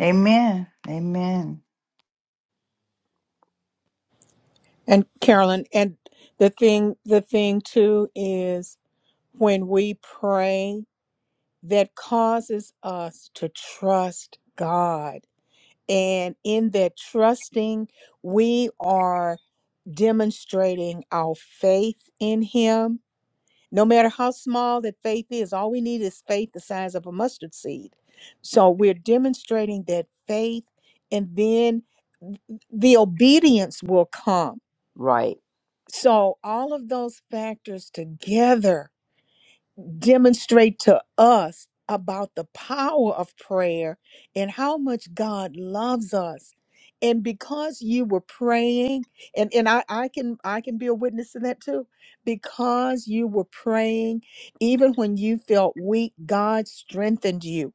Speaker 1: amen amen
Speaker 2: And Carolyn, and the thing, the thing too is when we pray, that causes us to trust God. And in that trusting, we are demonstrating our faith in Him. No matter how small that faith is, all we need is faith the size of a mustard seed. So we're demonstrating that faith, and then the obedience will come.
Speaker 7: Right.
Speaker 2: So all of those factors together demonstrate to us about the power of prayer and how much God loves us. And because you were praying, and, and I, I can I can be a witness to that too. Because you were praying, even when you felt weak, God strengthened you.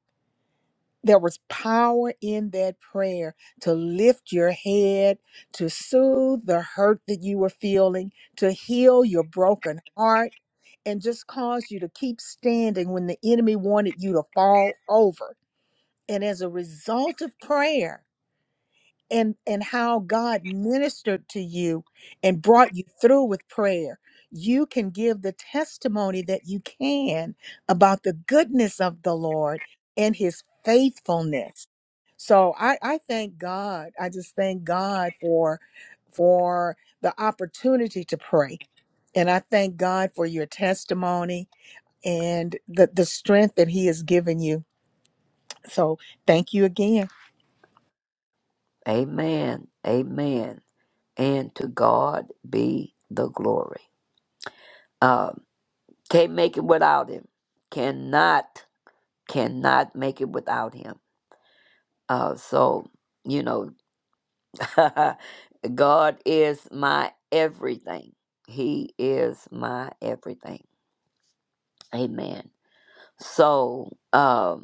Speaker 2: There was power in that prayer to lift your head, to soothe the hurt that you were feeling, to heal your broken heart and just caused you to keep standing when the enemy wanted you to fall over. And as a result of prayer and, and how God ministered to you and brought you through with prayer, you can give the testimony that you can about the goodness of the Lord and his faithfulness. So I, I thank God. I just thank God for for the opportunity to pray. And I thank God for your testimony and the, the strength that he has given you. So thank you again.
Speaker 7: Amen. Amen. And to God be the glory. Um, can't make it without him. Cannot, cannot make it without him. Uh, so, you know, God is my everything. He is my everything. Amen. So, um,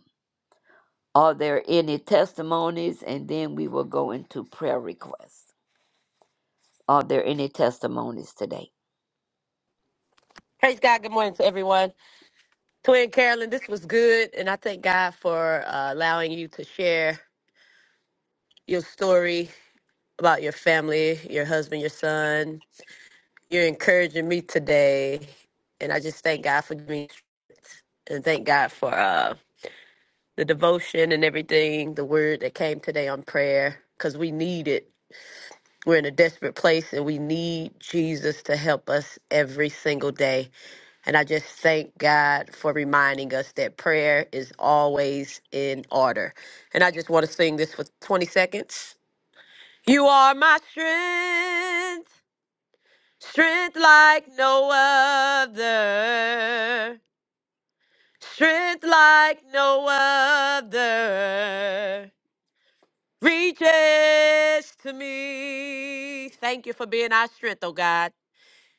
Speaker 7: Are there any testimonies? And then we will go into prayer requests. Are there any testimonies today?
Speaker 11: Praise God. Good morning to everyone. Twin Carolyn, this was good. And I thank God for uh, allowing you to share your story about your family, your husband, your son. You're encouraging me today. And I just thank God for me and thank God for uh, the devotion and everything, the word that came today on prayer, because we need it. We're in a desperate place and we need Jesus to help us every single day. And I just thank God for reminding us that prayer is always in order. And I just want to sing this for 20 seconds. You are my strength, strength like no other, strength like no other reaches to me. Thank you for being our strength, oh God.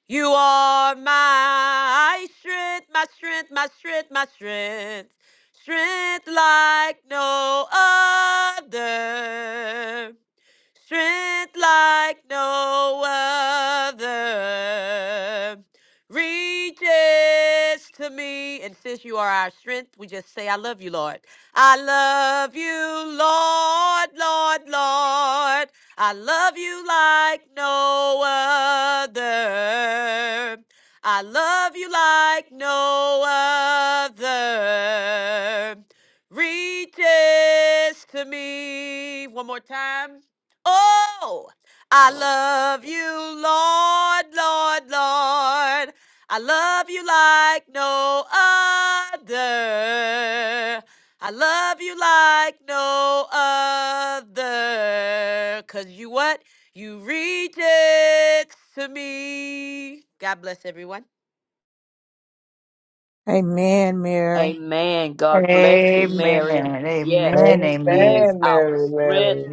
Speaker 11: You are my strength, my strength, my strength, my strength. Strength like no other strength like no other reaches to me. And since you are our strength, we just say, I love you, Lord. I love you, Lord, Lord, Lord. I love you like no other. I love you like no other reaches to me. One more time. Oh, I love you, Lord, Lord, Lord. I love you like no other. I love you like no other. Cause you what? You reach it to me. God bless everyone.
Speaker 2: Amen, Mary.
Speaker 7: Amen. God bless you,
Speaker 1: amen
Speaker 7: Mary. Yes,
Speaker 1: amen
Speaker 7: He
Speaker 1: amen,
Speaker 7: is
Speaker 12: Amen,
Speaker 7: our
Speaker 12: Mary,
Speaker 7: strength.
Speaker 12: Mary.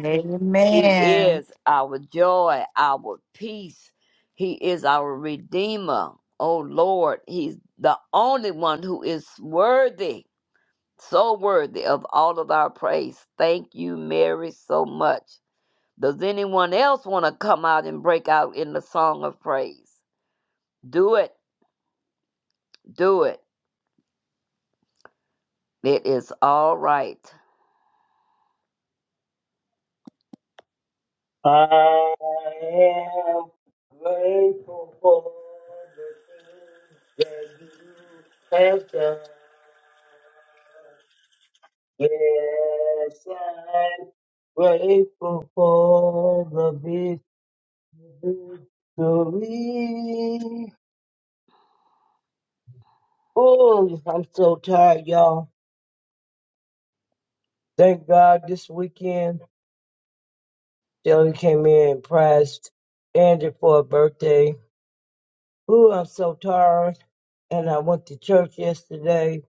Speaker 7: He is our joy, our peace. He is our Redeemer. Oh Lord, He's the only one who is worthy, so worthy of all of our praise. Thank you, Mary, so much. Does anyone else want to come out and break out in the song of praise? Do it. Do it. It is all right.
Speaker 12: I am grateful for the things that you have done. Yes, I'm grateful for the big victory. Oh, I'm so tired, y'all. Thank God this weekend, Shelly came in and praised Andy for her birthday. Ooh, I'm so tired. And I went to church yesterday.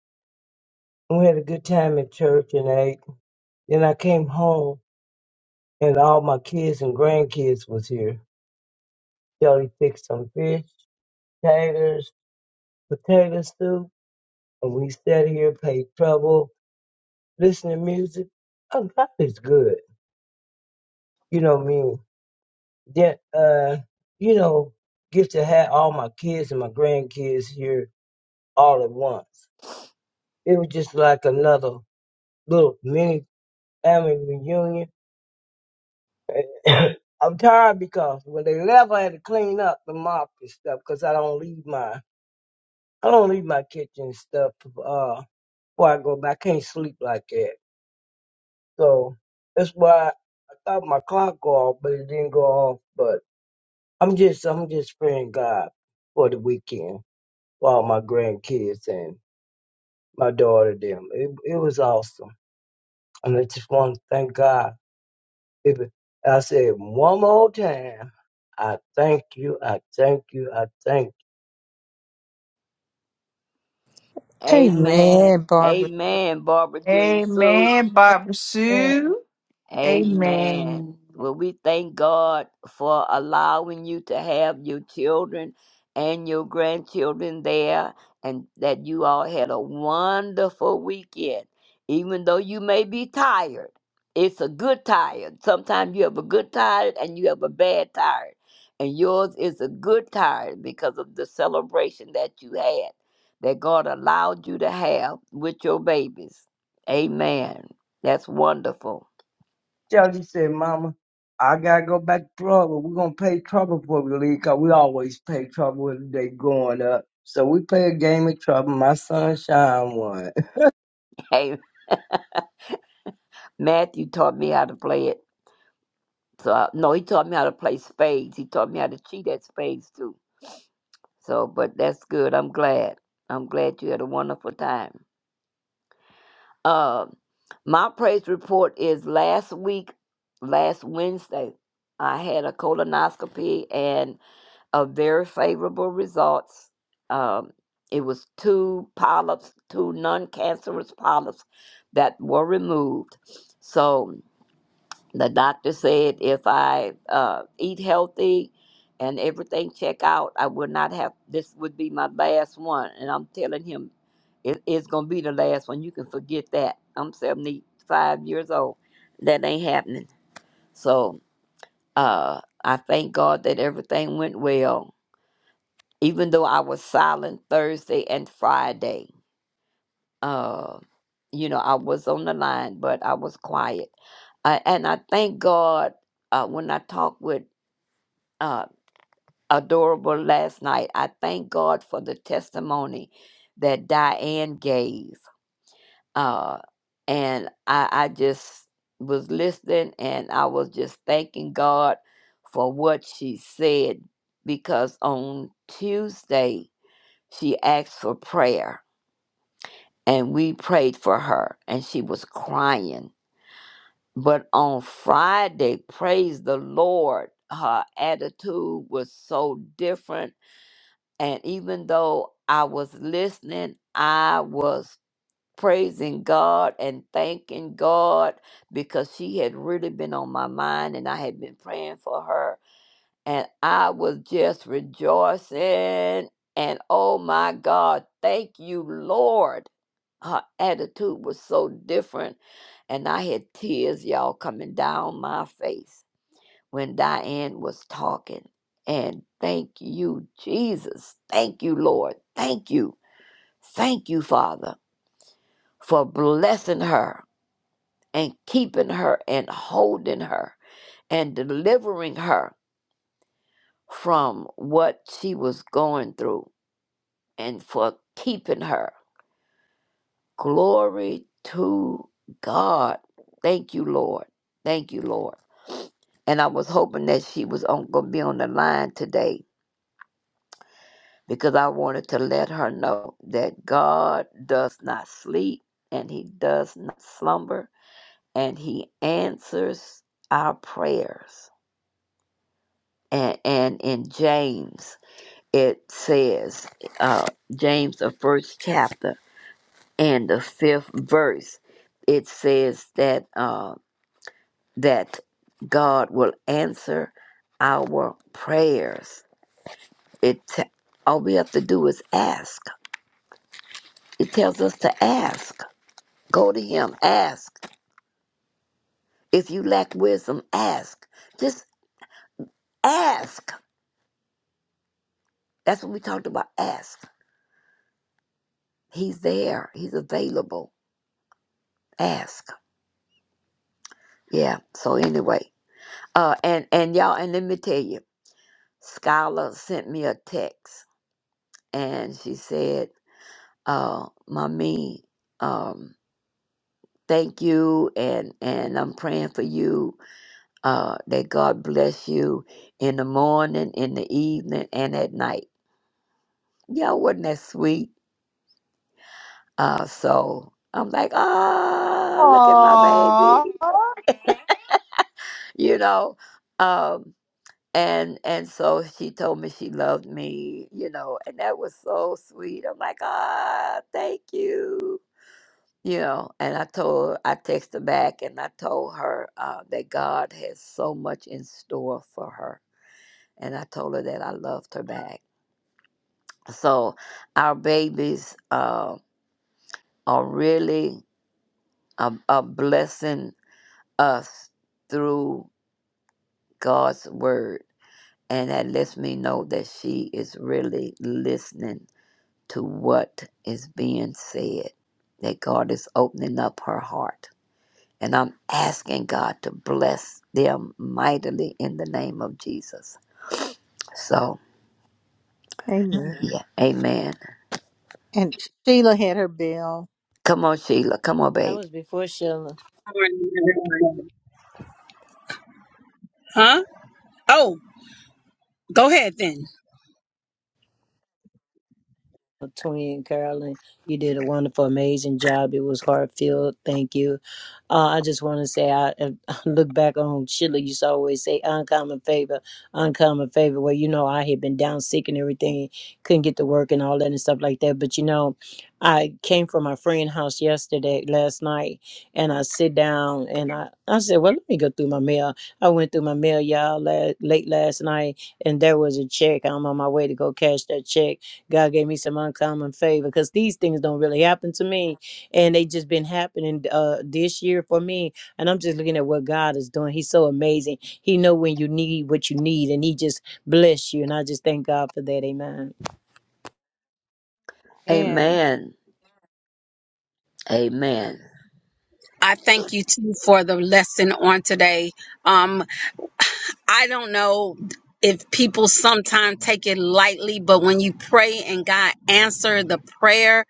Speaker 12: We had a good time at church and ate. Then I came home and all my kids and grandkids was here. Jody fixed some fish, taters, potato soup, and we sat here, played trouble, listened to music. Oh, God is good. You know what I mean? Then, uh, you know, get to have all my kids and my grandkids here all at once. It was just like another little mini family reunion. I'm tired because when they left, I had to clean up the mop and stuff because I don't leave my I don't leave my kitchen stuff uh before I go. But I can't sleep like that, so that's why I thought my clock go off, but it didn't go off. But I'm just I'm just praying God for the weekend for all my grandkids and my daughter them. It it was awesome, and I just want to thank God If- I said one more time, I thank you, I thank you, I thank
Speaker 7: Amen.
Speaker 2: Amen, Barbara.
Speaker 7: Amen, Barbara Jean Sue.
Speaker 1: Amen, Barbara
Speaker 2: Amen.
Speaker 1: Sue.
Speaker 7: Amen.
Speaker 1: Amen.
Speaker 7: Well, we thank God for allowing you to have your children and your grandchildren there, and that you all had a wonderful weekend. Even though you may be tired, it's a good tired. Sometimes you have a good tired and you have a bad tired. And yours is a good tired because of the celebration that you had, that God allowed you to have with your babies. Amen. That's wonderful.
Speaker 12: you. Shelly said, Mama, I gotta go back to Florida. We're gonna pay trouble before we leave, 'cause we always pay trouble when they going up. So we play a game of trouble. My sunshine won.
Speaker 7: Matthew taught me how to play it. So I, no, he taught me how to play spades. He taught me how to cheat at spades too. So, but that's good. I'm glad. I'm glad you had a wonderful time. Um, my praise report is last week, last Wednesday, I had a colonoscopy and a very favorable results. Um, it was two polyps, two non-cancerous polyps that were removed. So the doctor said if I uh, eat healthy and everything check out, I would not have. This would be my last one, and I'm telling him it, it's gonna be the last one. You can forget that. I'm 75 years old. That ain't happening. So uh, I thank God that everything went well, even though I was silent Thursday and Friday. Uh, you know, I was on the line, but I was quiet. I, and I thank God uh, when I talk with uh, adorable last night. I thank God for the testimony that Diane gave. Uh, and I, I just was listening and I was just thanking God for what she said because on Tuesday she asked for prayer and we prayed for her and she was crying. But on Friday, praise the Lord, her attitude was so different And even though I was listening, I was praising God and thanking God because she had really been on my mind and I had been praying for her. And I was just rejoicing. And oh my God, thank you, Lord. Her attitude was so different. And I had tears, y'all, coming down my face when Diane was talking. And thank you, Jesus. Thank you, Lord. Thank you. Thank you, Father, for blessing her and keeping her and holding her and delivering her from what she was going through and for keeping her. Glory to God. Thank you, Lord. Thank you, Lord. And I was hoping that she was on, gonna be on the line today because I wanted to let her know that God does not sleep and He does not slumber and He answers our prayers. And, and in James, it says, uh, James, the first chapter and the fifth verse, it says that, uh, that God will answer our prayers. It, t- all we have to do is ask. It tells us to ask Go to him. Ask. If you lack wisdom, ask. Just ask. That's what we talked about. Ask. He's there. He's available. Ask. Yeah. So anyway. Uh and and y'all and let me tell you, Skylar sent me a text and she said, uh, Mommy, um, thank you and and I'm praying for you. Uh that God bless you in the morning, in the evening, and at night. Y'all wasn't that sweet? Uh, so I'm like, ah, look at my baby,
Speaker 1: Aww.
Speaker 7: you know. Um, and and so she told me she loved me, you know, and that was so sweet. I'm like, ah, thank you, you know. And I told, I texted her back, and I told her uh, that God has so much in store for her, and I told her that I loved her back. So our babies uh, are really a, a blessing us through God's word. And that lets me know that she is really listening to what is being said, that God is opening up her heart. And I'm asking God to bless them mightily in the name of Jesus. So,
Speaker 2: Amen.
Speaker 7: yeah, amen.
Speaker 2: And Sheila had her bell.
Speaker 7: Come on, Sheila. Come on,
Speaker 13: That
Speaker 7: babe.
Speaker 13: was before Sheila.
Speaker 14: Huh? Oh, go ahead then.
Speaker 13: Twin Carolyn, you did a wonderful, amazing job. It was heartfelt. Thank you. Uh, I just want to say, I, I look back on Sheila used to always say, uncommon favor, uncommon favor. Well, you know, I had been down sick and everything, couldn't get to work and all that and stuff like that. But you know, I came from my friend's house yesterday, last night, and I sit down and I, I said, well, let me go through my mail. I went through my mail, y'all, la- late last night, and there was a check. I'm on my way to go cash that check God gave me some uncommon favor because these things don't really happen to me. And they just been happening uh, this year for me. And I'm just looking at what God is doing. He's so amazing. He know when you need what you need and he just bless you. And I just thank God for that. Amen.
Speaker 2: Amen.
Speaker 7: Amen. Amen.
Speaker 14: I thank you too for the lesson on today. Um, I don't know if people sometimes take it lightly, but when you pray and God answer the prayer,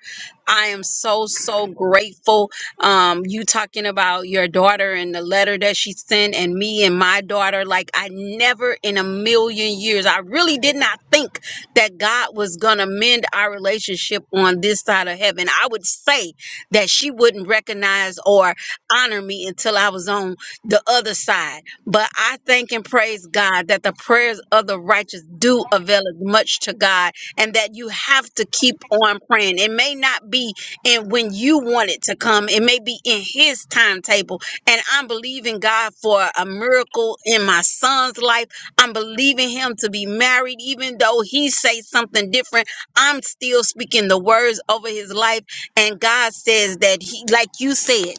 Speaker 14: I am so so grateful. Um, you talking about your daughter and the letter that she sent, and me and my daughter. Like I never in a million years, I really did not think that God was gonna mend our relationship on this side of heaven. I would say that she wouldn't recognize or honor me until I was on the other side. But I thank and praise God that the prayers of the righteous do avail much to God and that you have to keep on praying. It may not be in when you want it to come, it may be in His timetable. And I'm believing God for a miracle in my son's life. I'm believing him to be married, even though he says something different. I'm still speaking the words over his life. And God says that he, like you said,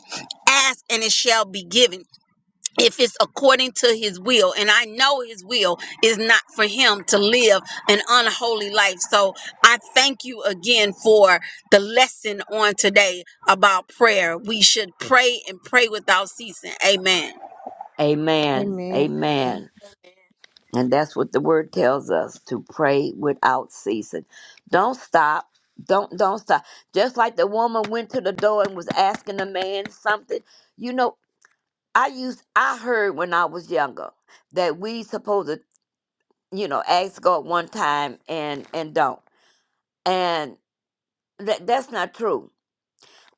Speaker 14: ask and it shall be given if it's according to his will and i know his will is not for him to live an unholy life so i thank you again for the lesson on today about prayer we should pray and pray without ceasing amen
Speaker 7: Amen.
Speaker 2: Amen.
Speaker 7: Amen. And that's what the word tells us to pray without ceasing. Don't stop. Don't don't stop. Just like the woman went to the door and was asking the man something. You know, I used I heard when I was younger that we supposed to, you know, ask God one time and and don't. And that that's not true.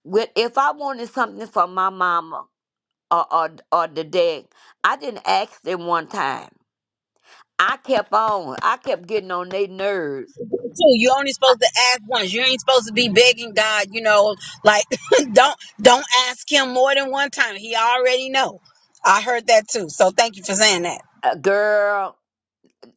Speaker 7: With if I wanted something from my mama or or, or the dad, I didn't ask them one time. I kept on. I kept getting on their nerves
Speaker 14: too. You are only supposed to ask once. You ain't supposed to be begging God, you know, like don't don't ask him more than one time. He already know. I heard that too. So thank you for saying that.
Speaker 7: Uh, Girl,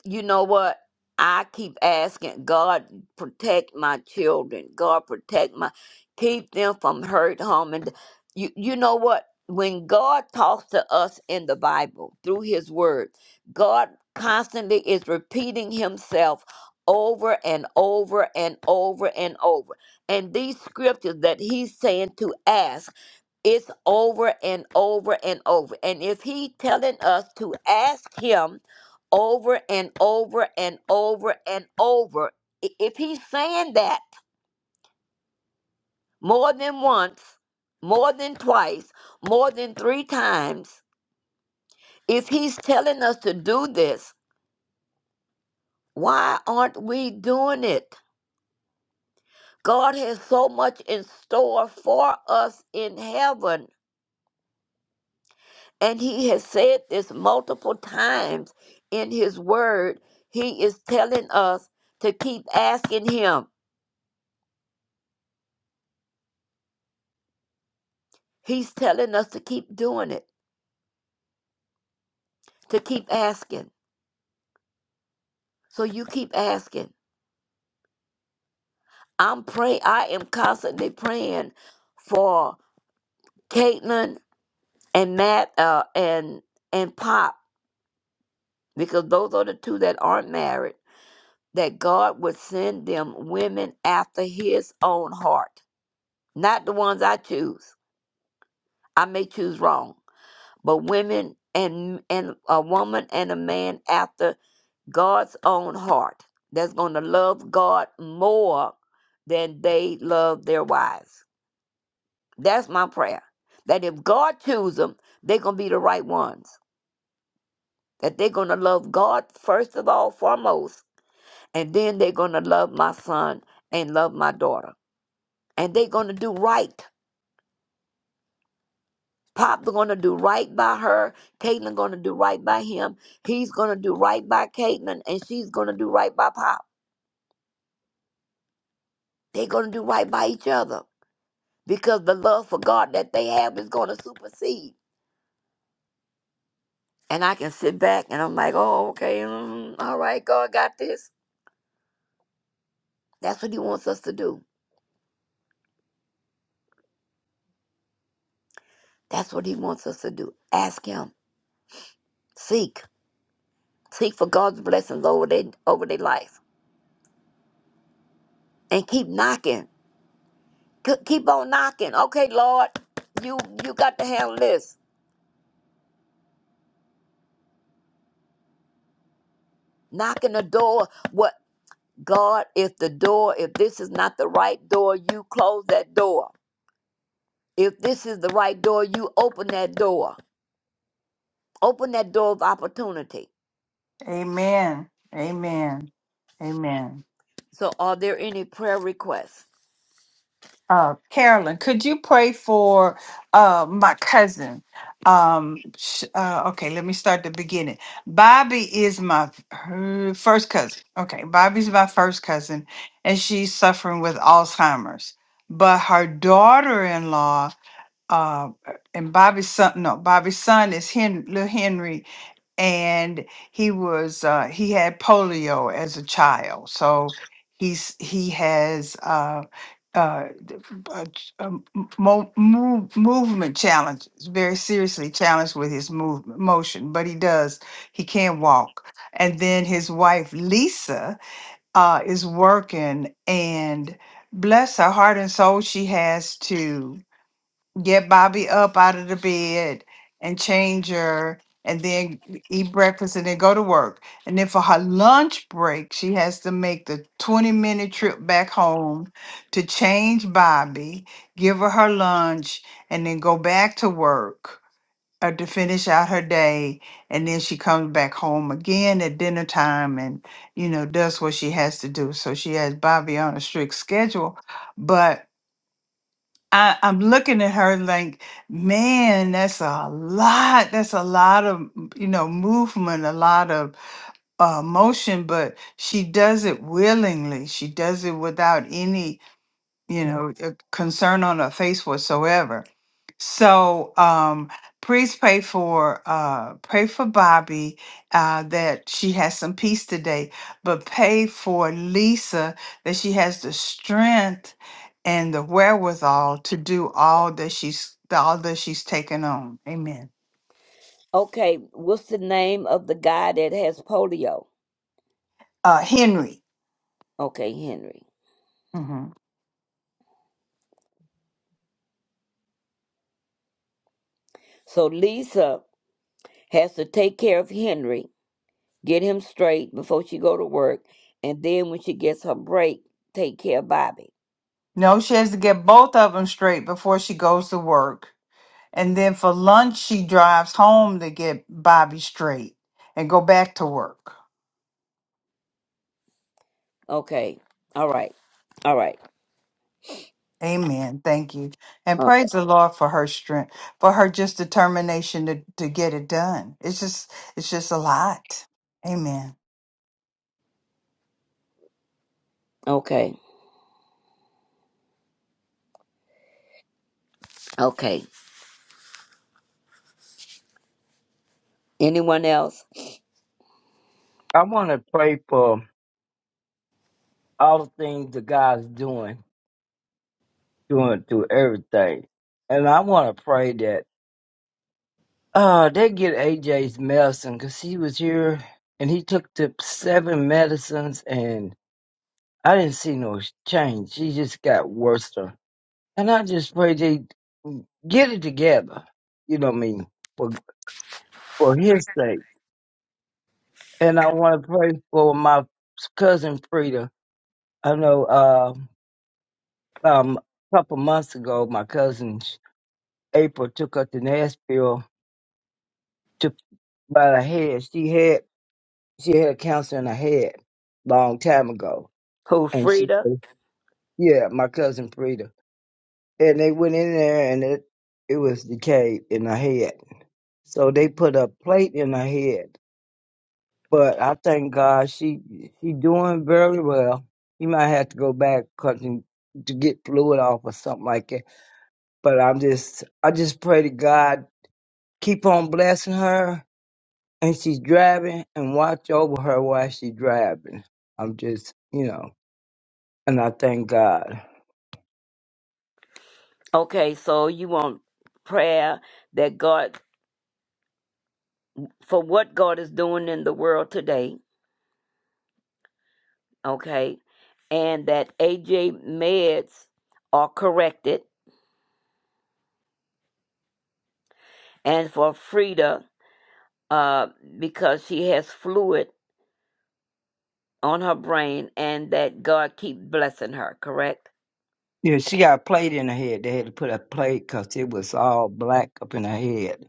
Speaker 7: you know what? I keep asking God protect my children. God protect my keep them from hurt, harm, and you you know what? When God talks to us in the Bible through his word, God constantly is repeating himself over and over and over and over. And these scriptures that he's saying to ask it's over and over and over. And if he telling us to ask him over and over and over and over, i- if he's saying that more than once, more than twice, more than three times, if he's telling us to do this, why aren't we doing it? God has so much in store for us in heaven And he has said this multiple times in his word. He is telling us to keep asking him. He's telling us to keep doing it, to keep asking. So you keep asking. I'm pray I am constantly praying for Caitlin and Matt uh, and and Pop because those are the two that aren't married. That God would send them women after His own heart, not the ones I choose. I may choose wrong but women and and a woman and a man after God's own heart that's going to love God more than they love their wives. That's my prayer. That if God chooses them, they're going to be the right ones. That they're going to love God first of all, foremost, and then they're going to love my son and love my daughter. And they're going to do right. Pop's gonna do right by her. Caitlin gonna do right by him. He's gonna do right by Caitlin, and she's gonna do right by Pop. They're gonna do right by each other because the love for God that they have is gonna supersede. And I can sit back and I'm like, oh, okay, mm, all right, God got this. That's what He wants us to do. That's what He wants us to do. Ask Him, seek, seek for God's blessings over their over their life, and keep knocking. Ke- Keep on knocking. Okay, Lord, you you got to handle this. knocking the door. What God, if the door, if this is not the right door, you close that door. If this is the right door, you open that door. Open that door of opportunity.
Speaker 1: Amen. Amen. Amen.
Speaker 7: So, are there any prayer requests?
Speaker 1: Uh, Carolyn, could you pray for uh, my cousin? Um, sh- uh, okay, let me start the beginning. Bobby is my her first cousin. Okay, Bobby's my first cousin, and she's suffering with Alzheimer's. But her daughter-in-law uh, and Bobby's son, no, Bobby's son is Hen, little Henry, and he was uh, he had polio as a child, so he's he has uh, uh, uh, ch- um, m- mo- move, movement challenges, very seriously challenged with his movement motion, but he does he can walk. And then his wife Lisa uh, is working, and bless her heart and soul, she has to get Bobby up out of the bed and change her and then eat breakfast and then go to work. And then for her lunch break, she has to make the 20 minute trip back home to change Bobby, give her her lunch, and then go back to work uh, to finish out her day. And then she comes back home again at dinner time and, you know, does what she has to do. So she has Bobby on a strict schedule. But I, I'm looking at her like, man, that's a lot. That's a lot of, m- you know, movement, a lot of uh, motion, but she does it willingly. She does it without any, you know, uh, concern on her face whatsoever. So um please pray for uh pray for Bobby uh that she has some peace today, but pray for Lisa that she has the strength and the wherewithal to do all that she's all that she's taken on. Amen.
Speaker 7: Okay, what's the name of the guy that has polio?
Speaker 1: Uh Henry.
Speaker 7: Okay, Henry.
Speaker 1: hmm
Speaker 7: So Lisa has to take care of Henry, get him straight before she go to work, and then when she gets her break, take care of Bobby.
Speaker 1: No, she has to get both of them straight before she goes to work. And then for lunch she drives home to get Bobby straight and go back to work.
Speaker 7: Okay. All right. All right.
Speaker 1: Amen. Thank you. And
Speaker 7: Uh,
Speaker 1: praise the Lord for her strength, for her just determination to, to get it done. It's just it's just a lot. Amen.
Speaker 7: Okay. Okay. Anyone else?
Speaker 12: I wanna pray for all the things that God's doing, doing through everything. And I wanna pray that uh they get AJ's medicine 'cause he was here and he took the seven medicines and I didn't see no change. She just got worse. And I just pray they get it together. You know what I mean? For for his sake. And I want to pray for my cousin Frida. I know uh, um, a couple months ago, my cousin April took her to Nashville to by the head. She had she had cancer in her head long time ago,
Speaker 7: Who
Speaker 12: and she
Speaker 7: Frida?
Speaker 12: yeah, my cousin Frida. And they went in there, and it it was decayed in her head. So they put a plate in her head. But I thank God she she doing very well. You might have to go back 'cause you- to get fluid off or something like that. But I'm just I just pray to God keep on blessing her and she's driving and watch over her while she's driving. I'm just you know, and I thank God.
Speaker 7: Okay, so you want prayer that God for what God is doing in the world today, okay? And that AJ meds are corrected and for Frida uh because she has fluid on her brain and that God keep blessing her, correct?
Speaker 12: Yeah, she got a plate in her head. They had to put a plate 'cause it was all black up in her head.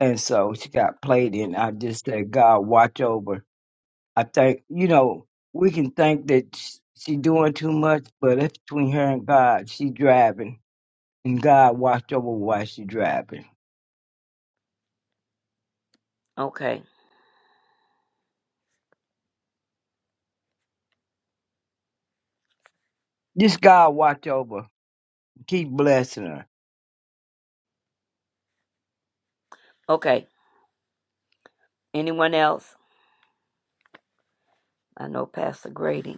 Speaker 12: And so she got a plate in. I just said, God, watch over I think you know we can think that sh- she doing too much, but it's between her and God. She driving, and God watch over while she driving.
Speaker 7: Okay.
Speaker 12: Just God watch over. Keep blessing her.
Speaker 7: Okay. Anyone else? I know Pastor Grady.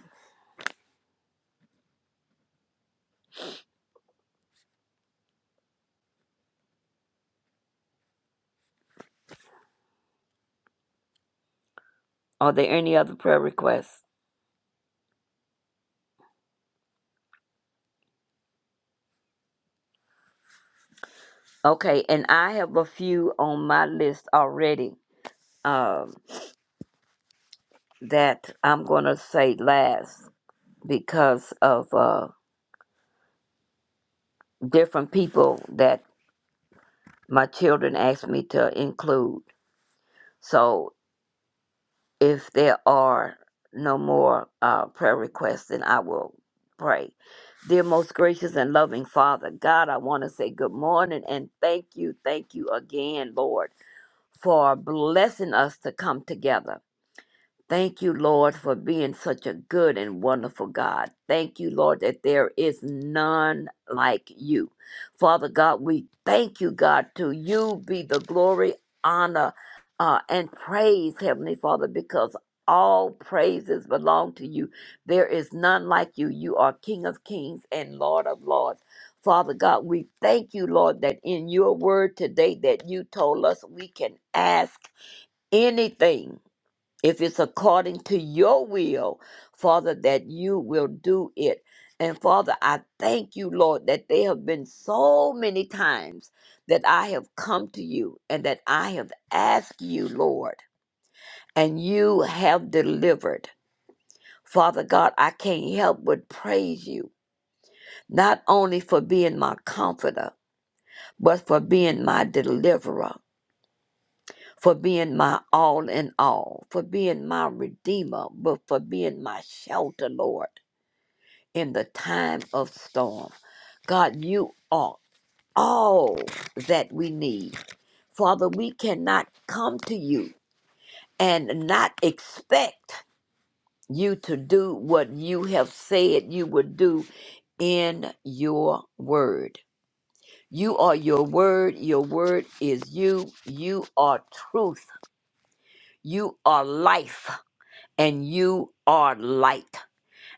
Speaker 7: Are there any other prayer requests? Okay, and I have a few on my list already um, that I'm going to say last because of uh, different people that my children asked me to include. So if there are no more uh, prayer requests, then I will pray. Dear most gracious and loving Father, God, I want to say good morning and thank you, thank you again, Lord, for blessing us to come together. Thank you, Lord, for being such a good and wonderful God. Thank you, Lord, that there is none like you. Father God, we thank you, God, to you be the glory, honor, uh, and praise, Heavenly Father, because all praises belong to you. There is none like you. You are King of kings and Lord of lords. Father God, we thank you, Lord, that in your word today that you told us we can ask anything if it's according to your will, Father, that you will do it. And Father, I thank you, Lord, that there have been so many times that I have come to you and that I have asked you, Lord, and you have delivered. Father God, I can't help but praise you, not only for being my comforter, but for being my deliverer. for being my all in all, for being my redeemer, but for being my shelter, Lord, in the time of storm. God, you are all that we need. Father, we cannot come to you and not expect you to do what you have said you would do in your word. You are your word. Your word is you. You are truth. You are life. and you are light.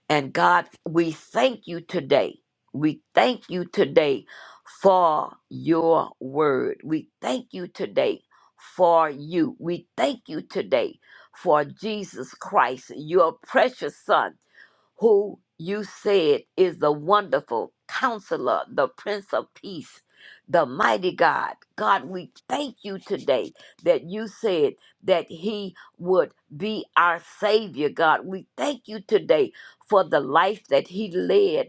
Speaker 7: And God, we thank you today. We thank you today for your word. We thank you today for you. We thank you today for Jesus Christ, your precious son who you said is the wonderful counselor, the Prince of Peace, the mighty God. God, we thank you today that you said that He would be our Savior, God. We thank you today for the life that He led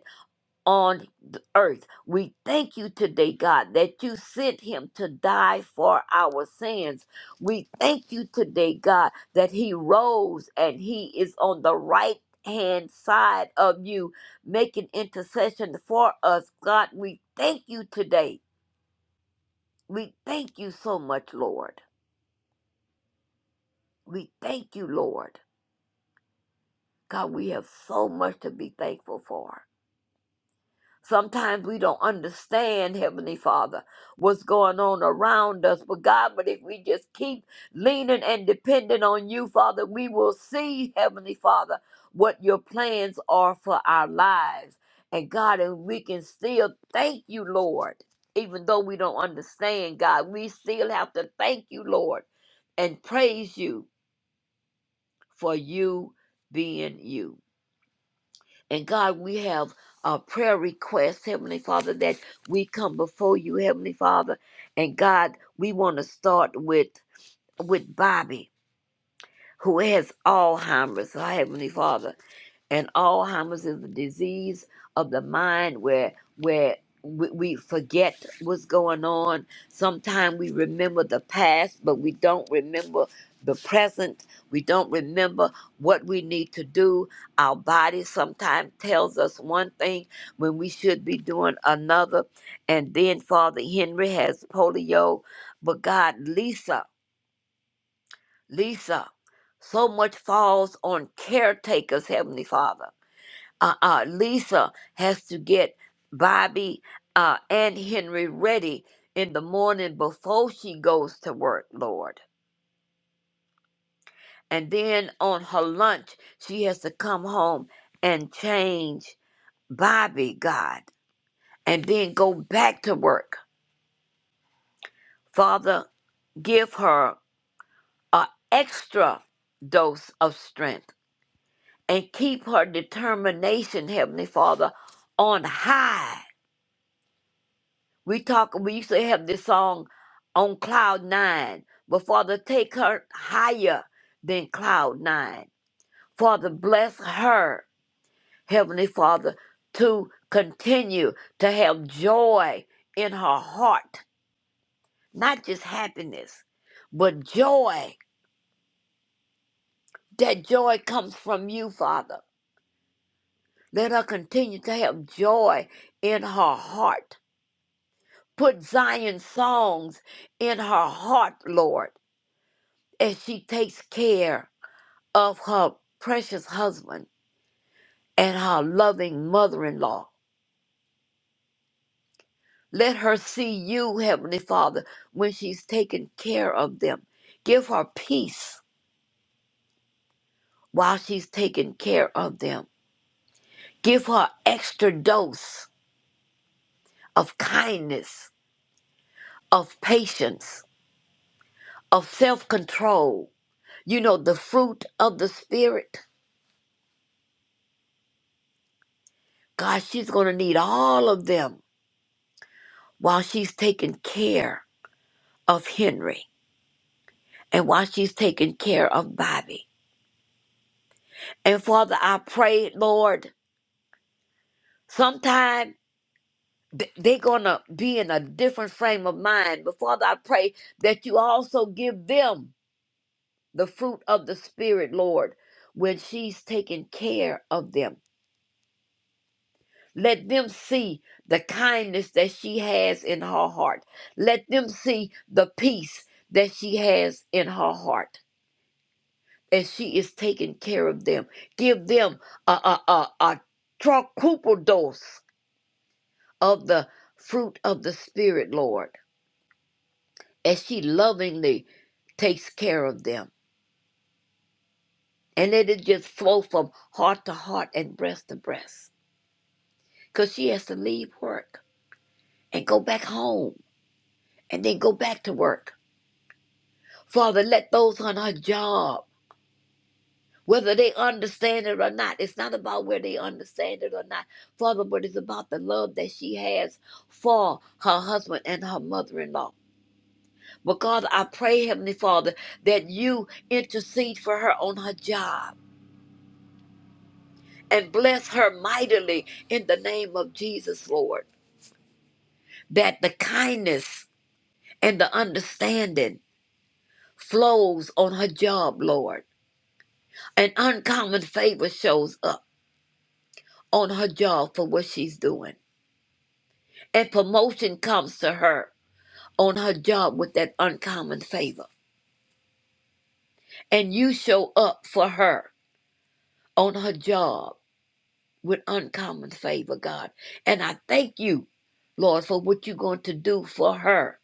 Speaker 7: on the earth. We thank you today, God, that you sent him to die for our sins. We thank you today, God, that he rose and he is on the right hand side of you, making intercession for us. God, we thank you today. We thank you so much, Lord. We thank you, Lord. God, we have so much to be thankful for. Sometimes we don't understand, Heavenly Father, what's going on around us. But God, but if we just keep leaning and depending on you, Father, we will see, Heavenly Father, what your plans are for our lives. And God, and we can still thank you, Lord. Even though we don't understand, God, we still have to thank you, Lord, and praise you for you being you. And God, we have a prayer request, Heavenly Father, that we come before you, Heavenly Father. And God, we want to start with with Bobby, who has Alzheimer's, oh, Heavenly Father and Alzheimer's is a disease of the mind where where we we forget what's going on. Sometimes we remember the past, but we don't remember the present. We don't remember what we need to do. Our body sometimes tells us one thing when we should be doing another. And then Father Henry has polio, but God, Lisa, Lisa, so much falls on caretakers, Heavenly Father uh, uh, Lisa has to get Bobby uh, and Henry ready in the morning before she goes to work, Lord. And then on her lunch, she has to come home and change Bobby, God, and then go back to work. Father, give her an extra dose of strength and keep her determination, Heavenly Father, on high We talk. We used to have this song on cloud nine. But Father, take her higher than cloud nine. Father, bless her, Heavenly Father, to continue to have joy in her heart, not just happiness, but joy. That joy comes from you, Father. Let her continue to have joy in her heart. Put Zion songs in her heart, Lord As she takes care of her precious husband and her loving mother in law. Let her see you, Heavenly Father, when she's taking care of them. Give her peace while she's taking care of them. Give her extra dose of kindness, of patience, of self control. You know, the fruit of the Spirit. God, she's going to need all of them while she's taking care of Henry. and while she's taking care of Bobby. And Father, I pray, Lord, sometime th- they're going to be in a different frame of mind. But Father, I pray that you also give them the fruit of the Spirit, Lord, when she's taking care of them. Let them see the kindness that she has in her heart. Let them see the peace that she has in her heart. and she is taking care of them. Give them a, a, a, a quadruple dose of the fruit of the Spirit, Lord, as she lovingly takes care of them. And let it just flow from heart to heart and breast to breast. Because she has to leave work and go back home and then go back to work. Father, let those on her job whether they understand it or not. It's not about where they understand it or not, Father, but it's about the love that she has for her husband and her mother in law. Because I pray, Heavenly Father, that you intercede for her on her job and bless her mightily in the name of Jesus, Lord, that the kindness and the understanding flows on her job, Lord. An uncommon favor shows up on her job for what she's doing. and promotion comes to her on her job with that uncommon favor. And you show up for her on her job with uncommon favor, God. And I thank you, Lord, for what you're going to do for her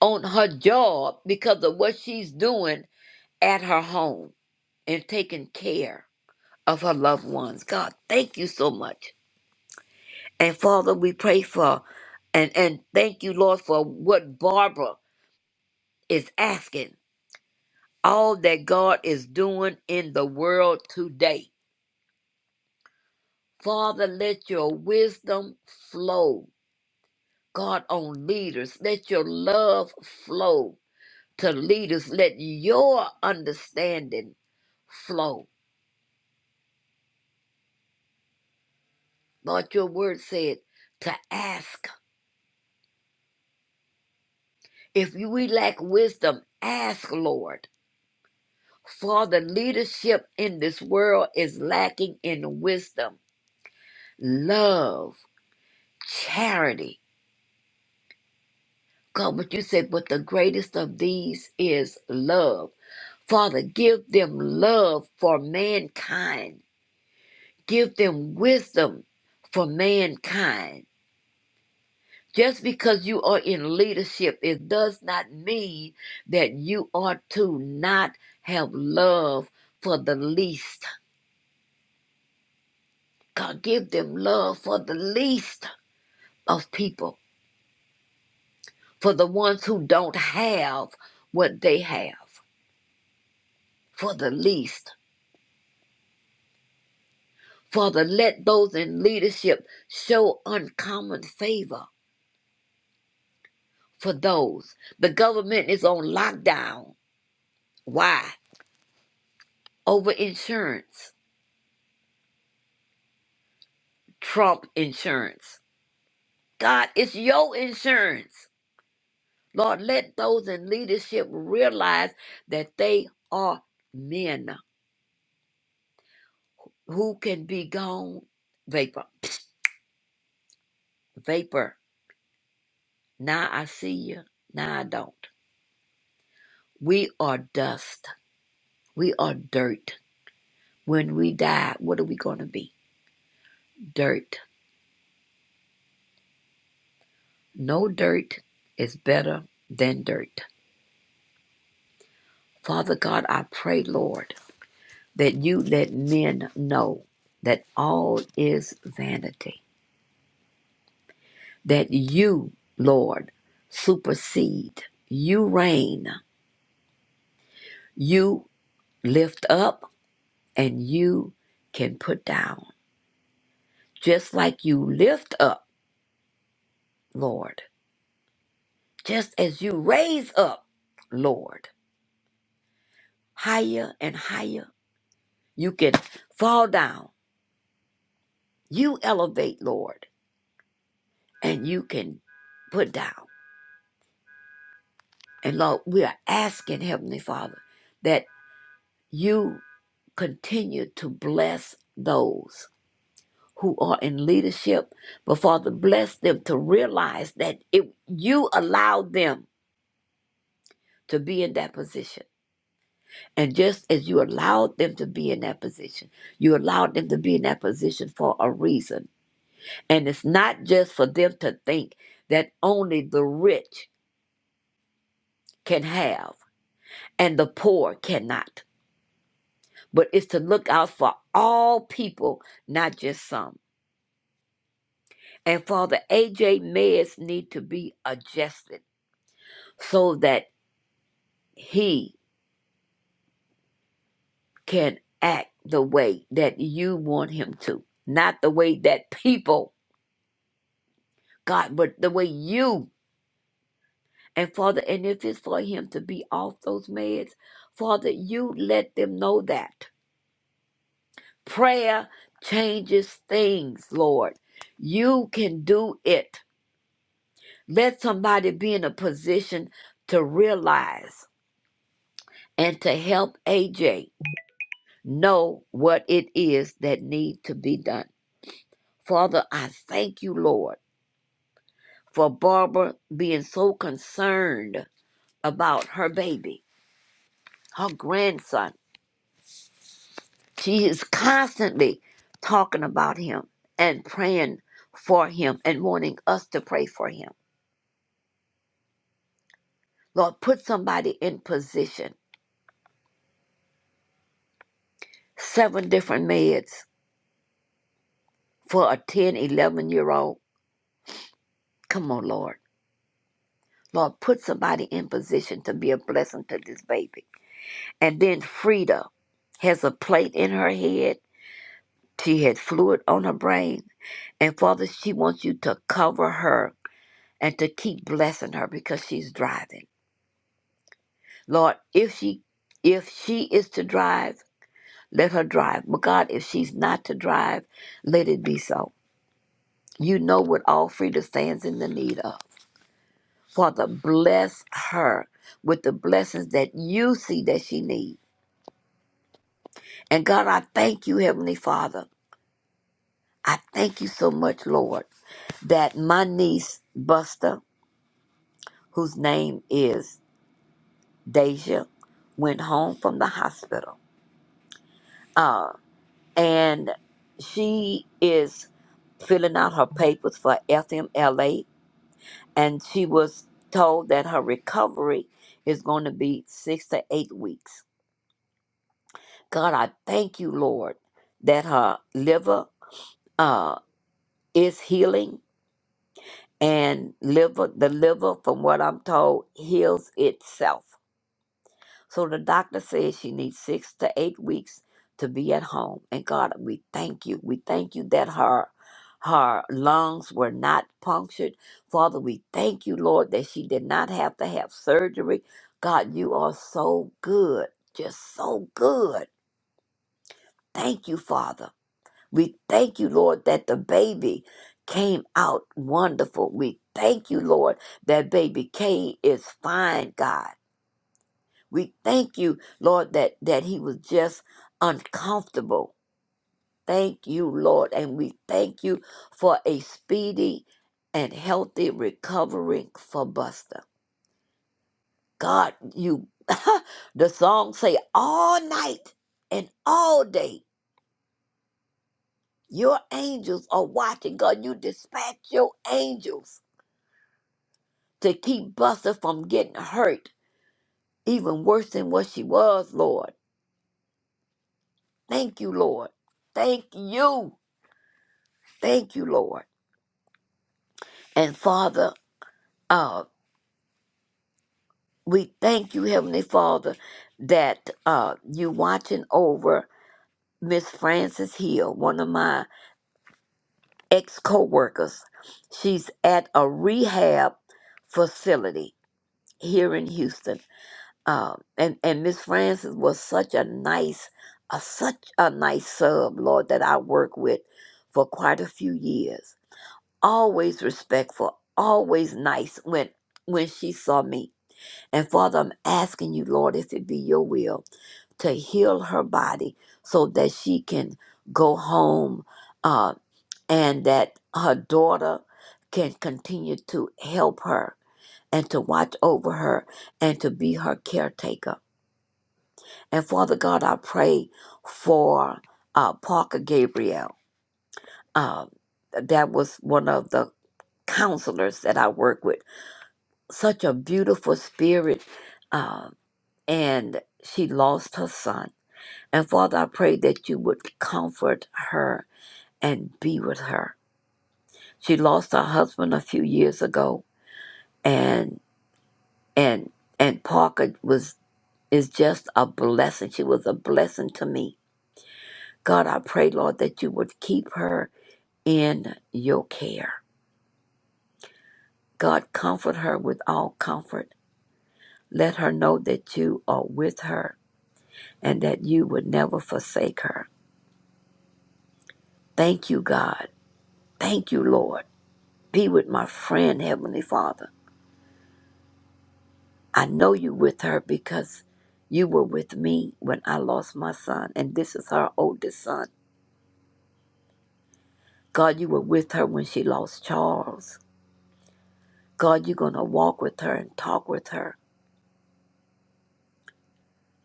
Speaker 7: on her job because of what she's doing at her home and taking care of her loved ones. God, thank you so much. And Father, we pray for and and thank you, Lord, for what Barbara is asking all that God is doing in the world today. Father, let your wisdom flow. God, on leaders, let your love flow to leaders. Let your understanding flow. Lord, your word said to ask. If we lack wisdom, ask, Lord. Father, leadership in this world is lacking in wisdom, love, charity, God, but you said, but the greatest of these is love. Father, give them love for mankind. Give them wisdom for mankind. Just because you are in leadership, it does not mean that you are to not have love for the least. God, give them love for the least of people, for the ones who don't have what they have, for the least. Father, let those in leadership show uncommon favor for those. The government is on lockdown. Why? Over insurance, Trump insurance. God, it's your insurance. Lord, let those in leadership realize that they are men who can be gone vapor. Psst, vapor. Now I see you. Now I don't. We are dust. We are dirt. When we die, what are we going to be? Dirt. No dirt is better than dirt. Father God, I pray, Lord, that you let men know that all is vanity, that you, Lord, supersede, you reign, you lift up, and you can put down. Just like you lift up, Lord, just as you raise up, Lord, higher and higher You can fall down. You elevate, Lord, and you can put down. And Lord, we are asking, Heavenly Father, that you continue to bless those who are in leadership, but Father, bless them to realize that if you allowed them to be in that position. And just as you allowed them to be in that position, you allowed them to be in that position for a reason And it's not just for them to think that only the rich can have and the poor cannot, but it's to look out for all people, not just some. And Father AJ meds need to be adjusted so that he can act the way that you want him to, not the way that people, God, but the way you. And Father, and if it's for him to be off those meds, Father, you let them know that Prayer changes things, Lord. You can do it. Let somebody be in a position to realize and to help AJ know what it is that need to be done. Father, I thank you, Lord, for Barbara being so concerned about her baby, her grandson. She is constantly talking about him and praying for him and wanting us to pray for him. Lord, put somebody in position. Seven different meds for a 1011 year old. Come on, Lord. Lord, put somebody in position to be a blessing to this baby. And then Frida has a plate in her head. She had fluid on her brain. And Father, she wants you to cover her and to keep blessing her because she's driving. Lord, if she if she is to drive, let her drive. But God, if she's not to drive, let it be so. You know what all Frida stands in the need of. Father, bless her with the blessings that you see that she needs. And God, I thank you, Heavenly Father. I thank you so much, Lord, that my niece, Buster, whose name is Deja, went home from the hospital. Uh, and she is filling out her papers for FMLA and she was told that her recovery is going to be six to eight weeks. God, I thank you, Lord, that her liver uh, is healing, and liver the liver, from what I'm told, heals itself. So the doctor says she needs six to eight weeks to be at home. And God, we thank you. We thank you that her her lungs were not punctured. Father, we thank you, Lord, that she did not have to have surgery. God, you are so good. Just so good. Thank you, Father. We thank you, Lord, that the baby came out wonderful. We thank you, Lord, that baby K is fine, God. We thank you, Lord, that, that he was just uncomfortable. Thank you, Lord. And we thank you for a speedy and healthy recovery for Buster. God, you the song say all night and all day your angels are watching. God, you dispatch your angels to keep Buster from getting hurt, even worse than what she was, Lord. Thank you, Lord. Thank you. Thank you, Lord. And Father, uh, we thank you, Heavenly Father, that uh, you watching over Miss Frances Hill, one of my ex co-workers. She's at a rehab facility here in Houston, uh, and and Miss Frances was such a nice, a, such a nice sub, Lord, that I worked with for quite a few years. Always respectful, always nice when when she saw me And Father, I'm asking you, Lord, if it be your will, to heal her body so that she can go home uh, and that her daughter can continue to help her and to watch over her and to be her caretaker. And Father God, I pray for uh, Parker Gabriel. Um, that was one of the counselors that I work with. Such a beautiful spirit. Uh, and she lost her son. And Father, I pray that you would comfort her and be with her. She lost her husband a few years ago, and and and Parker was is just a blessing. She was a blessing to me. God, I pray, Lord, that you would keep her in your care. God, comfort her with all comfort. Let her know that you are with her and that you would never forsake her. Thank you, God. Thank you, Lord Be with my friend, Heavenly Father. I know you with her because you were with me when I lost my son, and this is her oldest son. God, you were with her when she lost Charles. God, you're going to walk with her and talk with her.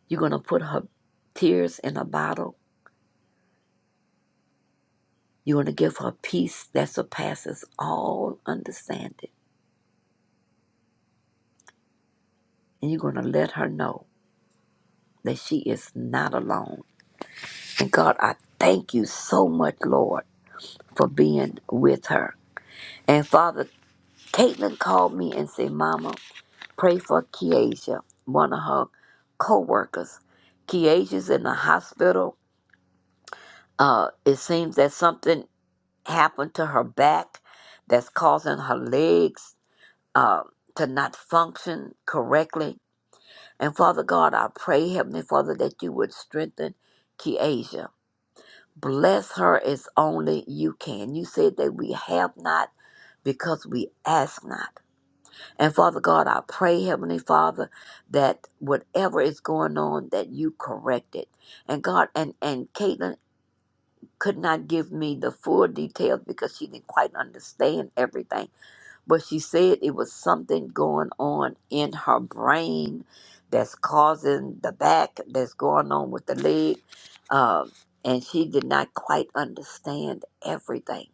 Speaker 7: You're going to put her tears in a bottle. You're going to give her peace that surpasses all understanding. And you're going to let her know that she is not alone. And God, I thank you so much, Lord, for being with her. And Father, Caitlin called me and said, Mama, pray for Keisha, one of her co-workers. Keisha's in the hospital. Uh, it seems that something happened to her back that's causing her legs uh, to not function correctly. And Father God, I pray, Heavenly Father, that you would strengthen Keisha. Bless her as only you can. You said that we have not because we ask not. And Father God, I pray, Heavenly Father, that whatever is going on, that you correct it. And God, and, and Caitlin could not give me the full details because she didn't quite understand everything. But she said it was something going on in her brain that's causing the back, that's going on with the leg. Um, and she did not quite understand everything.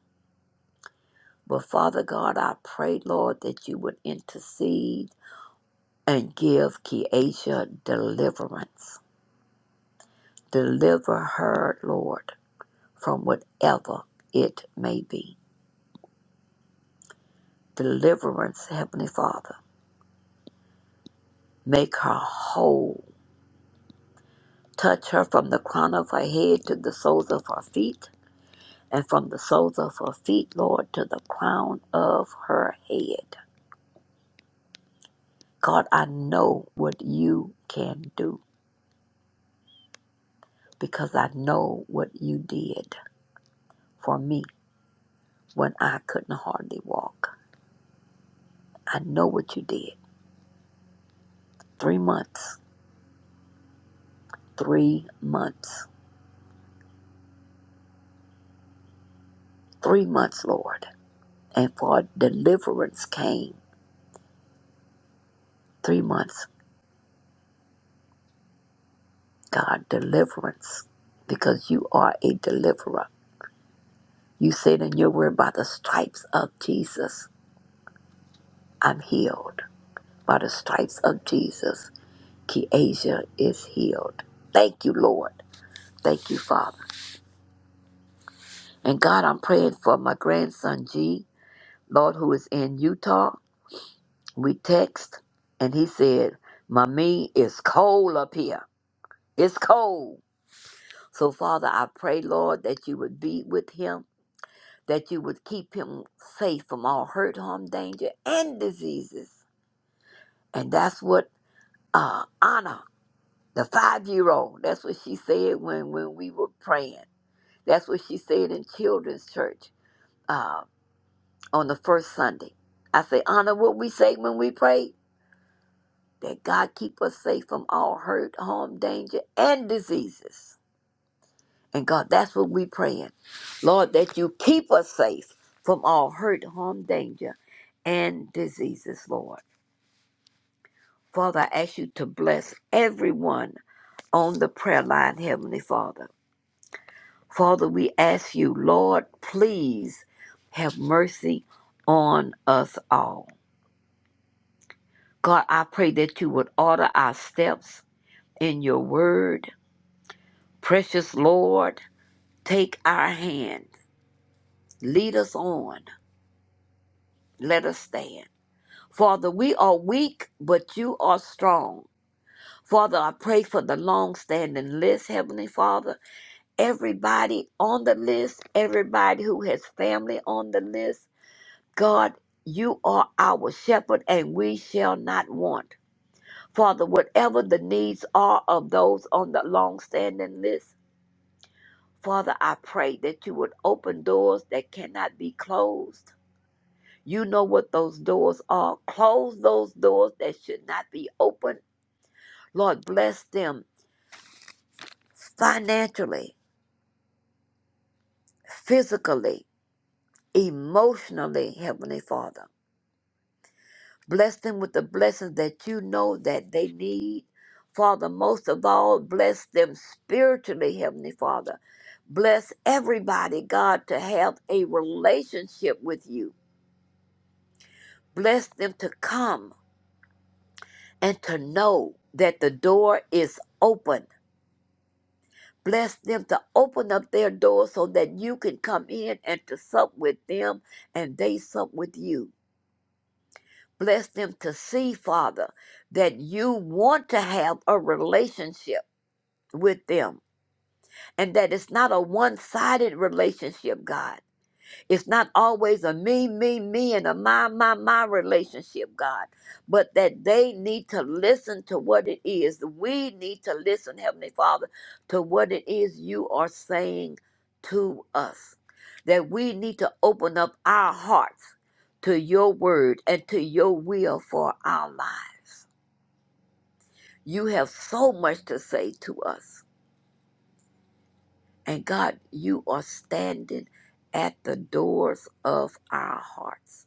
Speaker 7: But Father God, I pray, Lord, that you would intercede and give Keisha deliverance. Deliver her, Lord, from whatever it may be. Deliverance, Heavenly Father. Make her whole. Touch her from the crown of her head to the soles of her feet, and from the soles of her feet, Lord, to the crown of her head. God, I know what you can do because I know what you did for me when I couldn't hardly walk. I know what you did. Three months. Three months. Three months, Lord. And for deliverance came. Three months. God, deliverance. Because you are a deliverer. You said in your word, by the stripes of Jesus, I'm healed. By the stripes of Jesus, Keasia is healed. Thank you, Lord. Thank you, Father. And God, I'm praying for my grandson, G, Lord, who is in Utah. We text, and he said, Mommy, it's cold up here. It's cold. So, Father, I pray, Lord, that you would be with him, that you would keep him safe from all hurt, harm, danger, and diseases. And that's what uh, Anna, the five year old, that's what she said when, when we were praying. That's what she said in children's church uh, on the first Sunday. I say, Anna, what we say when we pray? that God keep us safe from all hurt, harm, danger, and diseases. And God, that's what we praying. Lord, that you keep us safe from all hurt, harm, danger, and diseases, Lord. Father, I ask you to bless everyone on the prayer line, Heavenly Father. Father, we ask you, Lord, please have mercy on us all. God, I pray that you would order our steps in your word. Precious Lord, Take our hand, lead us on, let us stand. Father, we are weak, but you are strong. Father, I pray for the long standing list, Heavenly Father. Everybody on the list, everybody who has family on the list, God, you are our shepherd and we shall not want. Father, whatever the needs are of those on the long standing list, Father, I pray that you would open doors that cannot be closed You know what those doors are. Close those doors that should not be open. Lord, bless them financially, physically, emotionally, Heavenly Father. Bless them with the blessings that you know that they need. Father, most of all, bless them spiritually, Heavenly Father. Bless everybody, God, to have a relationship with you. Bless them to come and to know that the door is open Bless them to open up their doors so that you can come in and to sup with them and they sup with you. Bless them to see, Father, that you want to have a relationship with them and that it's not a one sided relationship, God it's not always a me, me, me, and a my, my, my relationship, God, but that they need to listen to what it is. We need to listen, Heavenly Father, to what it is you are saying to us. That we need to open up our hearts to your word and to your will for our lives. You have so much to say to us. And God, you are standing at the doors of our hearts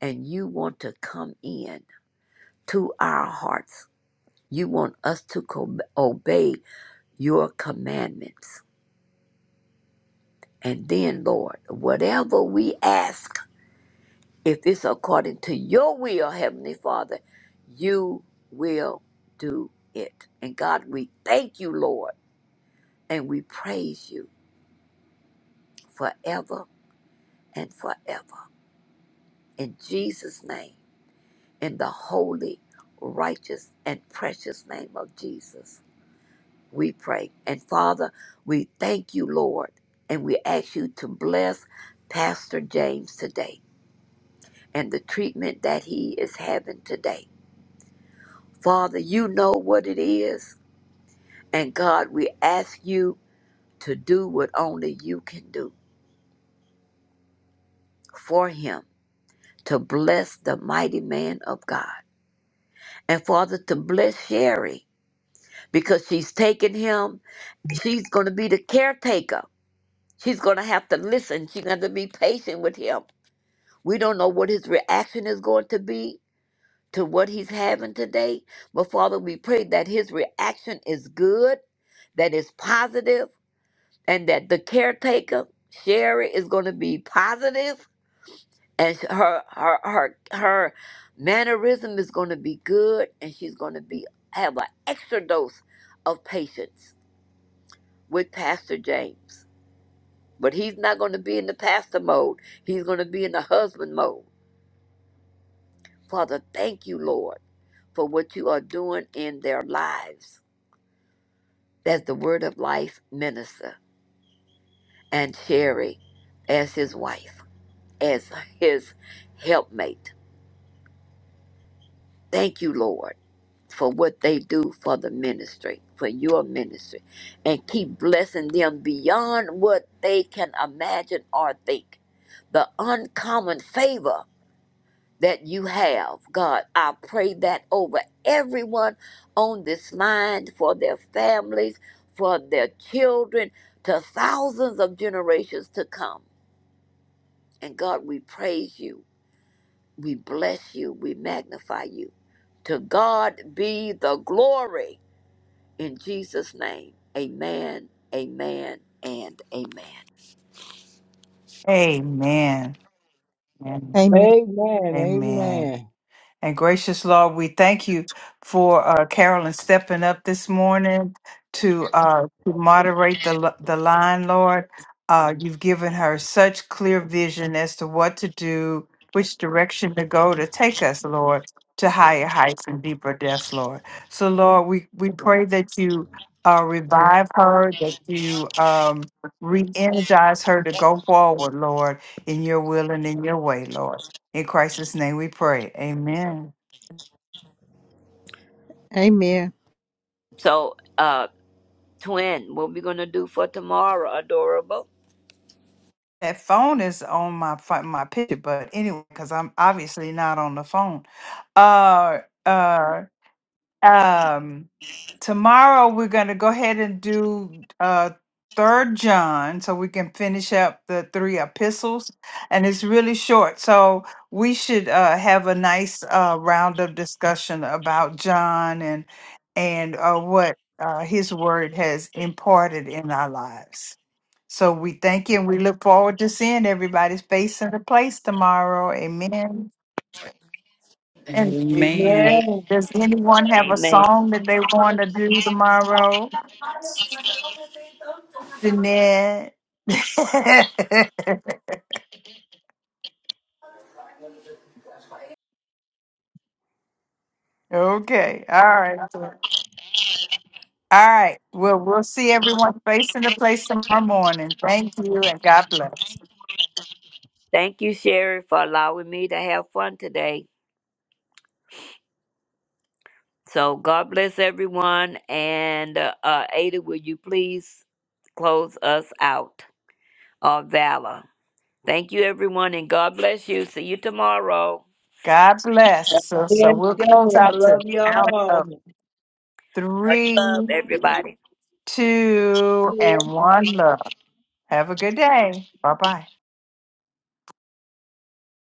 Speaker 7: and you want to come in to our hearts. You want us to co- obey your commandments. And then, Lord, whatever we ask, if it's according to your will, Heavenly Father, you will do it. And God, we thank you, Lord, and we praise you forever and forever. In Jesus' name, in the holy, righteous, and precious name of Jesus. we pray. And Father, we thank you, Lord, and we ask you to bless Pastor James today and the treatment that he is having today. Father, you know what it is, and God, we ask you to do what only you can do for him, to bless the mighty man of God. And Father, to bless Sherry because she's taking him, she's going to be the caretaker. She's going to have to listen. She's going to be patient with him We don't know what his reaction is going to be to what he's having today. But Father, we pray that his reaction is good, that it's positive, and that the caretaker, Sherry, is going to be positive and sh- her her her her mannerism is going to be good and she's going to be have an extra dose of patience with Pastor James. But he's not going to be in the pastor mode. He's going to be in the husband mode. Father, thank you, Lord, for what you are doing in their lives as the Word of Life minister and Sherry as his wife, as his helpmate. Thank you, Lord, for what they do for the ministry, for your ministry, and keep blessing them beyond what they can imagine or think. The uncommon favor that you have, God. I pray that over everyone on this line, for their families, for their children, to thousands of generations to come. And God, we praise you, we bless you, we magnify you. To God be the glory in Jesus' name. Amen, amen, and amen.
Speaker 1: Amen. Amen.
Speaker 2: Amen.
Speaker 12: Amen.
Speaker 1: Amen.
Speaker 12: Amen.
Speaker 1: And gracious Lord, we thank you for uh, Carolyn stepping up this morning to uh, to moderate the li- the line, Lord. Uh, you've given her such clear vision as to what to do, which direction to go to take us, Lord, to higher heights and deeper depths, Lord. So, Lord, we, we pray that you uh, revive her, that you um, re energize her to go forward, Lord, in your will and in your way, Lord. In Christ's name we pray. Amen.
Speaker 2: Amen.
Speaker 7: So, uh, twin, what we going to do for tomorrow, adorable?
Speaker 1: That phone is on my fi- my picture, but anyway, because I'm obviously not on the phone. Uh uh um tomorrow we're gonna go ahead and do uh third John so we can finish up the three epistles and it's really short. So we should uh have a nice uh round of discussion about John and and uh what uh his word has imparted in our lives. So we thank you and we look forward to seeing everybody's face in the place tomorrow. Amen. And
Speaker 8: Amen.
Speaker 7: A-
Speaker 12: Amen.
Speaker 1: does anyone have a
Speaker 7: Amen.
Speaker 1: song that they want to do tomorrow? Jeanette. okay. All right. All right. Well, we'll see everyone face in the place tomorrow morning. Thank you and God bless.
Speaker 7: Thank you, Sherry, for allowing me to have fun today. So God bless everyone. And uh, uh, Ada, will you please close us out? Or Valor. Thank you, everyone, and God bless you. See you tomorrow.
Speaker 1: God bless.
Speaker 12: That's
Speaker 1: So,
Speaker 12: a
Speaker 1: so
Speaker 12: blessing.
Speaker 1: we'll close
Speaker 12: I
Speaker 1: out to
Speaker 12: love
Speaker 1: out
Speaker 12: y'all.
Speaker 1: of
Speaker 7: Much
Speaker 1: three,
Speaker 7: love, everybody.
Speaker 1: two, and one love. Have a good day. Bye bye.